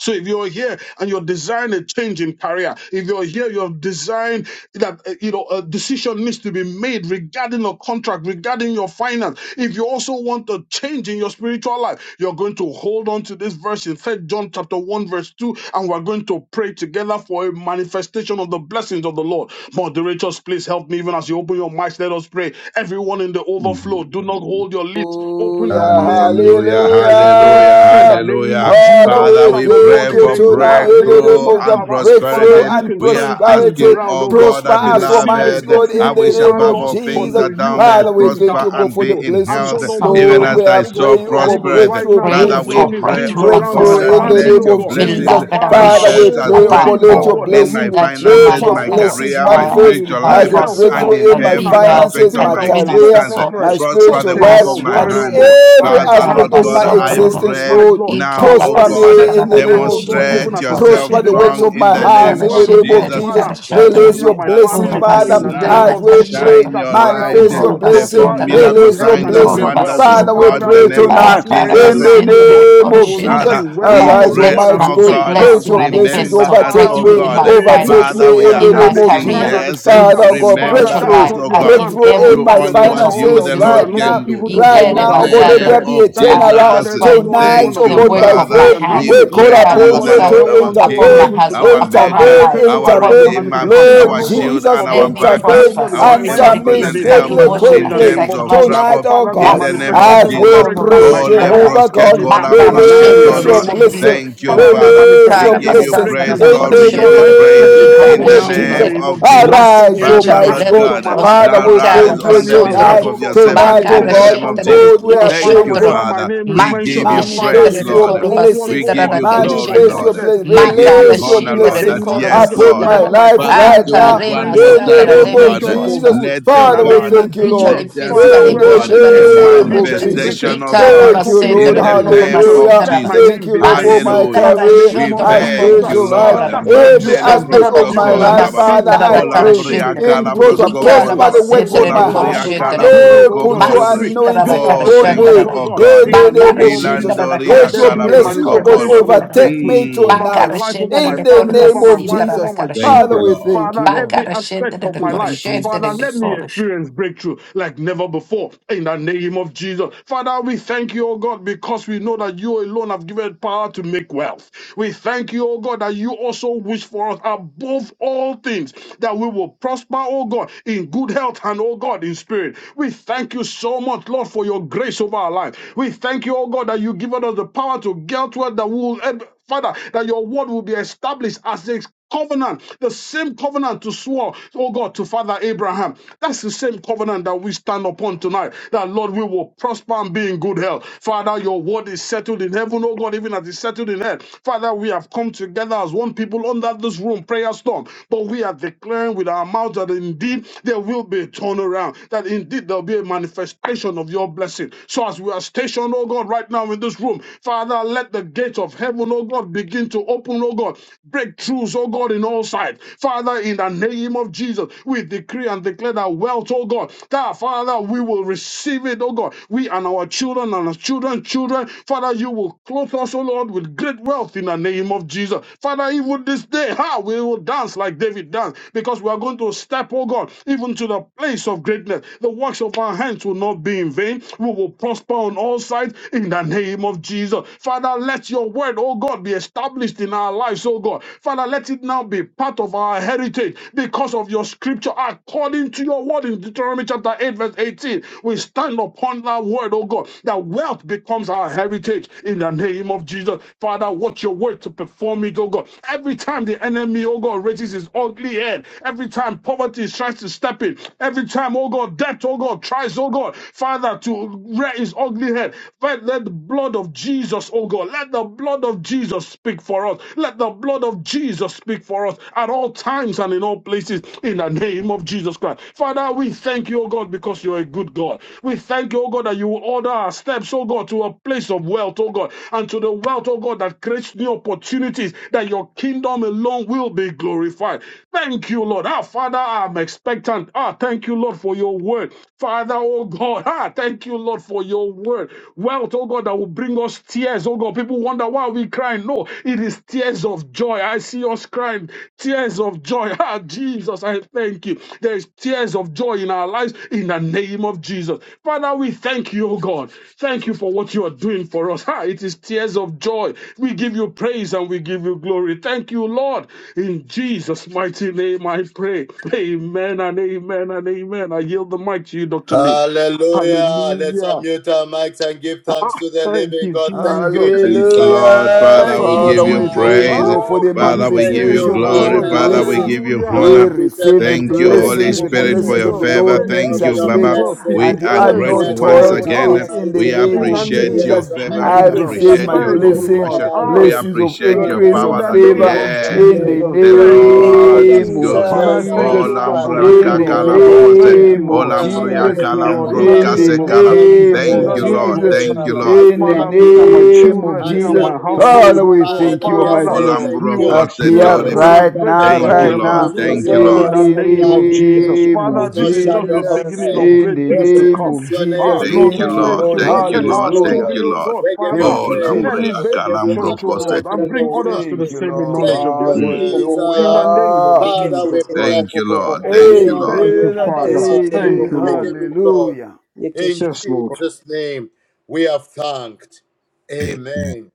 Speaker 6: So if you're here and you're desiring a change in career, if you're here, you're desiring that uh, you know a decision needs to be made regarding a contract, regarding your finance. If you also want a change in your spiritual life, you're going to hold on to this verse in 3 John chapter 1, verse 2, and we're going to pray together for a manifestation of the blessings of the Lord. Moderators, please help me even as you open your mics. Let us pray. Everyone in the overflow,
Speaker 1: Mm-hmm.
Speaker 6: do not hold your lips. Open
Speaker 3: Hallelujah,
Speaker 6: your mouth and begin
Speaker 1: Hallelujah,
Speaker 6: to pray this prayer
Speaker 1: hallelujah,
Speaker 6: in the
Speaker 3: hallelujah.
Speaker 6: name
Speaker 1: hallelujah.
Speaker 6: of
Speaker 3: Father,
Speaker 6: Jesus. God,
Speaker 1: Father,
Speaker 3: we
Speaker 6: that
Speaker 1: we
Speaker 6: the Lord
Speaker 1: pray
Speaker 3: thank
Speaker 6: is
Speaker 3: you
Speaker 1: for
Speaker 6: able.
Speaker 3: tonight
Speaker 6: Ah,
Speaker 3: in the
Speaker 6: lebo
Speaker 3: name
Speaker 1: breakthrough
Speaker 3: of
Speaker 1: and
Speaker 3: the
Speaker 6: setara.
Speaker 3: breakthrough
Speaker 6: Father,
Speaker 1: prosperity.
Speaker 6: you
Speaker 3: and
Speaker 6: can
Speaker 1: We
Speaker 6: turn
Speaker 1: are
Speaker 6: things
Speaker 3: prosperity.
Speaker 1: asking,
Speaker 6: around,
Speaker 1: oh
Speaker 6: oh God.
Speaker 1: God,
Speaker 3: Prosper
Speaker 1: our
Speaker 6: It may
Speaker 3: us,
Speaker 6: seem
Speaker 3: Almighty
Speaker 1: beloved,
Speaker 3: God,
Speaker 1: I
Speaker 3: in
Speaker 6: impossible
Speaker 3: the
Speaker 1: wish
Speaker 6: to
Speaker 3: name
Speaker 6: man,
Speaker 1: above
Speaker 3: of
Speaker 6: Lord,
Speaker 1: all
Speaker 6: but
Speaker 1: things
Speaker 6: to
Speaker 3: Jesus.
Speaker 1: that thou
Speaker 6: you
Speaker 1: mayest
Speaker 3: Father,
Speaker 6: all
Speaker 3: we
Speaker 6: things
Speaker 3: thank
Speaker 6: are
Speaker 1: prosper
Speaker 3: you, God,
Speaker 1: and
Speaker 3: for
Speaker 1: be
Speaker 3: the
Speaker 6: possible.
Speaker 1: in
Speaker 6: And
Speaker 3: blessings.
Speaker 6: so,
Speaker 1: health,
Speaker 6: Lord, we
Speaker 1: even
Speaker 3: Lord,
Speaker 1: as
Speaker 6: thank
Speaker 3: we
Speaker 5: Sangara,
Speaker 6: you,
Speaker 1: thy
Speaker 3: are
Speaker 6: oh
Speaker 1: soul
Speaker 6: God,
Speaker 3: praying, oh
Speaker 6: that
Speaker 3: God,
Speaker 6: even
Speaker 1: prospereth.
Speaker 6: right
Speaker 3: breakthrough,
Speaker 6: now you
Speaker 1: Father,
Speaker 5: praying
Speaker 6: are
Speaker 1: we
Speaker 3: breakthrough,
Speaker 5: for
Speaker 6: turning
Speaker 1: pray,
Speaker 6: things
Speaker 5: breakthrough
Speaker 1: oh
Speaker 5: and
Speaker 6: around in
Speaker 1: God,
Speaker 6: my
Speaker 1: that
Speaker 3: breakthrough in the
Speaker 1: let
Speaker 6: family,
Speaker 5: prosperity.
Speaker 3: name
Speaker 6: oh
Speaker 1: your
Speaker 3: of
Speaker 6: God.
Speaker 1: blessings
Speaker 3: Jesus.
Speaker 6: That
Speaker 5: Beloved, I
Speaker 6: Father,
Speaker 3: Father, we
Speaker 1: manifest
Speaker 5: wish
Speaker 6: above
Speaker 1: as
Speaker 3: pray, oh
Speaker 6: all
Speaker 3: God,
Speaker 5: above
Speaker 6: things,
Speaker 1: breakthrough
Speaker 3: let
Speaker 6: oh
Speaker 3: your
Speaker 6: God,
Speaker 5: all
Speaker 6: that
Speaker 1: in
Speaker 3: blessings
Speaker 6: we
Speaker 1: my
Speaker 3: blessings.
Speaker 6: will
Speaker 5: that you
Speaker 3: Let
Speaker 1: finances,
Speaker 6: prosper,
Speaker 3: your
Speaker 1: my
Speaker 6: oh God
Speaker 3: blessings
Speaker 5: manifest,
Speaker 1: career, my
Speaker 6: and be
Speaker 5: uh,
Speaker 3: manifest
Speaker 6: in
Speaker 1: spiritual
Speaker 5: uh,
Speaker 6: good
Speaker 3: as
Speaker 1: life,
Speaker 3: a
Speaker 6: health, oh
Speaker 1: and
Speaker 6: God,
Speaker 5: prosper
Speaker 1: in
Speaker 3: breakthrough in
Speaker 5: and
Speaker 3: my
Speaker 6: even
Speaker 5: be
Speaker 1: every
Speaker 6: as our
Speaker 5: healthy,
Speaker 1: aspect
Speaker 3: finances,
Speaker 1: of
Speaker 5: and
Speaker 3: my
Speaker 6: spirit,
Speaker 1: my
Speaker 6: our
Speaker 5: even as the
Speaker 6: soul
Speaker 3: career,
Speaker 1: existence.
Speaker 5: soul
Speaker 3: my
Speaker 6: prospereth. So
Speaker 1: Prosper
Speaker 3: spiritual
Speaker 1: the
Speaker 6: says
Speaker 1: work
Speaker 3: life,
Speaker 1: of
Speaker 6: your
Speaker 1: my
Speaker 3: and
Speaker 6: word,
Speaker 3: in
Speaker 6: oh
Speaker 5: prospers.
Speaker 1: hands.
Speaker 6: God. And
Speaker 3: every
Speaker 6: I
Speaker 1: Father,
Speaker 3: aspect
Speaker 1: Lord
Speaker 6: thank you,
Speaker 3: of
Speaker 6: oh
Speaker 1: God,
Speaker 3: my
Speaker 6: God, that
Speaker 1: I
Speaker 6: even
Speaker 5: Ikarabasodorada,
Speaker 3: existence,
Speaker 1: pray
Speaker 6: tonight,
Speaker 3: Lord.
Speaker 6: Lord,
Speaker 1: now,
Speaker 6: your
Speaker 1: oh
Speaker 6: word
Speaker 3: Prosper
Speaker 6: is
Speaker 1: God,
Speaker 3: me in
Speaker 6: settled
Speaker 5: Ikarabasandorada,
Speaker 3: the
Speaker 6: on
Speaker 3: name
Speaker 6: earth, oh
Speaker 3: of
Speaker 6: God,
Speaker 3: Jesus.
Speaker 6: even
Speaker 1: demonstrate
Speaker 5: Koroshindarada,
Speaker 6: as it's
Speaker 1: yourself
Speaker 3: Prosper
Speaker 6: settled
Speaker 3: the
Speaker 6: in
Speaker 5: Koroshindarada,
Speaker 3: works
Speaker 1: strong
Speaker 6: heaven.
Speaker 3: of
Speaker 1: in
Speaker 3: my
Speaker 1: the
Speaker 6: Let your
Speaker 3: hands
Speaker 1: name
Speaker 3: in the
Speaker 1: of
Speaker 6: word, oh
Speaker 3: name of
Speaker 6: God,
Speaker 1: Jesus.
Speaker 5: Ikarashindarada,
Speaker 3: Jesus.
Speaker 6: Father,
Speaker 1: Father,
Speaker 6: settle
Speaker 3: Release
Speaker 5: Ikarashindarada,
Speaker 6: me
Speaker 3: your
Speaker 1: we
Speaker 6: and my
Speaker 1: ask
Speaker 3: blessings,
Speaker 1: of
Speaker 6: family in
Speaker 1: you
Speaker 3: Father,
Speaker 6: the
Speaker 1: now,
Speaker 6: name
Speaker 5: Korobasindorada,
Speaker 3: as
Speaker 6: of
Speaker 3: we
Speaker 6: Jesus,
Speaker 3: pray.
Speaker 1: shine
Speaker 5: Ikarashindarada.
Speaker 6: that
Speaker 1: your
Speaker 6: Father, we
Speaker 1: light,
Speaker 3: Manifest your
Speaker 6: will
Speaker 3: blessing.
Speaker 6: prosper
Speaker 1: perform
Speaker 6: in
Speaker 5: Korobasindara,
Speaker 1: miracle
Speaker 6: good
Speaker 3: Release your
Speaker 6: health
Speaker 1: signs
Speaker 6: and in
Speaker 1: and
Speaker 6: great
Speaker 3: blessings,
Speaker 1: wonders,
Speaker 6: wealth.
Speaker 1: oh
Speaker 3: Father. We we
Speaker 5: Ikorobasindara,
Speaker 1: God,
Speaker 6: Father,
Speaker 1: in the
Speaker 6: we
Speaker 3: pray
Speaker 1: name
Speaker 6: will not
Speaker 5: Ah,
Speaker 1: of
Speaker 3: tonight
Speaker 6: see any
Speaker 3: in
Speaker 1: Jesus.
Speaker 3: the
Speaker 6: lack, oh God.
Speaker 5: Karabasindara,
Speaker 6: We
Speaker 3: name of
Speaker 6: will not be
Speaker 3: Jesus.
Speaker 1: Father,
Speaker 5: Koroshindara.
Speaker 6: wealthy,
Speaker 1: we
Speaker 5: Father,
Speaker 6: oh
Speaker 3: Arise,
Speaker 1: pray,
Speaker 5: let
Speaker 6: God, and
Speaker 3: Almighty
Speaker 5: my,
Speaker 6: be
Speaker 1: oh
Speaker 5: the
Speaker 6: sick.
Speaker 3: God.
Speaker 1: God,
Speaker 6: Ah,
Speaker 3: Let
Speaker 5: blessing
Speaker 3: your
Speaker 6: God forbid.
Speaker 3: blessings
Speaker 5: manifest
Speaker 1: remember
Speaker 5: of
Speaker 1: us,
Speaker 6: Father,
Speaker 3: overtake
Speaker 1: oh
Speaker 6: we
Speaker 5: breakthrough
Speaker 3: me,
Speaker 6: will
Speaker 5: in
Speaker 6: not
Speaker 5: my
Speaker 1: God.
Speaker 6: be
Speaker 3: overtake
Speaker 6: rich,
Speaker 5: finance,
Speaker 3: me
Speaker 6: oh
Speaker 1: Father, we
Speaker 6: God,
Speaker 3: in
Speaker 1: are
Speaker 6: and
Speaker 3: the
Speaker 5: in
Speaker 6: then
Speaker 5: my
Speaker 3: name
Speaker 6: be
Speaker 3: of
Speaker 1: asking,
Speaker 6: crying
Speaker 5: career,
Speaker 3: Jesus.
Speaker 6: at the
Speaker 1: yes,
Speaker 6: same
Speaker 5: in
Speaker 6: time.
Speaker 3: Father God,
Speaker 6: Father,
Speaker 1: remember
Speaker 5: spiritual
Speaker 6: that's
Speaker 3: breakthrough,
Speaker 1: us,
Speaker 5: life,
Speaker 6: not
Speaker 1: oh
Speaker 6: your
Speaker 5: and
Speaker 1: God.
Speaker 5: in
Speaker 6: plan for
Speaker 3: breakthrough
Speaker 6: us.
Speaker 5: every
Speaker 3: in
Speaker 1: Do
Speaker 3: my
Speaker 6: Your
Speaker 1: only
Speaker 6: thought
Speaker 5: aspect
Speaker 1: what
Speaker 5: of
Speaker 6: for us
Speaker 1: you,
Speaker 6: are
Speaker 3: finances
Speaker 1: the
Speaker 6: of good
Speaker 1: Lord,
Speaker 3: right
Speaker 6: and not
Speaker 5: existence.
Speaker 6: of
Speaker 1: can
Speaker 3: now,
Speaker 1: do.
Speaker 6: evil to
Speaker 3: right
Speaker 6: bring
Speaker 1: In
Speaker 6: us
Speaker 5: Ikere
Speaker 1: the
Speaker 3: now.
Speaker 6: to an
Speaker 3: Oh God, let
Speaker 6: expected
Speaker 1: name
Speaker 3: there
Speaker 5: Masandara
Speaker 6: end.
Speaker 3: be a
Speaker 1: of
Speaker 6: That
Speaker 5: uh,
Speaker 6: expected
Speaker 3: turnaround
Speaker 1: Jesus,
Speaker 6: end, oh
Speaker 5: prosper
Speaker 6: God, is
Speaker 3: tonight.
Speaker 6: one
Speaker 1: thank
Speaker 3: Oh
Speaker 6: of
Speaker 5: the
Speaker 1: you,
Speaker 3: God,
Speaker 6: peace,
Speaker 5: work
Speaker 3: by
Speaker 6: of
Speaker 5: of
Speaker 6: joy,
Speaker 5: my
Speaker 1: Father.
Speaker 3: faith,
Speaker 6: and
Speaker 1: We
Speaker 5: hands,
Speaker 3: we
Speaker 6: harmony.
Speaker 3: call
Speaker 1: pray
Speaker 6: And
Speaker 1: to
Speaker 6: that's
Speaker 1: you,
Speaker 3: upon
Speaker 6: what
Speaker 1: the
Speaker 3: you
Speaker 6: I
Speaker 1: Lord,
Speaker 5: Ikarabasanda,
Speaker 3: to
Speaker 6: held
Speaker 1: our
Speaker 6: on to, oh
Speaker 5: upon
Speaker 6: God,
Speaker 5: my
Speaker 1: King,
Speaker 6: even
Speaker 3: intervene,
Speaker 5: husband,
Speaker 1: our
Speaker 6: tonight.
Speaker 5: upon
Speaker 6: And
Speaker 5: my
Speaker 6: I
Speaker 1: Maker,
Speaker 3: intervene,
Speaker 6: pray,
Speaker 5: life,
Speaker 6: oh
Speaker 1: our
Speaker 6: God, that
Speaker 5: upon
Speaker 3: intervene
Speaker 6: the
Speaker 3: intervene.
Speaker 1: Redeemer,
Speaker 5: everything
Speaker 6: manifestation,
Speaker 3: Lord
Speaker 1: our
Speaker 5: concerning
Speaker 6: oh
Speaker 5: me.
Speaker 6: God,
Speaker 1: Shield,
Speaker 3: Jesus,
Speaker 1: and
Speaker 6: of
Speaker 5: Let
Speaker 6: your
Speaker 1: our
Speaker 5: me
Speaker 1: Buckler,
Speaker 6: breakthrough, oh
Speaker 3: intervene.
Speaker 5: prosper
Speaker 6: God, in my
Speaker 1: our ever
Speaker 3: Answer
Speaker 5: spiritually,
Speaker 6: finances,
Speaker 3: me
Speaker 6: let
Speaker 1: present
Speaker 6: it
Speaker 5: physically,
Speaker 1: help
Speaker 6: happen
Speaker 3: speedily,
Speaker 6: now in
Speaker 1: in
Speaker 6: the
Speaker 5: emotionally,
Speaker 6: name
Speaker 3: quickly
Speaker 1: times
Speaker 6: of
Speaker 1: of
Speaker 6: Jesus.
Speaker 3: tonight,
Speaker 1: trouble.
Speaker 5: psychologically.
Speaker 3: oh
Speaker 6: Father, the
Speaker 1: In
Speaker 3: God.
Speaker 1: the name of
Speaker 6: manifestation
Speaker 3: As
Speaker 5: Masitaraba,
Speaker 6: of
Speaker 3: we
Speaker 1: Jesus,
Speaker 5: Koroba,
Speaker 6: breakthrough in
Speaker 3: pray,
Speaker 6: my
Speaker 1: Holy
Speaker 6: career,
Speaker 5: Sitaraba,
Speaker 3: Jehovah
Speaker 1: broske
Speaker 6: let it
Speaker 3: God,
Speaker 1: kolambra
Speaker 6: happen now in the
Speaker 3: release
Speaker 1: ketorba.
Speaker 3: your
Speaker 6: name of
Speaker 5: Makarashendaraba,
Speaker 6: Jesus.
Speaker 3: blessing.
Speaker 1: Thank you,
Speaker 6: Father,
Speaker 5: Shedaraba.
Speaker 6: the
Speaker 1: Father.
Speaker 3: Release
Speaker 1: We
Speaker 3: your
Speaker 5: Tara
Speaker 6: manifestation
Speaker 1: give you
Speaker 6: of
Speaker 3: blessings
Speaker 6: breakthrough
Speaker 5: basandra
Speaker 6: in
Speaker 1: praise,
Speaker 5: da
Speaker 6: my
Speaker 3: in
Speaker 1: Lord.
Speaker 5: kora
Speaker 1: We give
Speaker 6: spiritual
Speaker 1: you
Speaker 6: life,
Speaker 5: shendra.
Speaker 6: let
Speaker 1: praise
Speaker 6: it
Speaker 3: the
Speaker 1: in
Speaker 3: name
Speaker 5: Ikara
Speaker 6: happen
Speaker 1: the
Speaker 3: of
Speaker 6: now in the
Speaker 5: shendra
Speaker 1: name
Speaker 3: Jesus.
Speaker 5: da.
Speaker 6: name
Speaker 1: of
Speaker 6: of Jesus.
Speaker 5: My
Speaker 1: Jesus.
Speaker 6: In
Speaker 3: Arise,
Speaker 6: every
Speaker 1: Father,
Speaker 5: spiritually,
Speaker 3: Almighty
Speaker 1: Lord
Speaker 5: let
Speaker 6: aspect
Speaker 3: God.
Speaker 5: me
Speaker 6: of my
Speaker 1: God,
Speaker 6: life,
Speaker 5: prosper.
Speaker 3: Father, we
Speaker 6: Father,
Speaker 1: arise
Speaker 5: Ikara
Speaker 3: thank you
Speaker 1: on the
Speaker 6: concerning my
Speaker 5: basandra.
Speaker 6: work,
Speaker 1: behalf
Speaker 3: tonight.
Speaker 6: oh
Speaker 1: of your
Speaker 6: God,
Speaker 1: servant
Speaker 3: Tonight,
Speaker 6: concerning
Speaker 3: oh
Speaker 1: in
Speaker 5: Bakara
Speaker 1: the
Speaker 6: Chester
Speaker 3: God.
Speaker 1: name of
Speaker 5: shendra da
Speaker 6: Consult,
Speaker 1: Jesus.
Speaker 3: Lord, we
Speaker 5: kide
Speaker 6: oh
Speaker 3: are
Speaker 1: Thank
Speaker 6: Father,
Speaker 3: praying,
Speaker 1: you,
Speaker 3: God
Speaker 6: wherever
Speaker 5: shendra.
Speaker 6: my
Speaker 1: Father.
Speaker 6: name is
Speaker 1: We
Speaker 5: Maki
Speaker 6: mentioned,
Speaker 1: give
Speaker 5: de
Speaker 1: you
Speaker 6: Father,
Speaker 1: praise,
Speaker 5: shendra
Speaker 6: it
Speaker 3: Manifest
Speaker 5: da
Speaker 6: is
Speaker 3: your
Speaker 1: Lord.
Speaker 6: for
Speaker 5: koro
Speaker 6: upwards,
Speaker 1: We
Speaker 6: oh
Speaker 3: blessings.
Speaker 5: basitra
Speaker 1: give
Speaker 5: da
Speaker 6: God.
Speaker 1: you
Speaker 6: It
Speaker 5: kere
Speaker 6: is
Speaker 1: glory,
Speaker 6: for
Speaker 3: Manifest
Speaker 5: shendra.
Speaker 3: your
Speaker 1: Lord.
Speaker 6: success,
Speaker 3: blessings.
Speaker 6: it is
Speaker 1: We
Speaker 6: for
Speaker 1: give you
Speaker 5: Makara
Speaker 6: breakthrough
Speaker 3: Release your
Speaker 1: honor,
Speaker 6: in the
Speaker 5: shendra
Speaker 1: Lord,
Speaker 5: da
Speaker 1: that
Speaker 3: blessings
Speaker 6: name of
Speaker 5: koro
Speaker 1: yes,
Speaker 6: Jesus.
Speaker 3: upon
Speaker 1: Lord.
Speaker 3: my
Speaker 5: basitra
Speaker 6: Wherever
Speaker 5: da.
Speaker 6: my
Speaker 3: life
Speaker 1: Father,
Speaker 5: Ah,
Speaker 6: company's
Speaker 3: right
Speaker 1: do
Speaker 6: name
Speaker 1: it
Speaker 3: now
Speaker 6: is
Speaker 1: one
Speaker 5: karema
Speaker 1: more
Speaker 6: mentioned,
Speaker 3: in
Speaker 1: time,
Speaker 6: it
Speaker 5: sandra,
Speaker 3: the
Speaker 1: oh
Speaker 6: is
Speaker 3: name
Speaker 5: let me
Speaker 3: of
Speaker 1: God.
Speaker 6: mentioned for
Speaker 5: prosper
Speaker 3: Jesus.
Speaker 6: good
Speaker 1: Let, oh
Speaker 6: in the
Speaker 3: Father,
Speaker 6: name
Speaker 3: we
Speaker 1: God,
Speaker 6: name of
Speaker 3: thank you, Lord.
Speaker 6: Jesus.
Speaker 1: let
Speaker 5: spiritually,
Speaker 1: there be,
Speaker 6: Father,
Speaker 5: physically,
Speaker 1: oh
Speaker 3: In
Speaker 6: where
Speaker 1: God,
Speaker 5: emotionally,
Speaker 6: companies,
Speaker 1: a
Speaker 6: oh God, are
Speaker 3: the name
Speaker 6: being
Speaker 3: of
Speaker 5: psychologically.
Speaker 3: Jesus.
Speaker 1: manifestation,
Speaker 6: deliberated,
Speaker 1: oh
Speaker 6: let my
Speaker 1: God,
Speaker 3: Thank you,
Speaker 6: company's
Speaker 3: Lord.
Speaker 1: in
Speaker 5: Ikarabasendere
Speaker 6: name
Speaker 1: the
Speaker 6: be
Speaker 5: reforma
Speaker 1: name
Speaker 6: mentioned.
Speaker 1: of
Speaker 6: Let
Speaker 3: Hallelujah.
Speaker 5: sindarara.
Speaker 6: my
Speaker 1: Jesus.
Speaker 3: Thank
Speaker 6: name
Speaker 3: you,
Speaker 6: be
Speaker 3: Lord, for
Speaker 6: mentioned
Speaker 3: my
Speaker 1: Hallelujah.
Speaker 6: in
Speaker 5: Basindarara
Speaker 6: the
Speaker 3: career,
Speaker 6: name
Speaker 1: We
Speaker 6: of
Speaker 5: shondoro
Speaker 3: my
Speaker 6: Jesus
Speaker 1: thank
Speaker 5: reforma
Speaker 1: you,
Speaker 6: Christ.
Speaker 3: spiritual life,
Speaker 1: Lord.
Speaker 6: Father,
Speaker 5: sindarara.
Speaker 6: that's what you
Speaker 3: every
Speaker 1: Mandele
Speaker 6: can
Speaker 3: aspect
Speaker 5: Jondoro
Speaker 6: do.
Speaker 5: no
Speaker 3: of
Speaker 1: brosco
Speaker 6: You
Speaker 3: my
Speaker 5: kurra
Speaker 1: cori
Speaker 6: can
Speaker 3: life.
Speaker 6: make
Speaker 1: baba.
Speaker 3: Father,
Speaker 6: things, oh
Speaker 3: I
Speaker 5: basindarara
Speaker 6: God, that
Speaker 3: pray
Speaker 6: seem
Speaker 1: Olambria
Speaker 5: karashendere.
Speaker 3: in
Speaker 6: impossible to be
Speaker 3: prosper,
Speaker 1: calabrosco cori
Speaker 6: possible.
Speaker 3: prosper
Speaker 1: baba.
Speaker 3: the
Speaker 6: Do
Speaker 3: works of
Speaker 5: Ikarabasendere
Speaker 6: it,
Speaker 3: my
Speaker 6: oh
Speaker 5: rekoro
Speaker 6: God,
Speaker 3: hand.
Speaker 1: Olambria
Speaker 6: tonight.
Speaker 5: shendere.
Speaker 6: Do
Speaker 1: calambro
Speaker 6: it,
Speaker 3: Lord,
Speaker 6: oh
Speaker 3: put
Speaker 6: God,
Speaker 1: cori.
Speaker 6: this
Speaker 3: your
Speaker 6: week.
Speaker 5: Masindarara
Speaker 3: anointing
Speaker 6: Do it
Speaker 1: Oh,
Speaker 6: this
Speaker 3: upon me
Speaker 1: thank
Speaker 6: month,
Speaker 3: in
Speaker 1: you,
Speaker 5: karashandarara.
Speaker 6: oh
Speaker 1: oh
Speaker 6: God,
Speaker 1: God.
Speaker 6: in
Speaker 3: the
Speaker 6: the
Speaker 3: name
Speaker 6: name
Speaker 3: of
Speaker 6: of
Speaker 3: Jesus.
Speaker 6: Jesus.
Speaker 5: Bakarashindarara
Speaker 6: Let
Speaker 1: Ilandoria
Speaker 3: Let
Speaker 6: there
Speaker 3: your
Speaker 6: be a
Speaker 5: karashendere
Speaker 1: Calabros
Speaker 3: blessings, oh
Speaker 5: reforma
Speaker 3: God,
Speaker 1: Corba.
Speaker 6: manifestation of
Speaker 5: sindarara.
Speaker 3: overtake
Speaker 6: breakthrough
Speaker 3: me
Speaker 1: Mm.
Speaker 6: over my
Speaker 3: tonight
Speaker 6: life, over
Speaker 5: Bakarashendere
Speaker 6: my
Speaker 3: in the
Speaker 6: family,
Speaker 5: reforma
Speaker 3: name
Speaker 6: over my
Speaker 3: of
Speaker 6: wife,
Speaker 5: sindarara
Speaker 6: over
Speaker 3: Jesus.
Speaker 6: my
Speaker 1: Thank you,
Speaker 3: Father,
Speaker 5: karashendere.
Speaker 6: children.
Speaker 3: we
Speaker 1: Lord.
Speaker 3: thank you,
Speaker 6: Father,
Speaker 3: Lord.
Speaker 6: every aspect
Speaker 5: Bakarashendere
Speaker 6: of my
Speaker 3: Thank
Speaker 5: rekoro
Speaker 3: you,
Speaker 6: life. Father, let
Speaker 3: Jesus.
Speaker 6: me
Speaker 5: shendere
Speaker 6: experience breakthrough like never before in the name of Jesus. Father, we thank you, O God, because we know that you alone have given power to make wealth. We thank you, O God, that you also wish for us above all things that we will prosper, O God, in good health and, O God, in spirit. We thank you so much, Lord, for your grace over our life. We thank you, O God, that you've given us the power to get wealth that we will. Father, that your word will be established as a covenant, the same covenant to swear, oh God, to Father Abraham. That's the same covenant that we stand upon tonight. That Lord, we will prosper and be in good health. Father, your word is settled in heaven, oh God, even as it's settled in earth. Father, we have come together as one people under this room, prayer storm. But we are declaring with our mouth that indeed there will be a turnaround, that indeed there'll be a manifestation of your blessing. So as we are stationed, oh God, right now in this room, Father, let the gates of heaven, oh God, begin to open open, oh God, breakthroughs, oh God, in all sides. Father, in the name of Jesus, we decree and declare that wealth, oh God, that Father, we will receive it, oh God. We and our children and our children's children, Father, you will clothe us, oh Lord, with great wealth in the name of Jesus. Father, even this day, ha, we will dance like David danced because we are going to step, oh God, even to the place of greatness. The works of our hands will not be in vain. We will prosper on all sides in the name of Jesus. Father, let your your word, oh God, be established in our lives, oh God. Father, let it now be part of our heritage because of your scripture, according to your word in Deuteronomy chapter 8, verse 18. We stand upon that word, oh God, that wealth becomes our heritage in the name of Jesus. Father, watch your word to perform it, oh God. Every time the enemy, oh God, raises his ugly head, every time poverty tries to step in, every time, oh God, death, oh God, tries, oh God, Father, to raise his ugly head. Father, let the blood blood of Jesus, oh God, let the blood of Jesus speak for us. Let the blood of Jesus speak for us at all times and in all places in the name of Jesus Christ. Father, we thank you, oh God, because you're a good God. We thank you, oh God, that you will order our steps, oh God, to a place of wealth, oh God, and to the wealth, oh God, that creates new opportunities that your kingdom alone will be glorified. Thank you, Lord. Ah, Father, I'm expectant. Ah, thank you, Lord, for your word. Father, oh God, ah, thank you, Lord, for your your word. Wealth, oh God, that will bring us tears, oh God. People wonder why we crying. No, it is tears of joy. I see us crying, tears of joy. Ah, Jesus, I thank you. There is tears of joy in our lives in the name of Jesus. Father, we thank you, oh God. Thank you for what you are doing for us. Ah, it is tears of joy. We give you praise and we give you glory. Thank you, Lord. In Jesus' mighty name, I pray. Amen and amen and amen. I yield the mic to you, Dr. Nick.
Speaker 4: Hallelujah. Let's
Speaker 6: Hallelujah.
Speaker 4: unmute our mics and give thanks to the
Speaker 6: Thank
Speaker 4: living
Speaker 6: you,
Speaker 4: God. Thank you,
Speaker 6: Jesus.
Speaker 1: Praise
Speaker 4: Jesus.
Speaker 1: the Lord,
Speaker 3: Hallelujah.
Speaker 1: Father,
Speaker 6: Thank
Speaker 1: we
Speaker 6: you,
Speaker 1: give
Speaker 3: Father, we
Speaker 1: you
Speaker 6: Jesus.
Speaker 3: thank you,
Speaker 1: praise.
Speaker 3: Lord, for
Speaker 6: Ah,
Speaker 3: the
Speaker 6: it
Speaker 1: Father,
Speaker 6: is
Speaker 1: we
Speaker 4: Thank
Speaker 1: give
Speaker 6: tears
Speaker 1: you
Speaker 4: you,
Speaker 3: manifestation
Speaker 6: of
Speaker 3: of your
Speaker 1: glory.
Speaker 6: joy.
Speaker 1: Father, we
Speaker 4: Father.
Speaker 3: blessings.
Speaker 1: give you
Speaker 6: Hallelujah.
Speaker 3: We
Speaker 1: honor.
Speaker 4: Lord, we say
Speaker 3: receive the
Speaker 4: thank
Speaker 1: Thank
Speaker 4: you
Speaker 1: you,
Speaker 4: for the
Speaker 2: Yekesetere
Speaker 6: Thank
Speaker 1: Holy
Speaker 6: you,
Speaker 3: blessings.
Speaker 2: bo
Speaker 3: The
Speaker 1: Spirit, for
Speaker 3: blessings
Speaker 1: your
Speaker 2: bochetere
Speaker 3: of
Speaker 6: Jesus.
Speaker 3: the
Speaker 4: manifestation
Speaker 2: bo
Speaker 1: favor.
Speaker 3: Lord
Speaker 6: Thank
Speaker 3: makes
Speaker 6: you,
Speaker 4: of
Speaker 1: Thank you,
Speaker 3: us
Speaker 2: yekesetere
Speaker 4: your
Speaker 1: Baba.
Speaker 3: rich,
Speaker 2: bo
Speaker 6: Jesus. It
Speaker 4: blessing,
Speaker 1: We
Speaker 6: is
Speaker 3: and you
Speaker 1: are
Speaker 4: the
Speaker 3: add
Speaker 6: tears
Speaker 3: no
Speaker 1: grateful
Speaker 6: of
Speaker 2: yekesetere
Speaker 1: once
Speaker 4: blessing
Speaker 3: toil
Speaker 6: joy.
Speaker 2: bo
Speaker 3: to
Speaker 4: that
Speaker 6: Ah,
Speaker 3: it
Speaker 1: again.
Speaker 3: in the
Speaker 1: We
Speaker 4: Almighty
Speaker 2: yakasetere bo
Speaker 3: name
Speaker 4: God,
Speaker 6: in the
Speaker 3: of
Speaker 1: appreciate
Speaker 6: name
Speaker 4: yes,
Speaker 1: your
Speaker 3: Jesus.
Speaker 6: of
Speaker 1: favor.
Speaker 3: I
Speaker 1: We
Speaker 4: Almighty
Speaker 6: Jesus.
Speaker 3: receive
Speaker 4: Father,
Speaker 1: appreciate
Speaker 3: my
Speaker 1: your
Speaker 4: fills
Speaker 6: Thank
Speaker 4: the
Speaker 6: you,
Speaker 3: blessings,
Speaker 6: Lord.
Speaker 1: compassion.
Speaker 4: entire
Speaker 6: Ah,
Speaker 1: We
Speaker 4: room
Speaker 3: blessings of
Speaker 1: appreciate
Speaker 4: more
Speaker 1: your
Speaker 4: than
Speaker 3: increase
Speaker 6: in
Speaker 1: power
Speaker 3: of
Speaker 6: the
Speaker 4: our
Speaker 1: that,
Speaker 4: room
Speaker 6: name
Speaker 3: favor
Speaker 4: can
Speaker 6: of
Speaker 1: yes,
Speaker 3: in
Speaker 4: contain.
Speaker 3: the
Speaker 6: Jesus.
Speaker 1: the
Speaker 4: Thank
Speaker 6: Thank
Speaker 4: you,
Speaker 6: you,
Speaker 2: Thank you,
Speaker 4: Father,
Speaker 6: Lord.
Speaker 1: Lord
Speaker 4: that
Speaker 1: is
Speaker 3: name
Speaker 4: you
Speaker 3: of
Speaker 4: have
Speaker 1: good.
Speaker 6: Father,
Speaker 2: Jesus.
Speaker 6: I
Speaker 4: heard our
Speaker 2: Thank
Speaker 6: thank
Speaker 1: Oh,
Speaker 3: Jesus.
Speaker 6: you,
Speaker 2: you,
Speaker 6: O God,
Speaker 4: cry.
Speaker 6: for
Speaker 2: Father.
Speaker 1: Lambra
Speaker 6: great
Speaker 3: In
Speaker 4: You've
Speaker 3: the
Speaker 6: wealth,
Speaker 4: heard
Speaker 6: oh
Speaker 1: Kakala
Speaker 2: Thank
Speaker 6: God.
Speaker 4: our
Speaker 1: Bobo
Speaker 2: you,
Speaker 1: said,
Speaker 4: prayer.
Speaker 6: Thank
Speaker 3: name
Speaker 6: you,
Speaker 1: Oh,
Speaker 3: of
Speaker 6: Lord.
Speaker 2: Jesus. Thank
Speaker 4: Father,
Speaker 1: Lambria
Speaker 2: you,
Speaker 3: Jesus
Speaker 6: Thank
Speaker 4: thank
Speaker 6: you,
Speaker 4: you
Speaker 6: Lord.
Speaker 2: Father.
Speaker 4: that
Speaker 6: In
Speaker 1: Kalambro
Speaker 4: you
Speaker 6: the
Speaker 4: have,
Speaker 3: in
Speaker 4: uh,
Speaker 3: the
Speaker 6: name
Speaker 4: my
Speaker 6: of
Speaker 2: Thank
Speaker 1: Kasekala.
Speaker 2: you,
Speaker 4: God,
Speaker 6: Jesus,
Speaker 3: name
Speaker 6: in
Speaker 1: Thank
Speaker 4: heard
Speaker 3: of
Speaker 6: the
Speaker 1: you,
Speaker 2: Jesus.
Speaker 4: our
Speaker 2: Thank
Speaker 1: Lord.
Speaker 6: name
Speaker 2: you,
Speaker 6: of
Speaker 3: Jesus,
Speaker 4: faith
Speaker 1: Thank you,
Speaker 6: Jesus.
Speaker 2: Father.
Speaker 1: Lord.
Speaker 4: as
Speaker 3: in
Speaker 4: we
Speaker 3: the
Speaker 6: Father,
Speaker 4: have
Speaker 6: me and
Speaker 2: Thank
Speaker 6: my
Speaker 4: believed
Speaker 2: you,
Speaker 4: you
Speaker 3: name of
Speaker 6: children, me
Speaker 4: and
Speaker 2: Jesus.
Speaker 4: we
Speaker 6: and
Speaker 3: Jesus.
Speaker 4: have
Speaker 6: my
Speaker 2: Thank you, Lord.
Speaker 6: household,
Speaker 3: Father,
Speaker 4: received.
Speaker 6: oh
Speaker 3: we
Speaker 6: God.
Speaker 3: thank
Speaker 4: Father,
Speaker 3: you,
Speaker 4: we
Speaker 2: Thank
Speaker 4: are
Speaker 3: Almighty
Speaker 2: you,
Speaker 6: Father,
Speaker 4: saying
Speaker 3: God.
Speaker 2: Lord.
Speaker 4: thank
Speaker 6: we
Speaker 1: Olambro
Speaker 2: Thank
Speaker 6: will
Speaker 4: you
Speaker 2: you,
Speaker 1: Coste
Speaker 4: for
Speaker 3: Appear
Speaker 6: experience,
Speaker 1: Tori
Speaker 6: oh
Speaker 2: Jesus.
Speaker 4: every
Speaker 1: Baba.
Speaker 4: good
Speaker 3: right
Speaker 6: God,
Speaker 4: and
Speaker 3: now,
Speaker 6: breakthrough like
Speaker 4: perfect
Speaker 1: Thank you,
Speaker 3: right
Speaker 2: Thank
Speaker 4: gift
Speaker 6: never
Speaker 2: you,
Speaker 1: Lord.
Speaker 3: now,
Speaker 4: comes from
Speaker 6: before.
Speaker 1: Thank
Speaker 4: you,
Speaker 1: you,
Speaker 4: the
Speaker 3: in
Speaker 6: In
Speaker 1: Lord.
Speaker 6: the
Speaker 4: Father
Speaker 2: Jesus.
Speaker 3: the
Speaker 4: of
Speaker 6: name
Speaker 4: light,
Speaker 6: of
Speaker 4: in
Speaker 6: Jesus.
Speaker 4: whom
Speaker 3: name
Speaker 4: there
Speaker 6: Father,
Speaker 3: of
Speaker 4: is
Speaker 2: Thank you,
Speaker 4: no
Speaker 6: this is just
Speaker 4: shadow
Speaker 6: the
Speaker 3: Jesus,
Speaker 4: of
Speaker 2: Jesus.
Speaker 6: beginning of
Speaker 4: turning.
Speaker 2: Thank you,
Speaker 3: in
Speaker 6: great
Speaker 3: the
Speaker 4: We
Speaker 6: things to
Speaker 2: Jesus.
Speaker 3: name
Speaker 6: come.
Speaker 4: bless
Speaker 3: of
Speaker 4: your
Speaker 6: Ah,
Speaker 3: Jesus.
Speaker 4: name, O
Speaker 1: Thank
Speaker 6: Lord,
Speaker 2: Thank
Speaker 1: you,
Speaker 6: we
Speaker 3: Thank you,
Speaker 4: God.
Speaker 1: Lord.
Speaker 6: thank
Speaker 3: Lord.
Speaker 6: you,
Speaker 2: you,
Speaker 1: Thank
Speaker 4: We
Speaker 6: Lord.
Speaker 4: give
Speaker 1: you,
Speaker 6: Let
Speaker 4: you
Speaker 2: Jesus.
Speaker 1: Lord.
Speaker 6: our
Speaker 1: Thank
Speaker 3: Hallelujah.
Speaker 6: story,
Speaker 1: you,
Speaker 4: glory.
Speaker 6: oh
Speaker 1: Lord.
Speaker 6: God,
Speaker 4: We give you
Speaker 2: Make
Speaker 6: Father,
Speaker 3: Thank
Speaker 1: Oh,
Speaker 2: it
Speaker 3: you,
Speaker 2: so
Speaker 4: praise.
Speaker 1: Lambria
Speaker 2: terrible,
Speaker 4: We
Speaker 3: Jesus.
Speaker 6: elevate the
Speaker 4: give you
Speaker 2: you,
Speaker 1: Calambro
Speaker 6: church, oh
Speaker 4: adoration,
Speaker 6: God,
Speaker 1: Costeto.
Speaker 6: and
Speaker 4: the
Speaker 6: bring
Speaker 2: terrible,
Speaker 4: King
Speaker 6: others
Speaker 4: of
Speaker 6: to the
Speaker 3: Thank you,
Speaker 4: Kings.
Speaker 6: saving
Speaker 2: Thank you,
Speaker 6: knowledge
Speaker 4: Thank
Speaker 6: of your
Speaker 3: Lord.
Speaker 4: you,
Speaker 6: word.
Speaker 1: Mm.
Speaker 2: terrible, Thank terrible, Lord.
Speaker 6: In the
Speaker 4: Jesus.
Speaker 6: name of
Speaker 3: Hallelujah.
Speaker 2: Thank you,
Speaker 4: Father, we
Speaker 6: Jesus Christ.
Speaker 1: Thank
Speaker 2: terrible, Thank
Speaker 4: bless
Speaker 2: terrible,
Speaker 1: you,
Speaker 2: Lord.
Speaker 4: you. We honor
Speaker 6: Thank
Speaker 4: you,
Speaker 6: you,
Speaker 3: Amen and
Speaker 4: Abba
Speaker 6: Father.
Speaker 4: Father.
Speaker 2: Thank terrible,
Speaker 3: amen.
Speaker 6: Thank you,
Speaker 4: We
Speaker 6: Lord.
Speaker 4: give you
Speaker 3: Hallelujah.
Speaker 4: glory.
Speaker 2: Lord.
Speaker 4: In
Speaker 6: Yes, Lord.
Speaker 4: Jesus' name, we are thanked.
Speaker 1: Lord.
Speaker 4: Amen.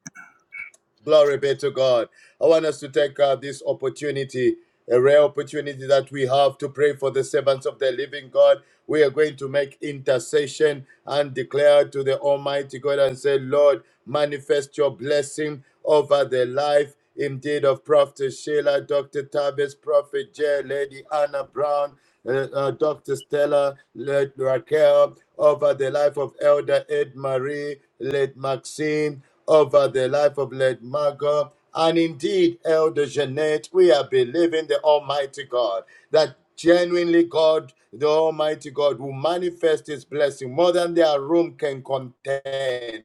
Speaker 4: Glory be to God. I want us to take uh, this opportunity, a rare opportunity that we have to pray for the servants of the living God. We are going to make intercession and declare to the Almighty God and say, Lord, manifest your blessing over the life. Indeed, of Prophet Sheila, Dr. Tavis, Prophet J, Lady Anna Brown, uh, uh, Dr. Stella, Lady Raquel, over the life of Elder Ed Marie, Lady Maxine, over the life of Lady Margot. And indeed, Elder Jeanette, we are believing the Almighty God that genuinely God, the Almighty God, will manifest His blessing more than their room can contain.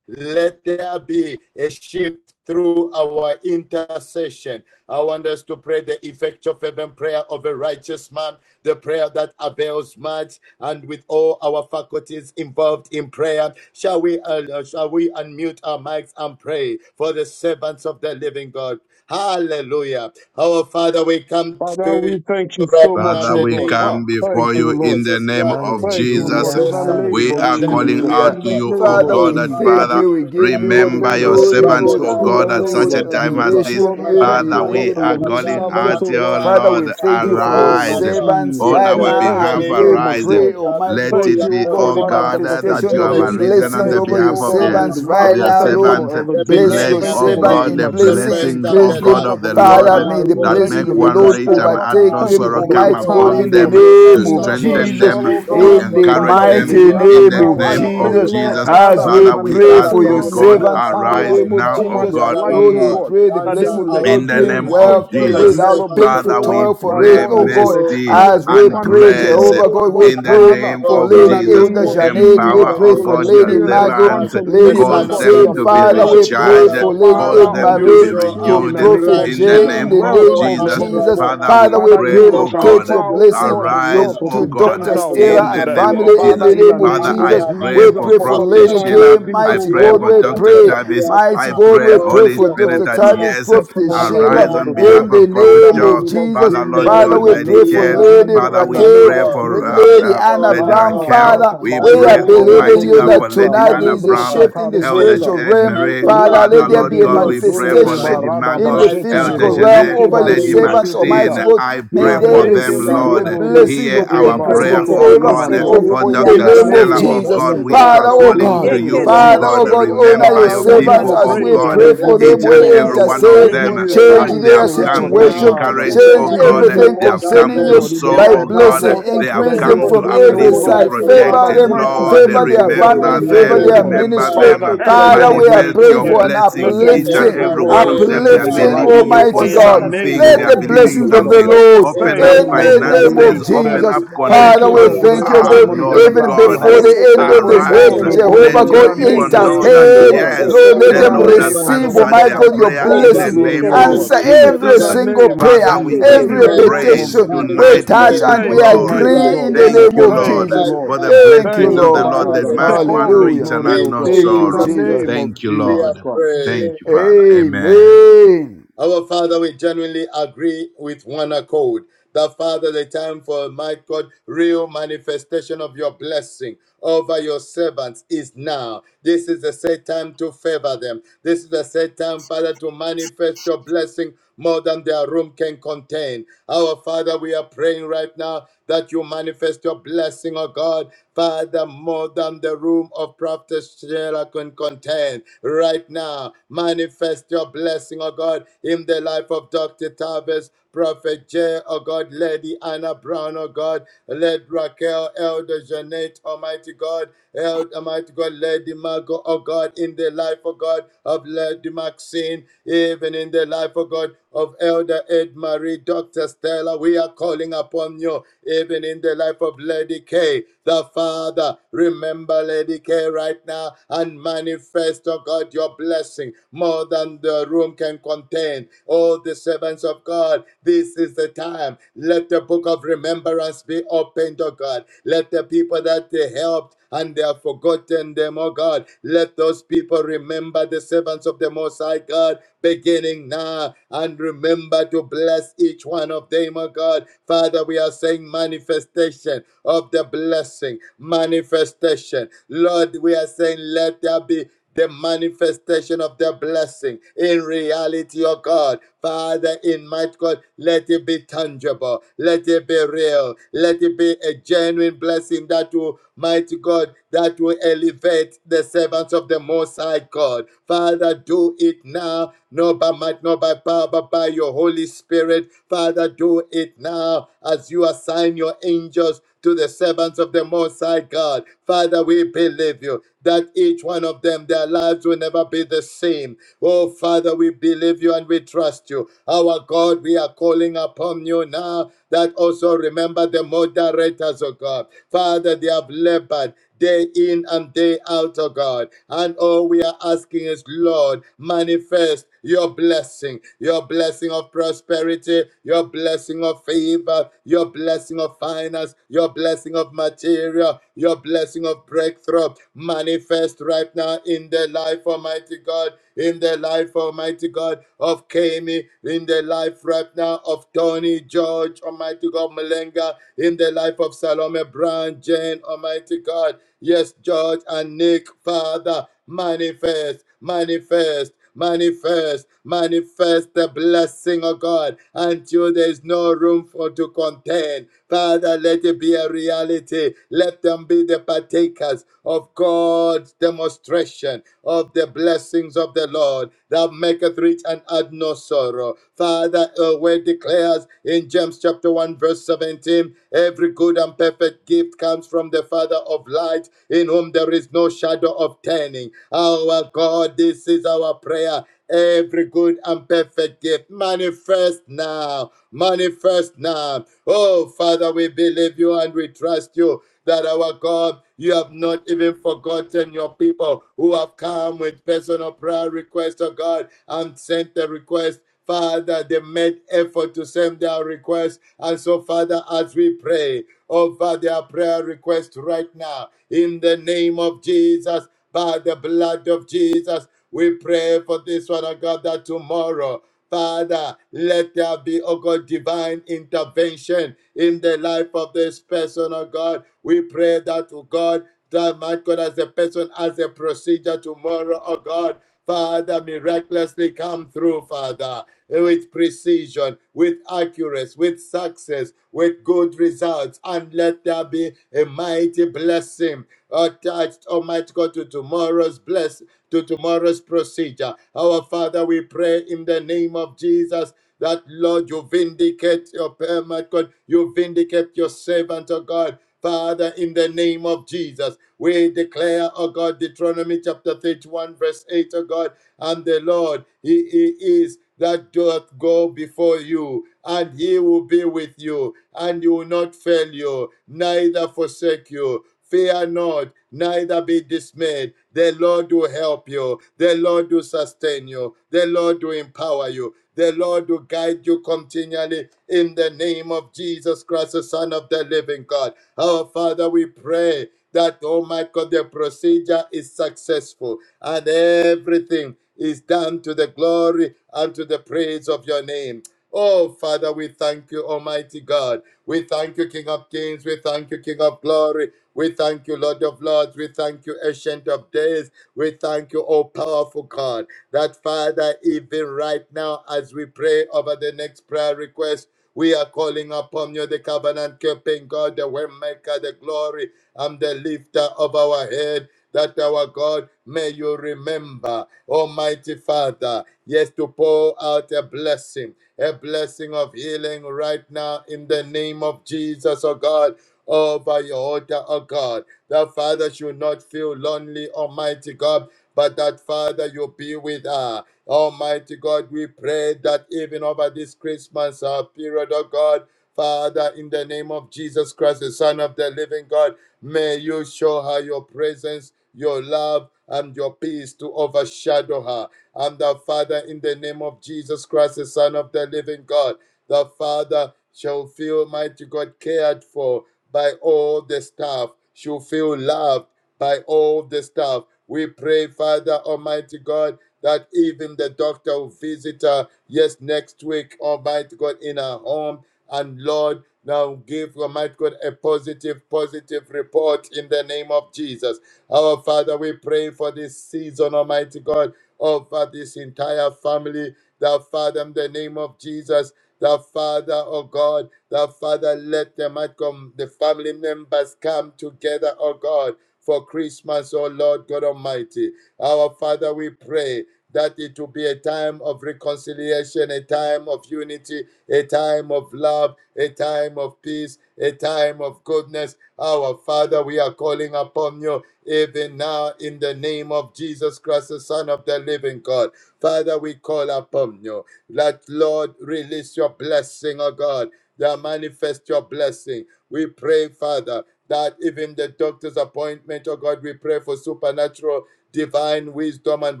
Speaker 4: Let there be a shift through our intercession. I want us to pray the effectual fervent prayer of a righteous man, the prayer that avails much, and with all our faculties involved in prayer, shall we uh, shall we unmute our mics and pray for the servants of the living God? Hallelujah! Our Father, we come
Speaker 6: Father,
Speaker 4: to
Speaker 6: we thank
Speaker 4: you
Speaker 6: you
Speaker 4: right
Speaker 6: so
Speaker 4: now
Speaker 6: much,
Speaker 4: in
Speaker 1: Father,
Speaker 6: oh
Speaker 4: the
Speaker 1: we
Speaker 6: God.
Speaker 4: name
Speaker 6: Ah,
Speaker 1: come
Speaker 4: of
Speaker 1: before
Speaker 6: thank you,
Speaker 1: you
Speaker 6: Lord.
Speaker 1: in the
Speaker 4: Jesus Christ
Speaker 1: name of
Speaker 6: Thank you, Lord.
Speaker 1: Jesus.
Speaker 3: Hallelujah,
Speaker 6: In
Speaker 4: the
Speaker 6: the
Speaker 4: Son
Speaker 6: name
Speaker 1: We
Speaker 6: of
Speaker 1: are
Speaker 4: of the
Speaker 1: calling
Speaker 6: Jesus.
Speaker 3: hallelujah.
Speaker 1: out
Speaker 4: Living
Speaker 6: In
Speaker 1: to
Speaker 6: the
Speaker 4: God.
Speaker 1: you, O
Speaker 6: name
Speaker 3: Father,
Speaker 6: of
Speaker 4: Our
Speaker 1: God,
Speaker 3: we
Speaker 1: that
Speaker 6: Jesus.
Speaker 4: Father,
Speaker 3: thank
Speaker 1: Father,
Speaker 4: we
Speaker 3: you. We
Speaker 4: pray
Speaker 3: give
Speaker 4: right
Speaker 3: you
Speaker 6: In
Speaker 3: all
Speaker 6: the
Speaker 4: now
Speaker 3: the
Speaker 1: remember
Speaker 6: name
Speaker 1: your
Speaker 6: of
Speaker 4: Oh,
Speaker 3: glory,
Speaker 4: over
Speaker 1: servants,
Speaker 4: the
Speaker 3: all the
Speaker 1: O
Speaker 6: Jesus. In
Speaker 4: lives
Speaker 6: the
Speaker 4: of
Speaker 1: God,
Speaker 3: honor,
Speaker 1: at
Speaker 4: your
Speaker 3: all
Speaker 6: name
Speaker 1: such a
Speaker 6: of
Speaker 3: the
Speaker 4: servants,
Speaker 1: time
Speaker 4: O
Speaker 1: as
Speaker 6: Jesus.
Speaker 4: God.
Speaker 1: this.
Speaker 3: adoration
Speaker 6: Lord,
Speaker 4: God,
Speaker 6: we
Speaker 3: in
Speaker 4: our
Speaker 6: thank you,
Speaker 1: Father,
Speaker 6: oh
Speaker 3: the
Speaker 4: Father,
Speaker 6: God,
Speaker 1: we
Speaker 4: the
Speaker 3: name
Speaker 6: for
Speaker 4: time
Speaker 1: are
Speaker 6: your
Speaker 4: has
Speaker 3: of
Speaker 6: maid
Speaker 1: calling
Speaker 4: come
Speaker 6: servants,
Speaker 1: out
Speaker 4: and
Speaker 3: Jesus.
Speaker 1: to
Speaker 6: oh
Speaker 4: the
Speaker 1: your
Speaker 6: God.
Speaker 4: time
Speaker 3: Father,
Speaker 4: is
Speaker 3: we
Speaker 1: Lord,
Speaker 4: now.
Speaker 3: thank
Speaker 6: In
Speaker 3: you
Speaker 6: the
Speaker 3: for your
Speaker 4: Oh
Speaker 6: name
Speaker 4: my
Speaker 1: arise
Speaker 6: of
Speaker 4: God,
Speaker 3: servants
Speaker 4: we
Speaker 1: on
Speaker 6: Jesus.
Speaker 3: right
Speaker 6: We
Speaker 1: our
Speaker 4: pray in
Speaker 3: now
Speaker 4: the
Speaker 6: thank you
Speaker 1: behalf,
Speaker 3: as
Speaker 4: name
Speaker 3: we
Speaker 6: so
Speaker 4: of
Speaker 6: much,
Speaker 1: arise.
Speaker 4: Jesus
Speaker 6: Lord.
Speaker 3: pray,
Speaker 4: Christ.
Speaker 3: Almighty
Speaker 1: Let
Speaker 3: God,
Speaker 4: We
Speaker 6: Thank
Speaker 1: it
Speaker 4: are
Speaker 6: you, oh
Speaker 1: be,
Speaker 4: calling
Speaker 3: for
Speaker 6: God,
Speaker 1: O
Speaker 3: the
Speaker 6: Father,
Speaker 4: upon
Speaker 6: for
Speaker 1: God,
Speaker 4: you,
Speaker 6: Prophet
Speaker 1: that you
Speaker 3: manifestation
Speaker 4: the
Speaker 3: of
Speaker 1: have
Speaker 3: your
Speaker 6: Jay.
Speaker 4: ancient
Speaker 1: arisen
Speaker 4: of
Speaker 1: on
Speaker 3: blessings
Speaker 1: the
Speaker 4: days,
Speaker 6: Thank
Speaker 3: over
Speaker 6: you,
Speaker 1: behalf
Speaker 3: your
Speaker 6: oh
Speaker 4: the
Speaker 1: of
Speaker 6: God, for
Speaker 1: the
Speaker 4: Alpha
Speaker 6: Lady
Speaker 3: servants
Speaker 4: and
Speaker 1: of
Speaker 4: the
Speaker 3: right
Speaker 1: your
Speaker 6: Margot.
Speaker 3: now.
Speaker 6: Thank you
Speaker 4: Omega,
Speaker 3: Lord,
Speaker 1: servants.
Speaker 6: for Elder
Speaker 4: the
Speaker 3: bless
Speaker 1: Let,
Speaker 6: Jeanette.
Speaker 3: your
Speaker 4: beginning
Speaker 6: Thank
Speaker 4: and
Speaker 6: you
Speaker 1: O
Speaker 4: the
Speaker 6: for
Speaker 3: servant
Speaker 6: Lady
Speaker 4: end,
Speaker 1: God, the
Speaker 3: in
Speaker 4: the
Speaker 6: Maxine.
Speaker 3: blessing,
Speaker 4: first
Speaker 1: blessings,
Speaker 4: and
Speaker 1: O
Speaker 3: increase
Speaker 6: Thank
Speaker 4: the
Speaker 6: you, oh
Speaker 1: God
Speaker 3: them.
Speaker 6: God,
Speaker 1: of
Speaker 4: last
Speaker 6: for
Speaker 1: the
Speaker 6: Lady
Speaker 4: the
Speaker 6: Ed
Speaker 1: Lord
Speaker 3: Father,
Speaker 4: one
Speaker 3: may
Speaker 4: who
Speaker 3: the
Speaker 6: Marie.
Speaker 1: that
Speaker 4: was,
Speaker 6: Thank
Speaker 4: who
Speaker 6: you
Speaker 3: blessings
Speaker 1: make
Speaker 6: for
Speaker 3: of the
Speaker 4: is,
Speaker 1: one
Speaker 6: Dr.
Speaker 3: Lord
Speaker 4: and
Speaker 1: rich
Speaker 4: is
Speaker 1: and
Speaker 4: to
Speaker 6: Stella.
Speaker 1: add
Speaker 3: overtake
Speaker 1: no
Speaker 4: come.
Speaker 6: Thank
Speaker 3: them,
Speaker 6: you for
Speaker 1: sorrow
Speaker 4: We
Speaker 6: Dr.
Speaker 1: come
Speaker 3: Almighty
Speaker 4: call
Speaker 3: God, in
Speaker 1: upon
Speaker 6: Tavi,
Speaker 3: the
Speaker 4: upon
Speaker 6: for
Speaker 1: them
Speaker 4: you,
Speaker 3: name
Speaker 1: to
Speaker 3: of
Speaker 4: awesome
Speaker 6: Christina, for
Speaker 4: God.
Speaker 1: strengthen
Speaker 3: Jesus.
Speaker 6: Rochelle,
Speaker 1: them,
Speaker 4: We
Speaker 6: oh
Speaker 4: call
Speaker 1: to
Speaker 6: God.
Speaker 3: In the in
Speaker 4: upon
Speaker 3: the
Speaker 4: you,
Speaker 6: Father,
Speaker 1: encourage
Speaker 6: for
Speaker 4: faithful
Speaker 1: them
Speaker 6: Lady
Speaker 3: mighty
Speaker 4: God.
Speaker 6: Anna
Speaker 1: in
Speaker 3: name
Speaker 1: the
Speaker 4: We
Speaker 6: Brown.
Speaker 3: of
Speaker 4: call
Speaker 6: I
Speaker 1: name
Speaker 4: upon
Speaker 6: pray,
Speaker 1: of
Speaker 3: Jesus.
Speaker 4: you,
Speaker 6: Lord,
Speaker 1: Jesus.
Speaker 4: powerful
Speaker 3: As
Speaker 6: Father,
Speaker 4: God.
Speaker 6: the
Speaker 3: we
Speaker 1: Father,
Speaker 4: We
Speaker 1: we
Speaker 3: pray
Speaker 4: call
Speaker 1: ask,
Speaker 3: for
Speaker 4: upon
Speaker 3: your
Speaker 1: oh
Speaker 4: you,
Speaker 6: manifestation
Speaker 4: the
Speaker 6: of
Speaker 1: God,
Speaker 6: your
Speaker 3: servants
Speaker 4: covenant
Speaker 3: in the
Speaker 6: power
Speaker 1: arise
Speaker 3: name
Speaker 4: keeping
Speaker 3: of
Speaker 1: now,
Speaker 4: God.
Speaker 1: oh
Speaker 6: over
Speaker 3: Jesus.
Speaker 6: their
Speaker 4: That
Speaker 1: God.
Speaker 4: our
Speaker 6: lives,
Speaker 3: Lord,
Speaker 6: oh
Speaker 3: we
Speaker 1: Mm.
Speaker 4: God,
Speaker 6: God,
Speaker 3: pray the
Speaker 6: that they
Speaker 4: answer
Speaker 3: blessing of
Speaker 6: will
Speaker 3: the
Speaker 4: our
Speaker 1: In
Speaker 3: Lord
Speaker 1: the
Speaker 3: bring
Speaker 6: experience
Speaker 1: name
Speaker 4: prayer
Speaker 1: of
Speaker 3: wealth
Speaker 6: breakthrough
Speaker 4: for your
Speaker 6: like
Speaker 1: Jesus.
Speaker 6: never
Speaker 3: without
Speaker 4: servants of
Speaker 3: painful
Speaker 1: Father,
Speaker 6: before.
Speaker 1: we
Speaker 4: God.
Speaker 3: toil
Speaker 6: That,
Speaker 3: for it,
Speaker 1: pray
Speaker 6: Lord,
Speaker 3: oh
Speaker 6: they
Speaker 4: Father,
Speaker 6: will
Speaker 3: God.
Speaker 4: show
Speaker 1: mercy
Speaker 4: up
Speaker 6: experience
Speaker 3: As
Speaker 6: a
Speaker 3: we
Speaker 1: and
Speaker 4: now.
Speaker 3: pray,
Speaker 6: quantum
Speaker 1: grace
Speaker 6: leap,
Speaker 4: Show
Speaker 3: Jehovah
Speaker 6: oh
Speaker 3: God,
Speaker 4: up
Speaker 3: we
Speaker 6: God,
Speaker 1: in the
Speaker 4: now.
Speaker 3: pray
Speaker 6: Father
Speaker 1: name
Speaker 3: for
Speaker 4: Oh
Speaker 1: of
Speaker 6: in
Speaker 4: Lord,
Speaker 3: Lady
Speaker 6: the
Speaker 4: we
Speaker 1: Jesus.
Speaker 3: Elder
Speaker 6: name of
Speaker 4: pray
Speaker 3: Janet, we
Speaker 4: in
Speaker 1: Empower,
Speaker 6: Jesus,
Speaker 4: the
Speaker 6: they
Speaker 3: pray
Speaker 1: oh
Speaker 6: will
Speaker 3: for
Speaker 4: name
Speaker 1: God,
Speaker 4: of
Speaker 1: your
Speaker 3: Lady
Speaker 6: experience a
Speaker 4: Jesus
Speaker 3: Margot,
Speaker 1: servants.
Speaker 4: Christ,
Speaker 6: quantum
Speaker 4: the
Speaker 3: Lady
Speaker 6: leap, oh
Speaker 1: Cause
Speaker 4: Son of
Speaker 6: God, to
Speaker 4: the
Speaker 1: them
Speaker 6: the
Speaker 3: Maxine,
Speaker 1: to be
Speaker 4: living
Speaker 3: Father,
Speaker 6: place,
Speaker 4: God,
Speaker 3: we
Speaker 6: oh God,
Speaker 4: that
Speaker 3: pray
Speaker 1: recharged.
Speaker 4: our
Speaker 3: for Lady
Speaker 6: Father
Speaker 1: Cause
Speaker 3: Ed
Speaker 4: Father,
Speaker 1: them
Speaker 6: of
Speaker 1: to
Speaker 4: you
Speaker 3: Marie,
Speaker 1: be
Speaker 4: show
Speaker 6: breakthrough
Speaker 3: Pro-
Speaker 4: up
Speaker 6: in
Speaker 1: renewed
Speaker 6: the name
Speaker 3: Prophet
Speaker 6: of
Speaker 4: right
Speaker 1: in the
Speaker 6: Jesus.
Speaker 3: Jay,
Speaker 4: now.
Speaker 3: in
Speaker 1: name
Speaker 3: the
Speaker 1: of
Speaker 6: Wealth
Speaker 3: name
Speaker 4: Show
Speaker 6: like
Speaker 3: of
Speaker 4: up
Speaker 1: Jesus.
Speaker 6: never
Speaker 4: right
Speaker 3: Jesus.
Speaker 6: before.
Speaker 1: Father,
Speaker 4: now
Speaker 1: we
Speaker 3: Father, we
Speaker 6: Father,
Speaker 1: pray,
Speaker 4: in
Speaker 6: you
Speaker 3: pray,
Speaker 6: will
Speaker 4: the
Speaker 1: oh
Speaker 4: lives
Speaker 1: God.
Speaker 3: locate
Speaker 6: transfer,
Speaker 4: of
Speaker 3: your
Speaker 4: your
Speaker 6: oh
Speaker 3: blessing,
Speaker 6: God, the
Speaker 4: servants of
Speaker 1: Arise,
Speaker 6: wealth of
Speaker 4: God.
Speaker 1: oh
Speaker 3: to
Speaker 6: the
Speaker 1: God,
Speaker 3: Dr.
Speaker 4: My
Speaker 6: Gentiles
Speaker 4: God,
Speaker 1: in
Speaker 3: Stella
Speaker 6: onto
Speaker 1: the
Speaker 3: and
Speaker 6: them.
Speaker 1: name
Speaker 4: appear
Speaker 1: of
Speaker 3: family in
Speaker 6: Father,
Speaker 3: the
Speaker 1: Jesus.
Speaker 4: now.
Speaker 6: in the
Speaker 3: name of
Speaker 1: Father,
Speaker 6: name of
Speaker 1: I
Speaker 3: Jesus.
Speaker 4: Apiana,
Speaker 1: pray
Speaker 3: We
Speaker 1: for
Speaker 6: Jesus,
Speaker 3: pray
Speaker 6: for
Speaker 3: for
Speaker 1: Prophet
Speaker 6: such a
Speaker 3: Lady
Speaker 4: Apiana,
Speaker 6: time like
Speaker 3: K,
Speaker 1: Sheila.
Speaker 6: this,
Speaker 1: I
Speaker 6: oh
Speaker 3: mighty
Speaker 1: pray
Speaker 6: God,
Speaker 3: God,
Speaker 1: for
Speaker 4: Apiana,
Speaker 3: we
Speaker 6: oh
Speaker 1: Dr.
Speaker 3: pray.
Speaker 6: God,
Speaker 1: Tavis.
Speaker 4: Apiana.
Speaker 3: Mighty
Speaker 1: I
Speaker 3: God,
Speaker 1: pray,
Speaker 3: we
Speaker 4: Oh
Speaker 3: pray
Speaker 1: Holy
Speaker 3: for
Speaker 1: Spirit,
Speaker 3: Dr.
Speaker 1: that
Speaker 4: Jehovah,
Speaker 3: Tavis,
Speaker 1: yes,
Speaker 3: Prophet
Speaker 6: testimony like
Speaker 1: arise
Speaker 6: never
Speaker 4: appear
Speaker 1: on
Speaker 3: Sheila
Speaker 4: right
Speaker 1: behalf
Speaker 3: in
Speaker 6: before.
Speaker 3: the
Speaker 1: of
Speaker 6: In
Speaker 1: Prophet
Speaker 6: the
Speaker 3: name
Speaker 1: Joe.
Speaker 3: of
Speaker 4: now.
Speaker 6: name of
Speaker 3: Jesus.
Speaker 1: Father,
Speaker 4: In the
Speaker 1: Lord
Speaker 6: Jesus,
Speaker 3: Father,
Speaker 1: God,
Speaker 6: in
Speaker 4: name
Speaker 3: we
Speaker 6: the
Speaker 4: of
Speaker 1: Lady
Speaker 3: pray
Speaker 6: name
Speaker 3: for
Speaker 4: Jesus,
Speaker 6: of
Speaker 1: Kel.
Speaker 3: Lady
Speaker 6: Jesus,
Speaker 1: Father,
Speaker 6: in
Speaker 1: we
Speaker 6: the
Speaker 4: my
Speaker 6: name
Speaker 3: Raquel,
Speaker 1: pray
Speaker 6: of
Speaker 4: God,
Speaker 1: for
Speaker 6: Jesus.
Speaker 1: um,
Speaker 4: I
Speaker 3: Lady
Speaker 1: um,
Speaker 3: Anna
Speaker 1: Lady
Speaker 4: call
Speaker 3: Brown.
Speaker 4: upon
Speaker 6: Ah,
Speaker 1: Raquel.
Speaker 4: you
Speaker 3: Father,
Speaker 6: raka
Speaker 1: We
Speaker 4: that
Speaker 3: we are
Speaker 1: pray,
Speaker 4: you
Speaker 6: baribosu
Speaker 3: believing
Speaker 1: Almighty
Speaker 4: surely
Speaker 3: you
Speaker 1: God, for
Speaker 3: that
Speaker 4: visit
Speaker 6: toliboska,
Speaker 1: Lady
Speaker 3: tonight there
Speaker 1: Anna
Speaker 3: is a
Speaker 4: Almighty
Speaker 6: malibrosa
Speaker 4: God,
Speaker 1: Brown.
Speaker 3: shift in the
Speaker 1: Elder
Speaker 6: taribosta,
Speaker 3: spiritual
Speaker 4: visit
Speaker 1: Ed
Speaker 3: realm.
Speaker 1: Marie,
Speaker 4: Almighty
Speaker 3: Father,
Speaker 1: Father
Speaker 6: reke
Speaker 3: let
Speaker 4: Father,
Speaker 6: de
Speaker 3: there
Speaker 1: Lord
Speaker 3: be a
Speaker 1: God,
Speaker 6: debo,
Speaker 4: your
Speaker 1: we pray
Speaker 6: zunde
Speaker 1: for
Speaker 6: reba
Speaker 4: servant
Speaker 3: manifestation
Speaker 1: Lady
Speaker 6: rada
Speaker 3: in
Speaker 1: Margot,
Speaker 3: the
Speaker 4: right
Speaker 6: bashete
Speaker 4: now.
Speaker 1: Elder
Speaker 3: physical
Speaker 6: lebo,
Speaker 3: realm
Speaker 1: Jeanette,
Speaker 4: In
Speaker 6: ruke
Speaker 3: over
Speaker 4: the
Speaker 3: your
Speaker 1: Lady
Speaker 4: name
Speaker 6: balibo
Speaker 3: servants
Speaker 4: of
Speaker 1: Maxine.
Speaker 6: shetinta,
Speaker 3: months, Almighty
Speaker 4: Jesus,
Speaker 1: I
Speaker 3: God. May
Speaker 1: pray
Speaker 4: we
Speaker 6: La
Speaker 3: they
Speaker 1: for
Speaker 4: trust
Speaker 6: reken
Speaker 4: you,
Speaker 1: them,
Speaker 4: the
Speaker 6: da
Speaker 3: receive
Speaker 4: King
Speaker 1: Lord.
Speaker 4: of
Speaker 6: rolo bo
Speaker 4: Peace.
Speaker 3: blessings
Speaker 1: Hear
Speaker 3: of
Speaker 6: sintele
Speaker 4: We
Speaker 1: our
Speaker 6: ba
Speaker 4: trust
Speaker 3: increase
Speaker 1: prayer,
Speaker 4: you,
Speaker 3: of
Speaker 6: roko
Speaker 4: the
Speaker 1: oh
Speaker 6: ba
Speaker 4: King
Speaker 6: le
Speaker 2: Yekeseterebo, seterebo,
Speaker 3: favor
Speaker 4: of
Speaker 1: God.
Speaker 6: mando.
Speaker 4: Glory.
Speaker 3: of
Speaker 1: For
Speaker 3: in
Speaker 2: terrible,
Speaker 3: the
Speaker 6: In
Speaker 4: We
Speaker 1: Dr.
Speaker 6: the
Speaker 3: name
Speaker 4: trust
Speaker 2: seterebo.
Speaker 3: of
Speaker 4: you,
Speaker 1: Stella,
Speaker 6: name
Speaker 4: the
Speaker 1: oh
Speaker 6: of
Speaker 2: terrible,
Speaker 4: Lord
Speaker 3: Jesus.
Speaker 1: God,
Speaker 4: of
Speaker 1: we
Speaker 6: Jesus
Speaker 4: Lords.
Speaker 3: Father,
Speaker 1: are
Speaker 6: Christ.
Speaker 3: oh
Speaker 6: In
Speaker 4: We
Speaker 6: the
Speaker 1: calling
Speaker 3: God,
Speaker 1: to
Speaker 4: trust
Speaker 6: name
Speaker 1: you,
Speaker 4: you,
Speaker 6: of
Speaker 4: the
Speaker 1: oh
Speaker 3: Father,
Speaker 6: Jesus
Speaker 1: God.
Speaker 3: oh
Speaker 6: Christ.
Speaker 3: God,
Speaker 4: Almighty God.
Speaker 3: honor
Speaker 1: Remember
Speaker 3: your
Speaker 6: Father,
Speaker 1: your
Speaker 6: we
Speaker 2: seterebo,
Speaker 4: The
Speaker 6: give
Speaker 3: servants
Speaker 1: people,
Speaker 4: Father
Speaker 6: you
Speaker 3: as
Speaker 1: oh
Speaker 3: we
Speaker 6: praise
Speaker 4: manifest
Speaker 6: and
Speaker 4: your
Speaker 1: God,
Speaker 3: pray
Speaker 6: we give
Speaker 2: yakaseterebo.
Speaker 3: for
Speaker 6: you
Speaker 3: them.
Speaker 4: blessing
Speaker 1: each
Speaker 4: in
Speaker 1: and
Speaker 4: the
Speaker 3: We
Speaker 1: every
Speaker 4: life
Speaker 6: glory.
Speaker 4: of
Speaker 1: one of
Speaker 3: intercede,
Speaker 6: We
Speaker 1: them
Speaker 6: give
Speaker 4: Prophet
Speaker 2: Yekeseterebo,
Speaker 6: you
Speaker 3: change
Speaker 1: as
Speaker 4: Sheila
Speaker 1: they
Speaker 6: thanks,
Speaker 2: terrible, Yekeseterebo,
Speaker 3: their
Speaker 1: have
Speaker 2: terrible,
Speaker 6: oh
Speaker 4: right
Speaker 1: come
Speaker 6: God,
Speaker 1: come
Speaker 2: Make
Speaker 6: my
Speaker 1: to
Speaker 2: it
Speaker 4: now,
Speaker 3: situation,
Speaker 2: so
Speaker 6: Father.
Speaker 4: in
Speaker 1: encourage,
Speaker 4: the
Speaker 2: terrible.
Speaker 3: change
Speaker 1: oh
Speaker 6: We
Speaker 4: life
Speaker 2: So
Speaker 6: give
Speaker 4: of
Speaker 1: God.
Speaker 6: you
Speaker 3: everything
Speaker 1: They
Speaker 4: Dr.
Speaker 2: terrible.
Speaker 1: have
Speaker 6: worship,
Speaker 1: come
Speaker 3: concerning
Speaker 6: oh
Speaker 1: to
Speaker 4: Tavis,
Speaker 3: them
Speaker 6: God, even
Speaker 1: sow,
Speaker 4: in
Speaker 3: by
Speaker 6: right
Speaker 4: the
Speaker 1: oh
Speaker 6: now,
Speaker 4: life
Speaker 1: God.
Speaker 2: Yes,
Speaker 3: blessing,
Speaker 6: Lord,
Speaker 4: of
Speaker 1: They
Speaker 2: yes, yes,
Speaker 1: have
Speaker 4: Prophet
Speaker 3: increase
Speaker 6: that
Speaker 3: them
Speaker 6: you
Speaker 1: come
Speaker 6: are
Speaker 2: terrible,
Speaker 4: Jeff,
Speaker 1: to
Speaker 3: from
Speaker 2: yes,
Speaker 6: doing,
Speaker 4: in
Speaker 6: oh
Speaker 3: every
Speaker 1: uplift,
Speaker 4: the
Speaker 2: terrible,
Speaker 1: to
Speaker 6: God,
Speaker 2: yes,
Speaker 4: life
Speaker 3: side,
Speaker 4: of
Speaker 2: terrible,
Speaker 1: protect.
Speaker 3: favor
Speaker 6: Father,
Speaker 2: yes,
Speaker 4: Dr.
Speaker 3: them
Speaker 6: mighty
Speaker 2: terrible.
Speaker 4: Stella,
Speaker 1: Lord,
Speaker 3: favor
Speaker 6: things,
Speaker 4: in
Speaker 3: their
Speaker 6: oh
Speaker 2: Yes,
Speaker 4: the
Speaker 6: God,
Speaker 2: yes,
Speaker 6: for
Speaker 4: life
Speaker 1: remember
Speaker 3: family,
Speaker 2: yes,
Speaker 6: me
Speaker 4: of
Speaker 6: and
Speaker 3: favor
Speaker 1: them.
Speaker 4: Les
Speaker 6: oh
Speaker 2: terrible,
Speaker 3: their
Speaker 6: God.
Speaker 2: yes,
Speaker 1: Remember
Speaker 3: ministry.
Speaker 4: Raquel,
Speaker 2: terrible,
Speaker 1: them.
Speaker 6: Father,
Speaker 2: yes,
Speaker 4: in the
Speaker 6: every
Speaker 2: terrible.
Speaker 3: Father,
Speaker 4: life
Speaker 3: we are
Speaker 4: of my
Speaker 1: Manifest
Speaker 6: moderator
Speaker 3: praying
Speaker 1: your
Speaker 3: for
Speaker 6: here,
Speaker 3: an
Speaker 6: let
Speaker 1: blessings,
Speaker 4: Elder
Speaker 2: Yes,
Speaker 6: your
Speaker 1: each
Speaker 2: yes,
Speaker 4: Ed
Speaker 1: and
Speaker 6: word,
Speaker 3: uplifting,
Speaker 2: yes,
Speaker 6: oh
Speaker 1: every
Speaker 6: God,
Speaker 1: one
Speaker 2: terrible,
Speaker 6: be
Speaker 1: of
Speaker 4: Marie.
Speaker 1: them.
Speaker 2: yes,
Speaker 1: They
Speaker 6: settled in
Speaker 1: are
Speaker 6: their
Speaker 2: terrible,
Speaker 3: uplifting,
Speaker 4: Father,
Speaker 2: yes,
Speaker 6: lives.
Speaker 1: believing you for
Speaker 3: Almighty
Speaker 2: terrible,
Speaker 6: In
Speaker 4: manifest,
Speaker 6: the
Speaker 3: God.
Speaker 2: yes, yes,
Speaker 6: name
Speaker 1: something. They
Speaker 3: Let
Speaker 6: of
Speaker 1: are
Speaker 3: the
Speaker 4: manifest
Speaker 2: terrible.
Speaker 1: believing
Speaker 4: your
Speaker 3: blessings
Speaker 6: Jesus
Speaker 3: of
Speaker 6: Christ.
Speaker 3: the
Speaker 1: something.
Speaker 4: blessing
Speaker 2: Yes, yes,
Speaker 3: Lord
Speaker 2: yes,
Speaker 4: in
Speaker 1: Open
Speaker 6: Thank
Speaker 1: up
Speaker 4: their
Speaker 6: you,
Speaker 3: in
Speaker 2: terrible,
Speaker 4: life
Speaker 6: Lord,
Speaker 3: the
Speaker 2: yes,
Speaker 6: for
Speaker 4: right
Speaker 3: name
Speaker 6: doing
Speaker 4: now,
Speaker 1: finances.
Speaker 3: of
Speaker 2: terrible.
Speaker 6: this for them.
Speaker 1: Open
Speaker 3: Jesus.
Speaker 4: Almighty
Speaker 1: up
Speaker 4: God.
Speaker 2: Thank
Speaker 6: Thank
Speaker 3: Father,
Speaker 2: you,
Speaker 6: you,
Speaker 3: we
Speaker 6: God,
Speaker 4: Over
Speaker 1: connections.
Speaker 6: for the
Speaker 4: my
Speaker 3: thank
Speaker 2: Jesus.
Speaker 3: you,
Speaker 4: God
Speaker 1: Ah,
Speaker 3: God,
Speaker 4: of
Speaker 6: testimonies that
Speaker 1: Lord
Speaker 6: are
Speaker 4: Lady
Speaker 3: even
Speaker 6: about to
Speaker 1: God.
Speaker 3: before
Speaker 4: Margaret,
Speaker 6: happen.
Speaker 2: Yekese
Speaker 3: the end of
Speaker 2: terebo
Speaker 4: Elder
Speaker 3: the
Speaker 6: Take
Speaker 2: se
Speaker 6: all
Speaker 1: Arise,
Speaker 3: week,
Speaker 6: the
Speaker 4: Jeanette,
Speaker 2: terebo.
Speaker 6: glory
Speaker 3: Jehovah
Speaker 1: let
Speaker 6: in
Speaker 1: your
Speaker 3: God,
Speaker 4: Lady
Speaker 6: the
Speaker 1: people
Speaker 6: name of
Speaker 1: know
Speaker 2: Yekese
Speaker 4: Maxine,
Speaker 1: that
Speaker 6: Jesus
Speaker 4: we
Speaker 3: intervene.
Speaker 4: are
Speaker 2: terebo
Speaker 6: Christ.
Speaker 2: se
Speaker 1: yes,
Speaker 4: calling
Speaker 3: Lord, let
Speaker 6: In
Speaker 1: the
Speaker 4: upon
Speaker 2: terebo
Speaker 6: the
Speaker 3: them
Speaker 2: bo
Speaker 1: Lord
Speaker 4: you,
Speaker 2: bo bo
Speaker 1: has
Speaker 6: name
Speaker 2: bo
Speaker 4: Governor
Speaker 6: of
Speaker 2: bo
Speaker 3: receive,
Speaker 2: bo.
Speaker 1: answered
Speaker 6: Jesus
Speaker 4: Kepe
Speaker 3: Almighty
Speaker 1: their
Speaker 6: Christ.
Speaker 3: God,
Speaker 4: God.
Speaker 3: your
Speaker 6: Take
Speaker 1: prayer
Speaker 4: Let
Speaker 6: all
Speaker 1: in
Speaker 6: the
Speaker 1: the
Speaker 4: there
Speaker 3: blessing.
Speaker 4: be
Speaker 2: Yekese
Speaker 4: a
Speaker 6: glory,
Speaker 1: name
Speaker 6: O
Speaker 1: of
Speaker 2: terebo
Speaker 4: genuine
Speaker 6: God.
Speaker 3: Answer
Speaker 2: se terebo.
Speaker 3: every
Speaker 6: In
Speaker 1: Jesus.
Speaker 6: the
Speaker 3: single
Speaker 6: name
Speaker 4: manifestation,
Speaker 6: of
Speaker 1: Father,
Speaker 3: prayer,
Speaker 1: we
Speaker 6: Jesus.
Speaker 2: Yekese
Speaker 1: give
Speaker 6: In
Speaker 3: every
Speaker 1: you
Speaker 6: the
Speaker 2: terebo
Speaker 4: manifestation,
Speaker 6: name
Speaker 2: bo
Speaker 6: of
Speaker 1: praise.
Speaker 2: se
Speaker 3: petition.
Speaker 6: Jesus.
Speaker 3: We
Speaker 1: Tonight
Speaker 2: terebo.
Speaker 1: we
Speaker 3: touch
Speaker 1: give you
Speaker 3: and
Speaker 4: manifestation
Speaker 3: we
Speaker 6: Thank you,
Speaker 1: glory.
Speaker 6: mighty
Speaker 2: Yekese
Speaker 4: right
Speaker 3: agree in
Speaker 6: God.
Speaker 3: the
Speaker 2: terebo
Speaker 1: Thank
Speaker 3: name
Speaker 4: now,
Speaker 1: you,
Speaker 2: bo
Speaker 3: of
Speaker 2: bo bo
Speaker 1: Lord,
Speaker 6: Thank
Speaker 2: bo
Speaker 6: you,
Speaker 3: Jesus.
Speaker 4: right
Speaker 2: bo.
Speaker 6: Lord.
Speaker 1: for the
Speaker 4: now.
Speaker 3: Thank you,
Speaker 1: blessings
Speaker 6: Thank
Speaker 2: Thank
Speaker 1: of
Speaker 6: you,
Speaker 1: the
Speaker 2: you,
Speaker 3: Lord.
Speaker 1: Lord
Speaker 4: Father,
Speaker 1: that
Speaker 6: Father.
Speaker 4: we
Speaker 2: Jesus.
Speaker 6: Take
Speaker 1: make
Speaker 4: thank
Speaker 1: one
Speaker 6: all
Speaker 4: you.
Speaker 6: the
Speaker 1: rich
Speaker 3: Hallelujah.
Speaker 1: and
Speaker 6: glory,
Speaker 1: add
Speaker 6: O
Speaker 4: In
Speaker 1: no
Speaker 6: God.
Speaker 3: Thank
Speaker 2: Thank
Speaker 6: In
Speaker 3: you,
Speaker 6: the
Speaker 2: you,
Speaker 1: sorrow.
Speaker 4: Jesus' name,
Speaker 3: Jesus.
Speaker 6: name
Speaker 2: Jesus.
Speaker 6: of
Speaker 1: Thank you,
Speaker 4: we
Speaker 6: Jesus
Speaker 1: Lord.
Speaker 4: are
Speaker 6: Christ.
Speaker 1: Thank
Speaker 4: praying.
Speaker 1: you, Father. Amen.
Speaker 3: Amen.
Speaker 4: Our Father, we genuinely agree with one accord. That Father, the time for my God, real manifestation of your blessing over your servants is now. This is the set time to favor them. This is the set time, Father, to manifest your blessing more than their room can contain. Our Father, we are praying right now that you manifest your blessing, O God, Father, more than the room of Prophet Sheila can contain. Right now, now. Manifest your blessing, oh God, in the life of Dr. Tavis, Prophet Jay, oh God, Lady Anna Brown, oh God, Lady Raquel, Elder Jeanette, Almighty God, Elder Almighty God, Lady Margot, oh God, in the life, oh God, of Lady Maxine, even in the life, oh God, of Elder Ed Marie, Dr. Stella. We are calling upon you, even in the life of Lady K, the Father. Remember Lady K right now and manifest, oh God, your blessing more than the room can contain. All the servants of God, this is the time. Let the book of remembrance be opened, oh God. Let the people that they helped and they have forgotten them, oh God. Let those people remember the servants of the Most High God beginning now and remember to bless each one of them, oh God. Father, we are saying manifestation of the blessing, manifestation. Lord, we are saying let there be the manifestation of the blessing in reality, oh God. Father, in might God, let it be tangible, let it be real, let it be a genuine blessing that will, mighty God, that will elevate the servants of the Most High God. Father, do it now, not by might, not by power, but by your Holy Spirit. Father, do it now as you assign your angels to the servants of the Most High God. God. Father, we believe you that each one of them, their lives will never be the same. Oh, Father, we believe you and we trust you. Our God, we are calling upon you now that also remember the moderators, oh God. Father, they have labored day in and day out, oh God. And all we are asking is, Lord, manifest your blessing, your blessing of prosperity, your blessing of favor, your blessing of finance, your blessing of material, your blessing of breakthrough. Manifest right now in the life, Almighty God, in the life, Almighty God, of Kami, in the life right now of Tony, George, Almighty God, Malenga, in the life of Salome Brown, Jane, Almighty God. Yes, George and Nick, Father manifest, manifest, manifest, manifest the blessing of God until there is no room for to contain. Father, let it be a reality. Let them be the partakers of God's demonstration of the blessing blessings of the Lord that maketh rich and add no sorrow. Father, your word declares in James chapter 1, verse 17, every good and perfect gift comes from the Father of light, in whom there is no shadow of turning. Our God, this is our prayer. Every good and perfect gift manifest now manifest now. Oh, Father, we believe you and we trust you that our God, you have not even forgotten your people who have come with personal prayer requests to God and sent the request. Father, they made effort to send their request. And so, Father, as we pray over their prayer request right now, in the name of Jesus, by the blood of Jesus, we pray for this one, oh God, that tomorrow. Father, let there be, oh God, divine intervention in the life of this person, oh God. We pray that, oh God, that my God, as a person, as a procedure tomorrow, oh God, Father, miraculously come through, Father with precision, with accuracy, with success, with good results, and let there be a mighty blessing attached, Almighty God, to tomorrow's bless to tomorrow's procedure. Our Father, we pray in the name of Jesus that Lord, you vindicate your permanent God, you vindicate your servant, O God. Father, in the name of Jesus, we declare, O God, Deuteronomy chapter 31, verse 8, O God, and the Lord, He, he is that doth go before you, and He will be with you, and He will not fail you, neither forsake you. Fear not, neither be dismayed. The Lord will help you. The Lord will sustain you. The Lord will empower you. The Lord will guide you continually in the name of Jesus Christ, the Son of the living God. Our Father, we pray that, oh my God, the procedure is successful and everything is done to the glory and to the praise of your name. Oh, Father, we thank you, Almighty God. We thank you, King of Kings. We thank you, King of Glory. We thank you, Lord of Lords. We thank you, Ancient of Days. We thank you, all powerful God, that Father, even right now, as we pray over the next prayer request, we are calling upon you, the covenant keeping God, the waymaker, the glory, and the lifter of our head. That our God, may you remember, Almighty Father, yes, to pour out a blessing, a blessing of healing right now in the name of Jesus, oh God Oh, by your altar, oh God, that Father should not feel lonely, Almighty God, but that Father you be with her. Almighty God, we pray that even over this Christmas uh, period, oh God, Father, in the name of Jesus Christ, the Son of the living God, may you show her your presence, your love, and your peace to overshadow her. And the Father, in the name of Jesus Christ, the Son of the living God, the Father shall feel, mighty God, cared for by all the staff, she'll feel loved by all the staff. We pray, Father Almighty God, that even the doctor will visit her, yes, next week, Almighty God, in her home. And Lord, now give Almighty God a positive, positive report in the name of Jesus. Our Father, we pray for this season, Almighty God, over this entire family. That Father, in the name of Jesus, the Father, oh God, the Father, let the might come, the family members come together, oh God, for Christmas, oh Lord God Almighty. Our Father, we pray that it will be a time of reconciliation, a time of unity, a time of love, a time of peace, a time of goodness. Our Father, we are calling upon you even now in the name of Jesus Christ, the Son of the living God. Father, we call upon you. That Lord, release your blessing, oh God. That manifest your blessing. We pray, Father, that even the doctor's appointment, oh God, we pray for supernatural divine wisdom and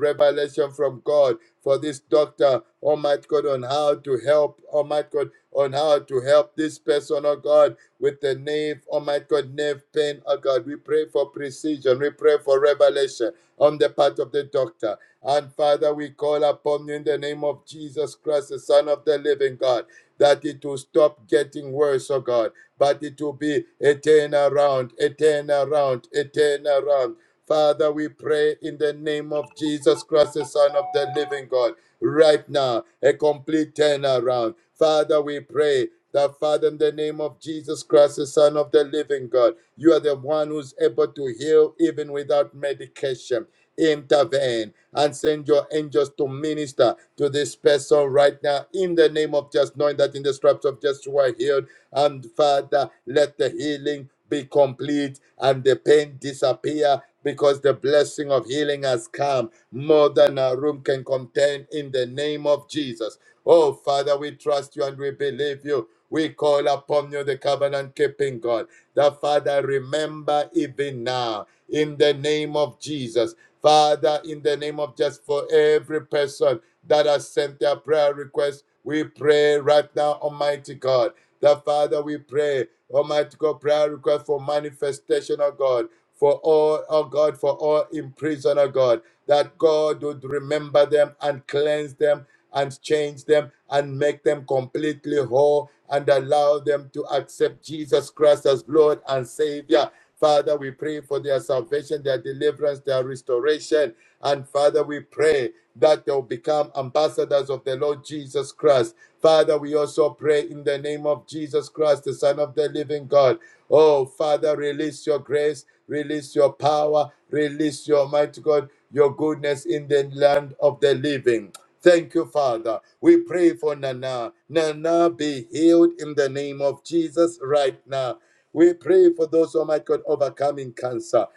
Speaker 4: revelation from God for this doctor, Almighty God, on how to help, Almighty God, on how to help this person, oh God, with the nerve, Almighty God, nerve pain, oh God. We pray for precision, we pray for revelation on the part of the doctor. And Father, we call upon you in the name of Jesus Christ, the Son of the living God, that it will stop getting worse, oh God, but it will be a turnaround, a turnaround, a turnaround. Father, we pray in the name of Jesus Christ, the Son of the living God, right now, a complete turnaround. Father, we pray that, Father, in the name of Jesus Christ, the Son of the living God, you are the one who's able to heal even without medication intervene and send your angels to minister to this person right now in the name of just knowing that in the stripes of just you are healed. And Father, let the healing be complete and the pain disappear because the blessing of healing has come more than a room can contain in the name of Jesus. Oh, Father, we trust you and we believe you. We call upon you, the covenant keeping God. The Father, remember even now in the name of Jesus Father, in the name of just for every person that has sent their prayer request, we pray right now, Almighty God. That Father, we pray, Almighty God, prayer request for manifestation of God, for all, oh God, for all in prison, oh God, that God would remember them and cleanse them and change them and make them completely whole and allow them to accept Jesus Christ as Lord and Savior Father, we pray for their salvation, their deliverance, their restoration. And Father, we pray that they'll become ambassadors of the Lord Jesus Christ Father, we also pray in the name of Jesus Christ, the Son of the living God. Oh, Father, release your grace, release your power, release your mighty God, your goodness in the land of the living. Thank you, Father. We pray for Nana. Nana, be healed in the name of Jesus right now. We pray for those, oh my God, overcoming cancer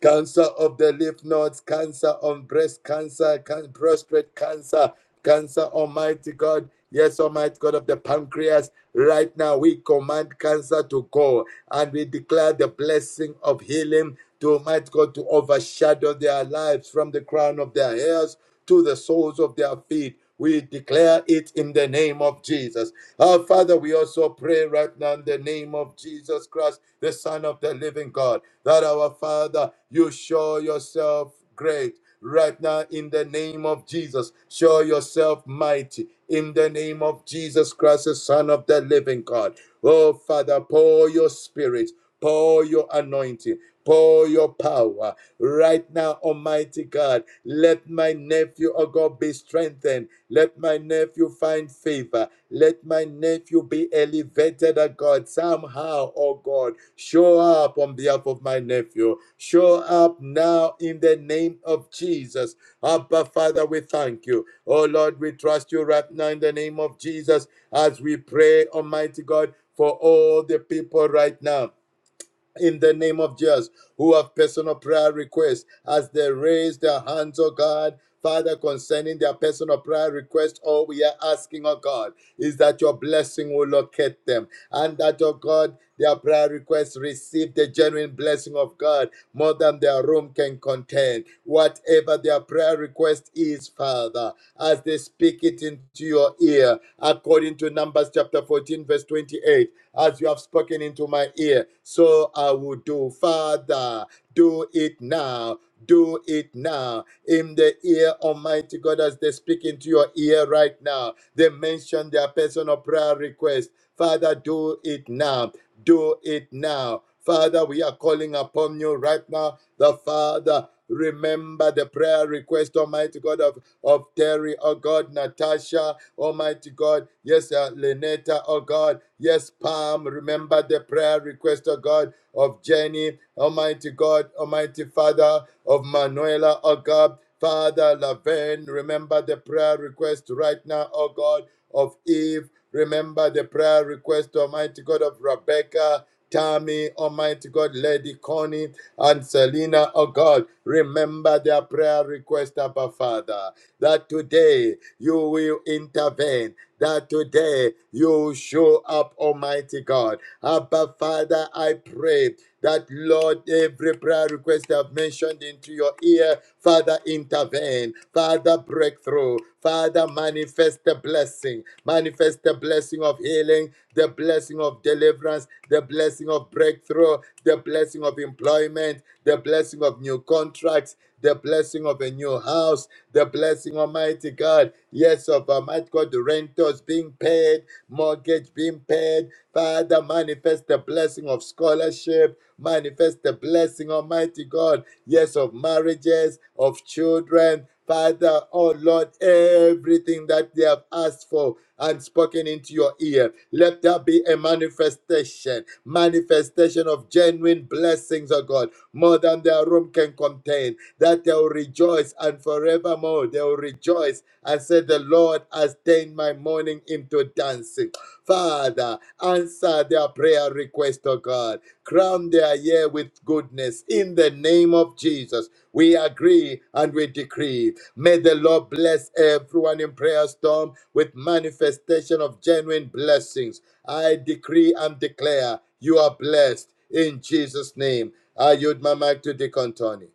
Speaker 4: cancer of the lymph nodes, cancer on breast cancer, can- prostate cancer, cancer, Almighty God. Yes, Almighty God of the pancreas, right now we command cancer to go and we declare the blessing of healing to Almighty God to overshadow their lives from the crown of their hairs to the soles of their feet. We declare it in the name of Jesus. Our Father, we also pray right now in the name of Jesus Christ, the Son of the living God, that our Father, you show yourself great right now in the name of Jesus. Show yourself mighty in the name of Jesus Christ, the Son of the living God. Oh, Father, pour your spirit, pour your anointing, pour your power Right now, Almighty God, let my nephew, oh God, be strengthened. Let my nephew find favor. Let my nephew be elevated, oh God, somehow, oh God. Show up on behalf of my nephew. Show up now in the name of Jesus. Abba, Father, we thank you. Oh Lord, we trust you right now in the name of Jesus as we pray, Almighty God, for all the people right now in the name of Jesus who have personal prayer requests as they raise their hands, oh God. Father, concerning their personal prayer request, all we are asking, oh God, is that your blessing will locate them and that, oh God, their prayer requests receive the genuine blessing of God more than their room can contain. Whatever their prayer request is, Father, as they speak it into your ear, according to Numbers chapter 14, verse 28 as you have spoken into my ear, so I will do. Father, do it now. Do it now in the ear, Almighty God, as they speak into your ear right now. They mention their personal prayer request. Father, do it now. Do it now. Father, we are calling upon you right now. The Father, remember the prayer request, Almighty God, of, of Terry, oh God, Natasha. Almighty God. Yes, uh, Leneta, oh God. Yes, Pam. remember the prayer request, oh God, of Jenny, Almighty God, Almighty Father, of Manuela, oh God. Father, Laverne, remember the prayer request right now, oh God, of Eve. Remember the prayer request, Almighty God, of Rebecca, Tammy, Almighty God, Lady Connie, and Selena, oh God. Remember their prayer request, Abba Father that today you will intervene, that today you show up, Almighty God. Abba, Father, I pray that, Lord, every prayer request I've mentioned into your ear, Father, intervene, Father, breakthrough, Father, manifest the blessing, manifest the blessing of healing, the blessing of deliverance, the blessing of breakthrough, the blessing of employment, the blessing of new contracts, the blessing of a new house, the blessing, Almighty God, yes, of Almighty God, the renters being paid, mortgage being paid. Father, manifest the blessing of scholarship, manifest the blessing, Almighty God, yes, of marriages, of children. Father, oh Lord, everything that they have asked for and spoken into your ear, let there be a manifestation, manifestation of genuine blessings, oh God more than their room can contain, that they will rejoice and forevermore they will rejoice and say, The Lord has turned my mourning into dancing. Father, answer their prayer request, O God. Crown their year with goodness in the name of Jesus. We agree and we decree. May the Lord bless everyone in Prayer Storm with manifestation of genuine blessings. I decree and declare you are blessed in Jesus' name. I yield my mic to Deacon Tony.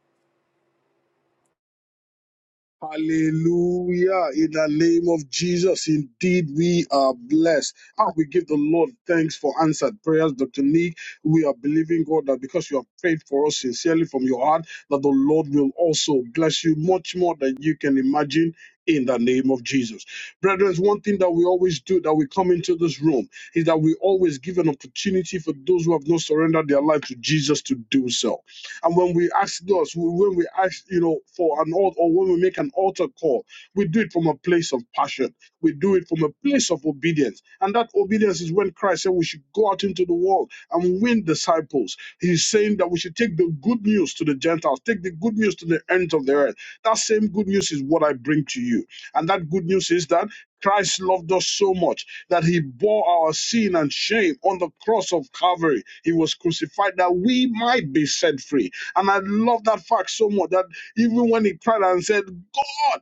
Speaker 6: Hallelujah. In the name of Jesus, indeed we are blessed. And we give the Lord thanks for answered prayers, Dr. Nick. We are believing, God, that because you have prayed for us sincerely from your heart, that the Lord will also bless you much more than you can imagine. In the name of Jesus. Brethren, one thing that we always do that we come into this room is that we always give an opportunity for those who have not surrendered their life to Jesus to do so. And when we ask those, when we ask, you know, for an altar, or when we make an altar call, we do it from a place of passion. We do it from a place of obedience. And that obedience is when Christ said we should go out into the world and win disciples. He's saying that we should take the good news to the Gentiles, take the good news to the ends of the earth. That same good news is what I bring to you. And that good news is that Christ loved us so much that he bore our sin and shame on the cross of Calvary. He was crucified that we might be set free and I love that fact so much that even when he cried and said, God,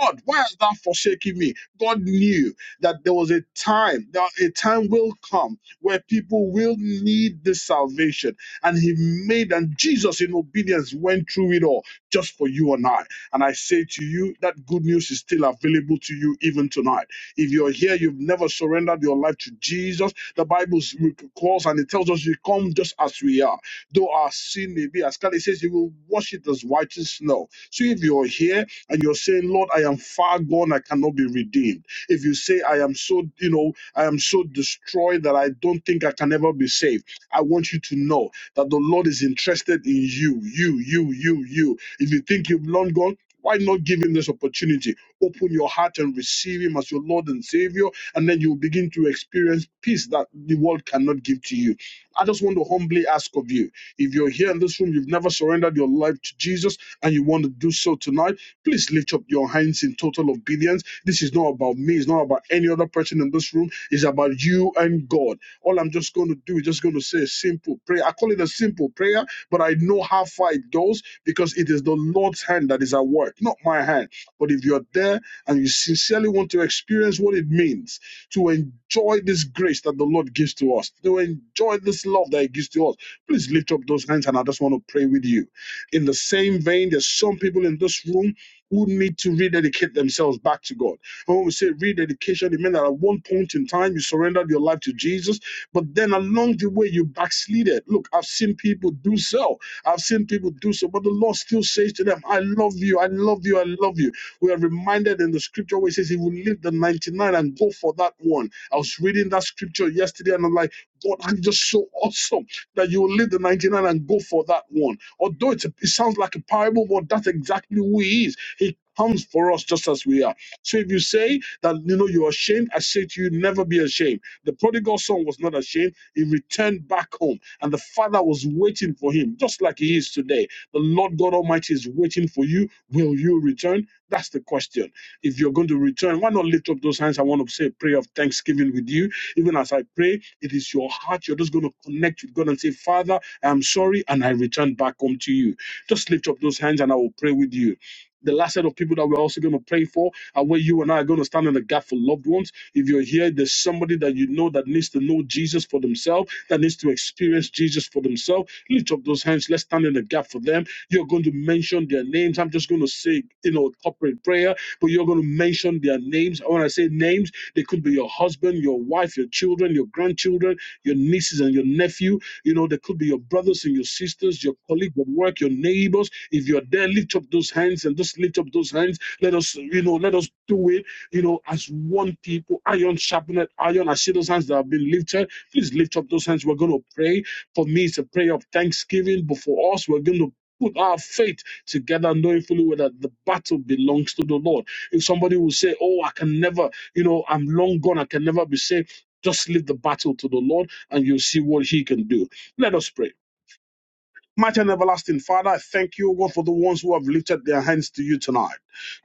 Speaker 6: God, why has thou forsaken me? God knew that there was a time, that a time will come where people will need this salvation. And he made, and Jesus in obedience went through it all just for you and I. And I say to you, that good news is still available to you even tonight. If you're here, you've never surrendered your life to Jesus, the Bible calls and it tells us you come just as we are though our sin may be as scarlet, it says He will wash it as white as snow. So if you're here and you're saying, Lord, I am far gone, I cannot be redeemed. If you say, I am so, you know, I am so destroyed that I don't think I can ever be saved, I want you to know that the Lord is interested in you, you, you, you, you. If you think you've long gone, why not give him this opportunity? Open your heart and receive him as your Lord and Savior, and then you will begin to experience peace that the world cannot give to you. I just want to humbly ask of you if you're here in this room, you've never surrendered your life to Jesus and you want to do so tonight, please lift up your hands in total obedience. This is not about me, it's not about any other person in this room, it's about you and God. All I'm just going to do is just going to say a simple prayer. I call it a simple prayer, but I know how far it goes because it is the Lord's hand that is at work, not my hand. But if you're there and you sincerely want to experience what it means, to enjoy this grace that the Lord gives to us, to enjoy this love that He gives to us. Please lift up those hands and I just want to pray with you. In the same vein, there's some people in this room who need to rededicate themselves back to God. And when we say rededication, it means that at one point in time you surrendered your life to Jesus, but then along the way you backslided. Look, I've seen people do so. I've seen people do so, but the Lord still says to them, I love you, I love you, I love you. We are reminded in the scripture where it says he will leave the 99 and go for that one. I was reading that scripture yesterday and I'm like, God, I'm just so awesome that you will leave the 99 and go for that one. Although it's a, it sounds like a parable, but that's exactly who he is. He comes for us just as we are. So if you say that you know you're ashamed, I say to you, never be ashamed. The prodigal son was not ashamed. He returned back home, and the father was waiting for him, just like he is today. The Lord God Almighty is waiting for you. Will you return? That's the question. If you're going to return, why not lift up those hands? I want to say a prayer of thanksgiving with you even as I pray, it is your heart. You're just going to connect with God and say, Father, I'm sorry, and I return back home to you. Just lift up those hands and I will pray with you. The last set of people that we're also going to pray for are where you and I are going to stand in the gap for loved ones. If you're here, there's somebody that you know that needs to know Jesus for themselves, that needs to experience Jesus for themselves. Lift up those hands. Let's stand in the gap for them. You're going to mention their names. I'm just going to say, you know, corporate prayer but you're going to mention their names. And When I say names, they could be your husband, your wife, your children, your grandchildren, your nieces and your nephew. You know, they could be your brothers and your sisters, your colleagues at work, your neighbors. If you're there, lift up those hands and just lift up those hands. Let us, you know, let us do it, you know, as one people, iron sharpened iron. I see those hands that have been lifted. Please lift up those hands. We're going to pray. For me, it's a prayer of thanksgiving, but for us, we're going to put our faith together, knowing fully well that the battle belongs to the Lord. If somebody will say, Oh, I can never, you know, I'm long gone, I can never be saved, just leave the battle to the Lord and you'll see what He can do. Let us pray. Mighty and everlasting Father, I thank you, O God, for the ones who have lifted their hands to you tonight.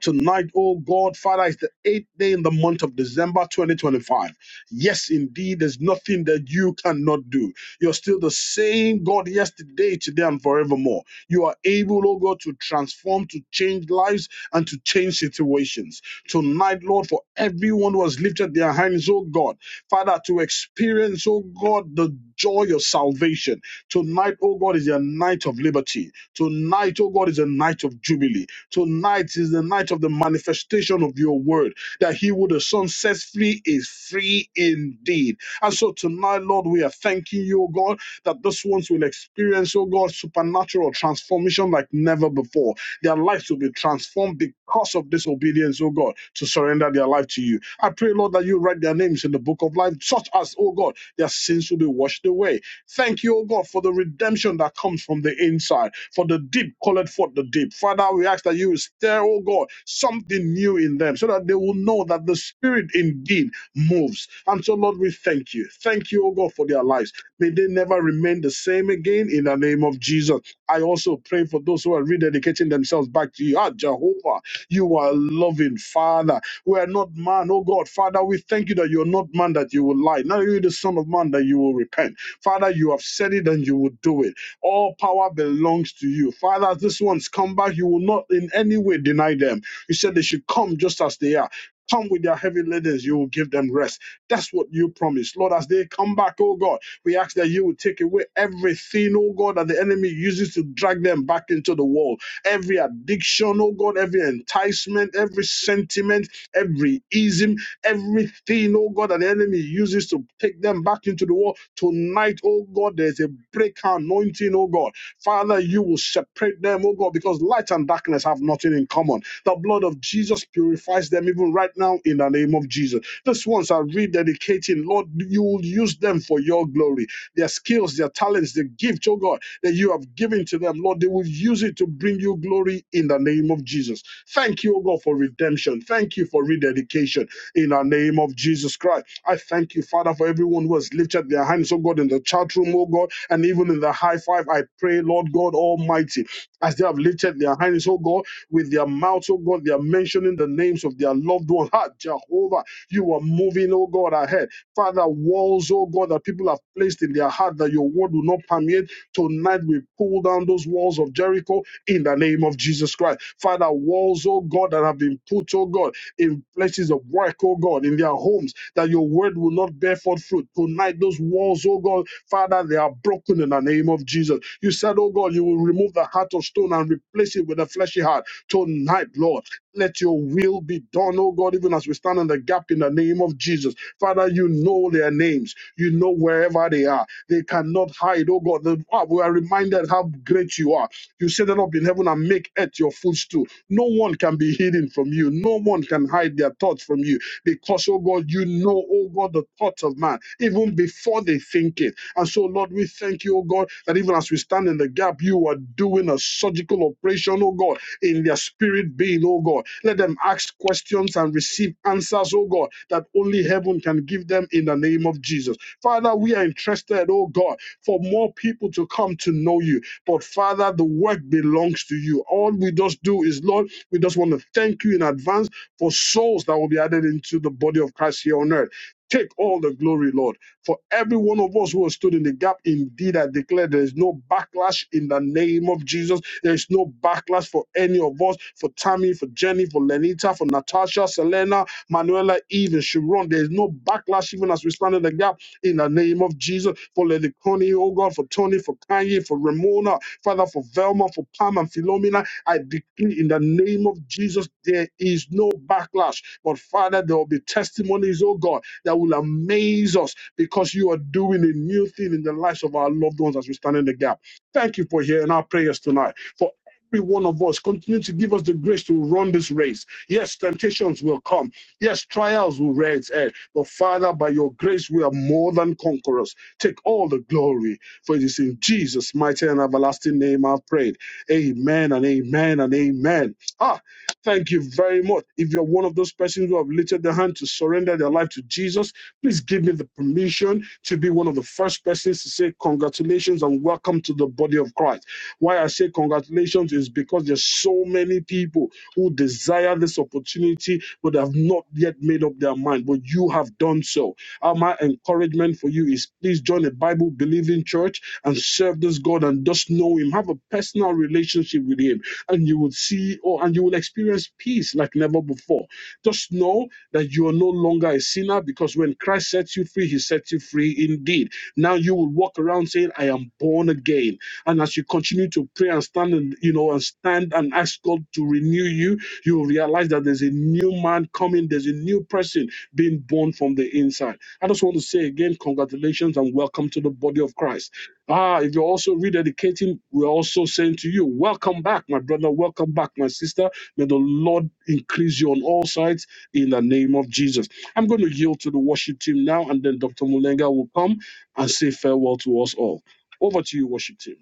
Speaker 6: Tonight, oh God, Father, is the eighth day in the month of December 2025. Yes, indeed, there's nothing that you cannot do. You're still the same God yesterday, today, and forevermore. You are able, oh God, to transform, to change lives, and to change situations. Tonight, Lord, for everyone who has lifted their hands, oh God, Father, to experience, oh God, the joy of salvation Tonight, oh God, is a night of liberty. Tonight, oh God, is a night of jubilee. Tonight is the night of the manifestation of your word that he who the son sets free is free indeed. And so tonight, Lord, we are thanking you, oh God, that those ones will experience, oh God, supernatural transformation like never before. Their lives will be transformed because of this obedience, oh God, to surrender their life to you. I pray, Lord, that you write their names in the book of life, such as, oh God, their sins will be washed away Thank you, O God, for the redemption that comes from the inside, for the deep called forth the deep. Father, we ask that you will stir, O God, something new in them so that they will know that the Spirit indeed moves. And so, Lord, we thank you. Thank you, O God, for their lives. May they never remain the same again in the name of Jesus. I also pray for those who are rededicating themselves back to you. Ah, Jehovah, you are a loving Father. We are not man, oh God. Father, we thank you that you are not man that you will lie. Neither are you the Son of Man that you will repent. Father, you have said it and you will do it. All power belongs to you. Father, this one's come back, you will not in any way deny them. You said they should come just as they are. Come with their heavy laden, you will give them rest. That's what you promised. Lord, as they come back, oh God, we ask that you will take away everything, oh God, that the enemy uses to drag them back into the world. Every addiction, oh God, every enticement, every sentiment, every ism, Everything, oh God, that the enemy uses to take them back into the world. Tonight, oh God, there's a break anointing, oh God. Father, you will separate them, oh God, because light and darkness have nothing in common. The blood of Jesus purifies them even right now in the name of Jesus. These ones are rededicating, Lord, you will use them for your glory. Their skills, their talents, the gift, oh God, that you have given to them, Lord, they will use it to bring you glory in the name of Jesus. Thank you, oh God, for redemption. Thank you for rededication in the name of Jesus Christ. I thank you, Father, for everyone who has lifted their hands, oh God, in the chat room, oh God, and even in the high five. I pray, Lord God Almighty, as they have lifted their hands, oh God, with their mouths, oh God, they are mentioning the names of their loved ones. Ah, Jehovah, you are moving, oh God, ahead. Father, walls, oh God, that people have placed in their heart that your word will not permeate. Tonight we pull down those walls of Jericho in the name of Jesus Christ. Father, walls, oh God, that have been put, oh God in places of work, oh God, in their homes, that your word will not bear forth fruit. Tonight, those walls, oh God, Father, they are broken in the name of Jesus. You said, oh God, you will remove the heart of stone and replace it with a fleshy heart. Tonight, Lord, let your will be done, oh God, even as we stand in the gap in the name of Jesus. Father, you know their names. You know wherever they are. They cannot hide, oh God. The- ah, We are reminded how great you are you set it up in heaven and make earth your footstool. No one can be hidden from you. No one can hide their thoughts from you because, oh God, you know, oh God, the thoughts of man even before they think it. And so, Lord, we thank you, oh God, that even as we stand in the gap, you are doing a surgical operation, oh God, in their their spirit being, oh God. Let them ask questions and receive answers, oh God, that only heaven can give them in the name of Jesus. Father, we are interested, oh God, for more people to come to know you. But Father, the work belongs to you. All we just do is, Lord, we just want to thank you in advance for souls that will be added into the body of Christ here on earth. Take all the glory, Lord. For every one of us who has stood in the gap, indeed, I declare there is no backlash in the name of Jesus. There is no backlash for any of us, for Tammy, for Jenny, for Lenita, for Natasha, Selena, Manuela, Eve, and Sharon. There is no backlash even as we stand in the gap in the name of Jesus. For Lady Connie, oh God, for Tony, for Kanye, for Ramona, Father, for Velma, for Pam and Philomena. I decree in the name of Jesus, there is no backlash. But Father, there will be testimonies, oh God that will amaze us because you are doing a new thing in the lives of our loved ones as we stand in the gap. Thank you for hearing our prayers tonight. For every one of us, continue to give us the grace to run this race. Yes, temptations will come. Yes, trials will rear its head. But Father, by your grace, we are more than conquerors. Take all the glory, for it is in Jesus' mighty and everlasting name I've prayed. Amen and amen and amen. Ah, Thank you very much. If you're one of those persons who have lifted their hand to surrender their life to Jesus, please give me the permission to be one of the first persons to say congratulations and welcome to the body of Christ. Why I say congratulations is because there's so many people who desire this opportunity but have not yet made up their mind, but you have done so. Uh, my encouragement for you is please join a Bible believing church and serve this God and just know Him. Have a personal relationship with Him and you will see or and you will experience peace like never before. Just know that you are no longer a sinner because when Christ sets you free, he sets you free indeed. Now you will walk around saying, I am born again. And as you continue to pray and stand and you know and stand and ask God to renew you, you will realize that there's a new man coming, there's a new person being born from the inside. I just want to say again, congratulations and welcome to the body of Christ. Ah, if you're also rededicating, we're also saying to you, welcome back, my brother, welcome back, my sister. May the Lord increase you on all sides in the name of Jesus. I'm going to yield to the worship team now, and then Dr. Mulenga will come and say farewell to us all. Over to you, worship team.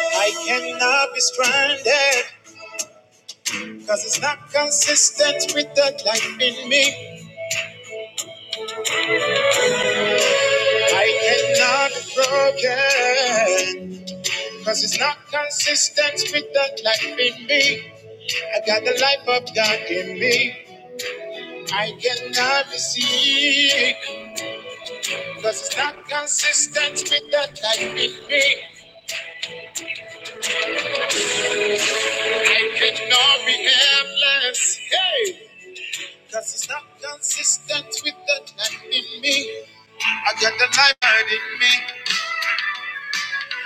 Speaker 1: I cannot be stranded because it's not consistent with the life in me. I cannot be broken Cause it's not consistent with that life in me. I got the life of God in me. I cannot be sick. Cause it's not consistent with that life in me. I cannot be helpless. Hey! Cause it's not consistent with that life in me. I got the life out in me.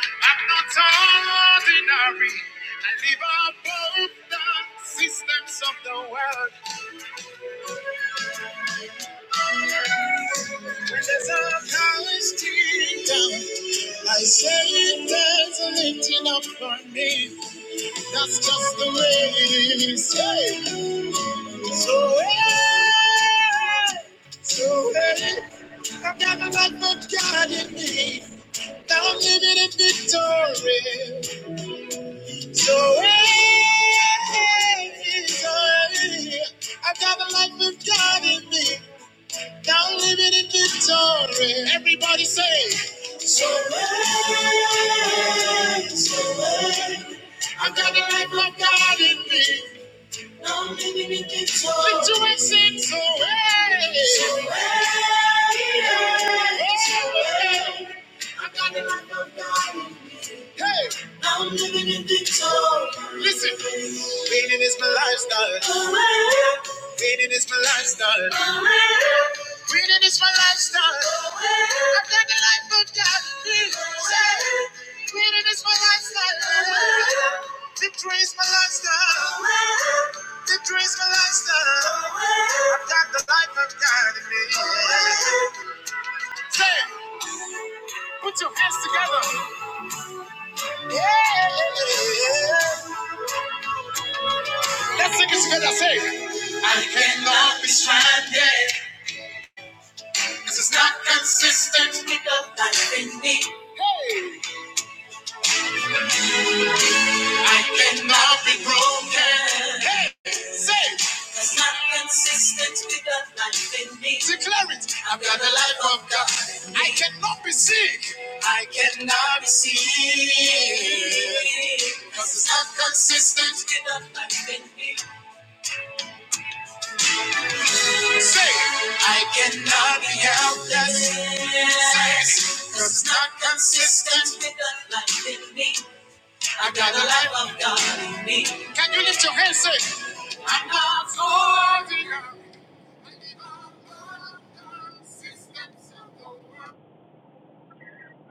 Speaker 1: I'm not ordinary. I live above the systems of the world. there's a of College down, I say it doesn't it up for me. That's just the way it is. Hey, so hey, so hey. I've got a lot of God in me. Now I'm living in victory. So hey, hey. I've got a lot of God in me. Now I'm living in victory. Everybody say. I got a life like God in me. Now I'm living in victory. Situations away. I got a life of God. Hey, I'm living in victory. Listen. Cleaning is my lifestyle. Cleaning is my lifestyle. Cleaning is my lifestyle. I've got the life of God. Say, Cleaning is my lifestyle. Victory is my lifestyle. Victory is my lifestyle. I've got the life of God in me. Say, put your hands together. Let's sing it together. Say, I cannot be. This is not consistent. Pick up life in me. Hey. I cannot be broken. Hey, say. There's nothing consistent with the life in me. Declare it. I cannot be sick. I cannot be sick. Cause it's not consistent with the life in me. Say, I'll be helpless. Say, Cause it's not consistent with the life in me. I got the life of God in me. Can you lift your hands? Say.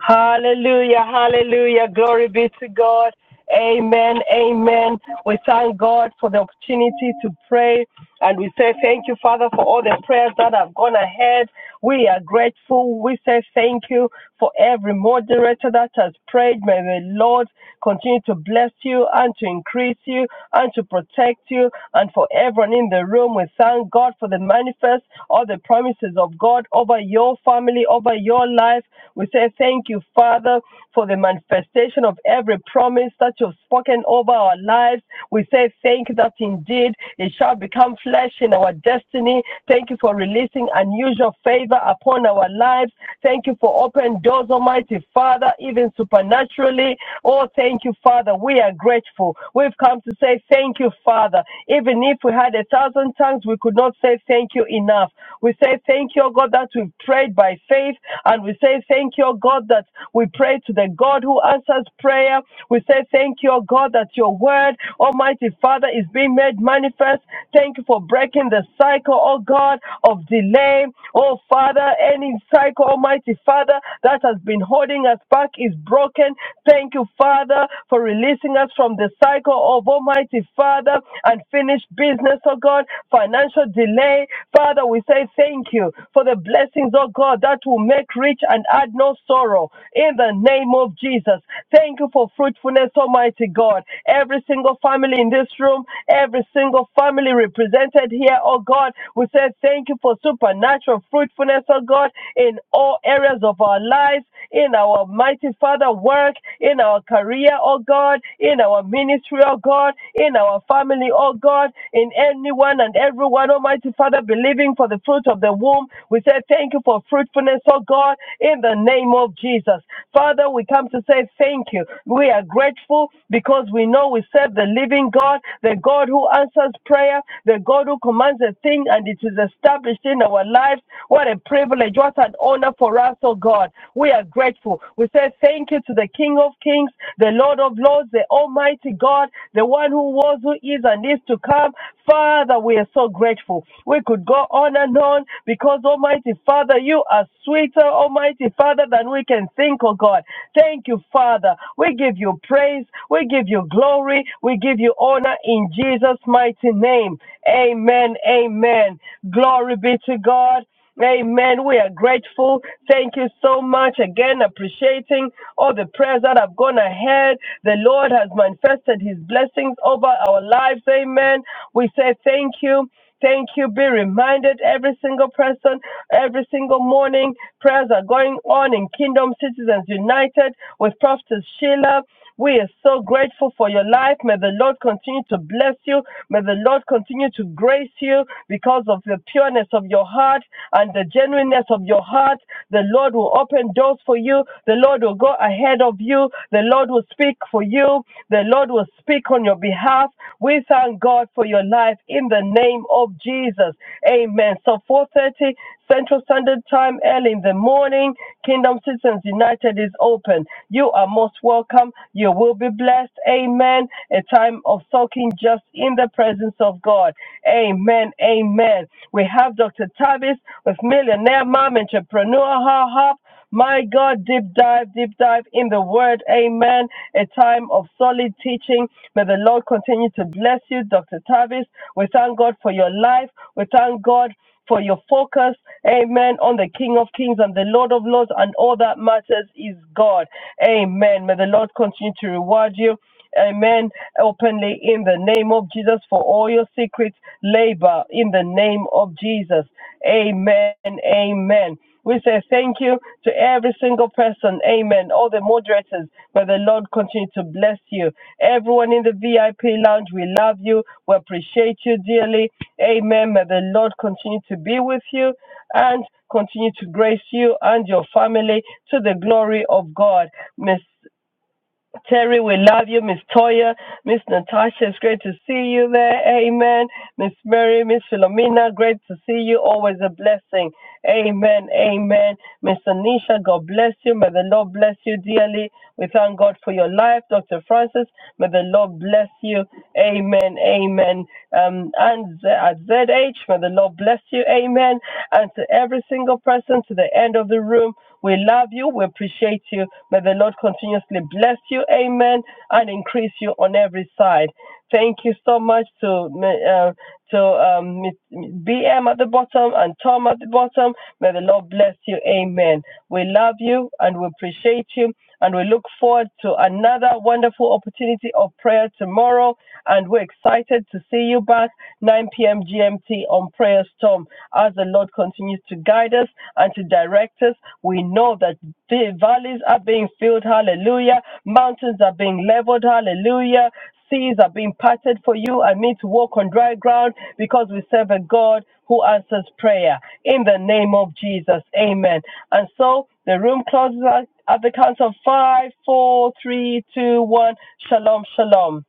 Speaker 2: Hallelujah, hallelujah. Glory be to God. Amen, amen. We thank God for the opportunity to pray and we say thank you, Father, for all the prayers that have gone ahead. We are grateful. We say thank you for every moderator that has prayed. May the Lord continue to bless you and to increase you and to protect you. And for everyone in the room, we thank God for the manifest, all the promises of God over you your family, over your life. We say thank you, Father, for the manifestation of every promise that you've spoken over our lives. We say thank you that indeed it shall become flesh in our destiny. Thank you for releasing unusual favor upon our lives. Thank you for open doors, Almighty Father, even supernaturally. Oh, thank you, Father. We are grateful. We've come to say thank you, Father. Even if we had a thousand tongues, we could not say say thank you enough. We say thank you, O God, that we prayed by faith. And we say thank you, O God, that we pray to the God who answers prayer. We say thank you, O God, that your word, Almighty Father, is being made manifest. Thank you for breaking the cycle, O God, of delay. Oh Father, any cycle, Almighty Father, that has been holding us back is broken. Thank you, Father, for releasing us from the cycle of Almighty Father unfinished business, oh God, financial delay. Father, we say thank you for the blessings, oh God, that will make rich and add no sorrow in the name of Jesus. Thank you for fruitfulness, Almighty God. Every single family in this room, every single family represented here, oh God, we say thank you for supernatural fruitfulness, oh God, in all areas of our lives, in our mighty Father work, in our career, oh God, in our ministry, oh God, in our family, oh God, in anyone and everyone, Almighty Father, believing for the fruit of the womb. We say thank you for fruitfulness, oh God, in the name of Jesus. Father, we come to say thank you. We are grateful because we know we serve the living God, the God who answers prayer, the God who commands a thing and it is established in our lives. What a privilege, what an honor for us, oh God. We are grateful. We say thank thank you to the King of Kings, the Lord of Lords, the Almighty God, the one who was, who is, and is to come. Father, we are so grateful. We could go on and on because, Almighty Father, you are sweeter, Almighty Father, than we can think, oh God. Thank you, Father. We give you praise. We give you glory. We give you honor in Jesus' mighty name. Amen. Amen. Glory be to God. Amen. We are grateful. Thank you so much again, appreciating all the prayers that have gone ahead. The Lord has manifested his blessings over our lives. Amen. We say thank you. Thank you. Be reminded every single person, every single morning, prayers are going on in Kingdom Citizens United with Prophetess Sheila. We are so grateful for your life. May the Lord continue to bless you. May the Lord continue to grace you because of the pureness of your heart and the genuineness of your heart. The Lord will open doors for you. The Lord will go ahead of you. The Lord will speak for you. The Lord will speak on your behalf. We thank God for your life in the name of Jesus. Amen. So 4:30 Central Standard Time, early in the morning. Kingdom Citizens United is open. You are most welcome. You will be blessed. Amen. A time of soaking just in the presence of God. Amen. Amen. We have Dr. Tavis with Millionaire Mom Entrepreneur Her Hub. My God, deep dive, deep dive in the word. Amen. A time of solid teaching. May the Lord continue to bless you, Dr. Tavis. We thank God for your life. We thank God for your focus. Amen. On the King of Kings and the Lord of Lords and all that matters is God. Amen. May the Lord continue to reward you. Amen. Openly in the name of Jesus for all your secret labor in the name of Jesus. Amen. Amen. We say thank you to every single person. Amen. All the moderators, may the Lord continue to bless you. Everyone in the VIP lounge, we love you. We appreciate you dearly. Amen. May the Lord continue to be with you and continue to grace you and your family to the glory of God. Miss. Terry, we love you. Miss Toya, Miss Natasha, it's great to see you there. Amen. Miss Mary, Miss Philomena, great to see you. Always a blessing. Amen. Amen. Miss Anisha, God bless you. May the Lord bless you dearly. We thank God for your life. Dr. Francis, may the Lord bless you. Amen. Amen. Um, and at ZH, may the Lord bless you. Amen. And to every single person to the end of the room, we love you. We appreciate you. May the Lord continuously bless you. Amen. And increase you on every side. Thank you so much to uh, to um, Miss- BM at the bottom and Tom at the bottom. May the Lord bless you. Amen. We love you and we appreciate you. And we look forward to another wonderful opportunity of prayer tomorrow. And we're excited to see you back 9 p.m. GMT on Prayer Storm as the Lord continues to guide us and to direct us. We know that the valleys are being filled. Hallelujah. Mountains are being leveled. Hallelujah seas are being parted for you and me to walk on dry ground because we serve a God who answers prayer. In the name of Jesus. Amen. And so the room closes at at the count of five, four, three, two, one, shalom, shalom.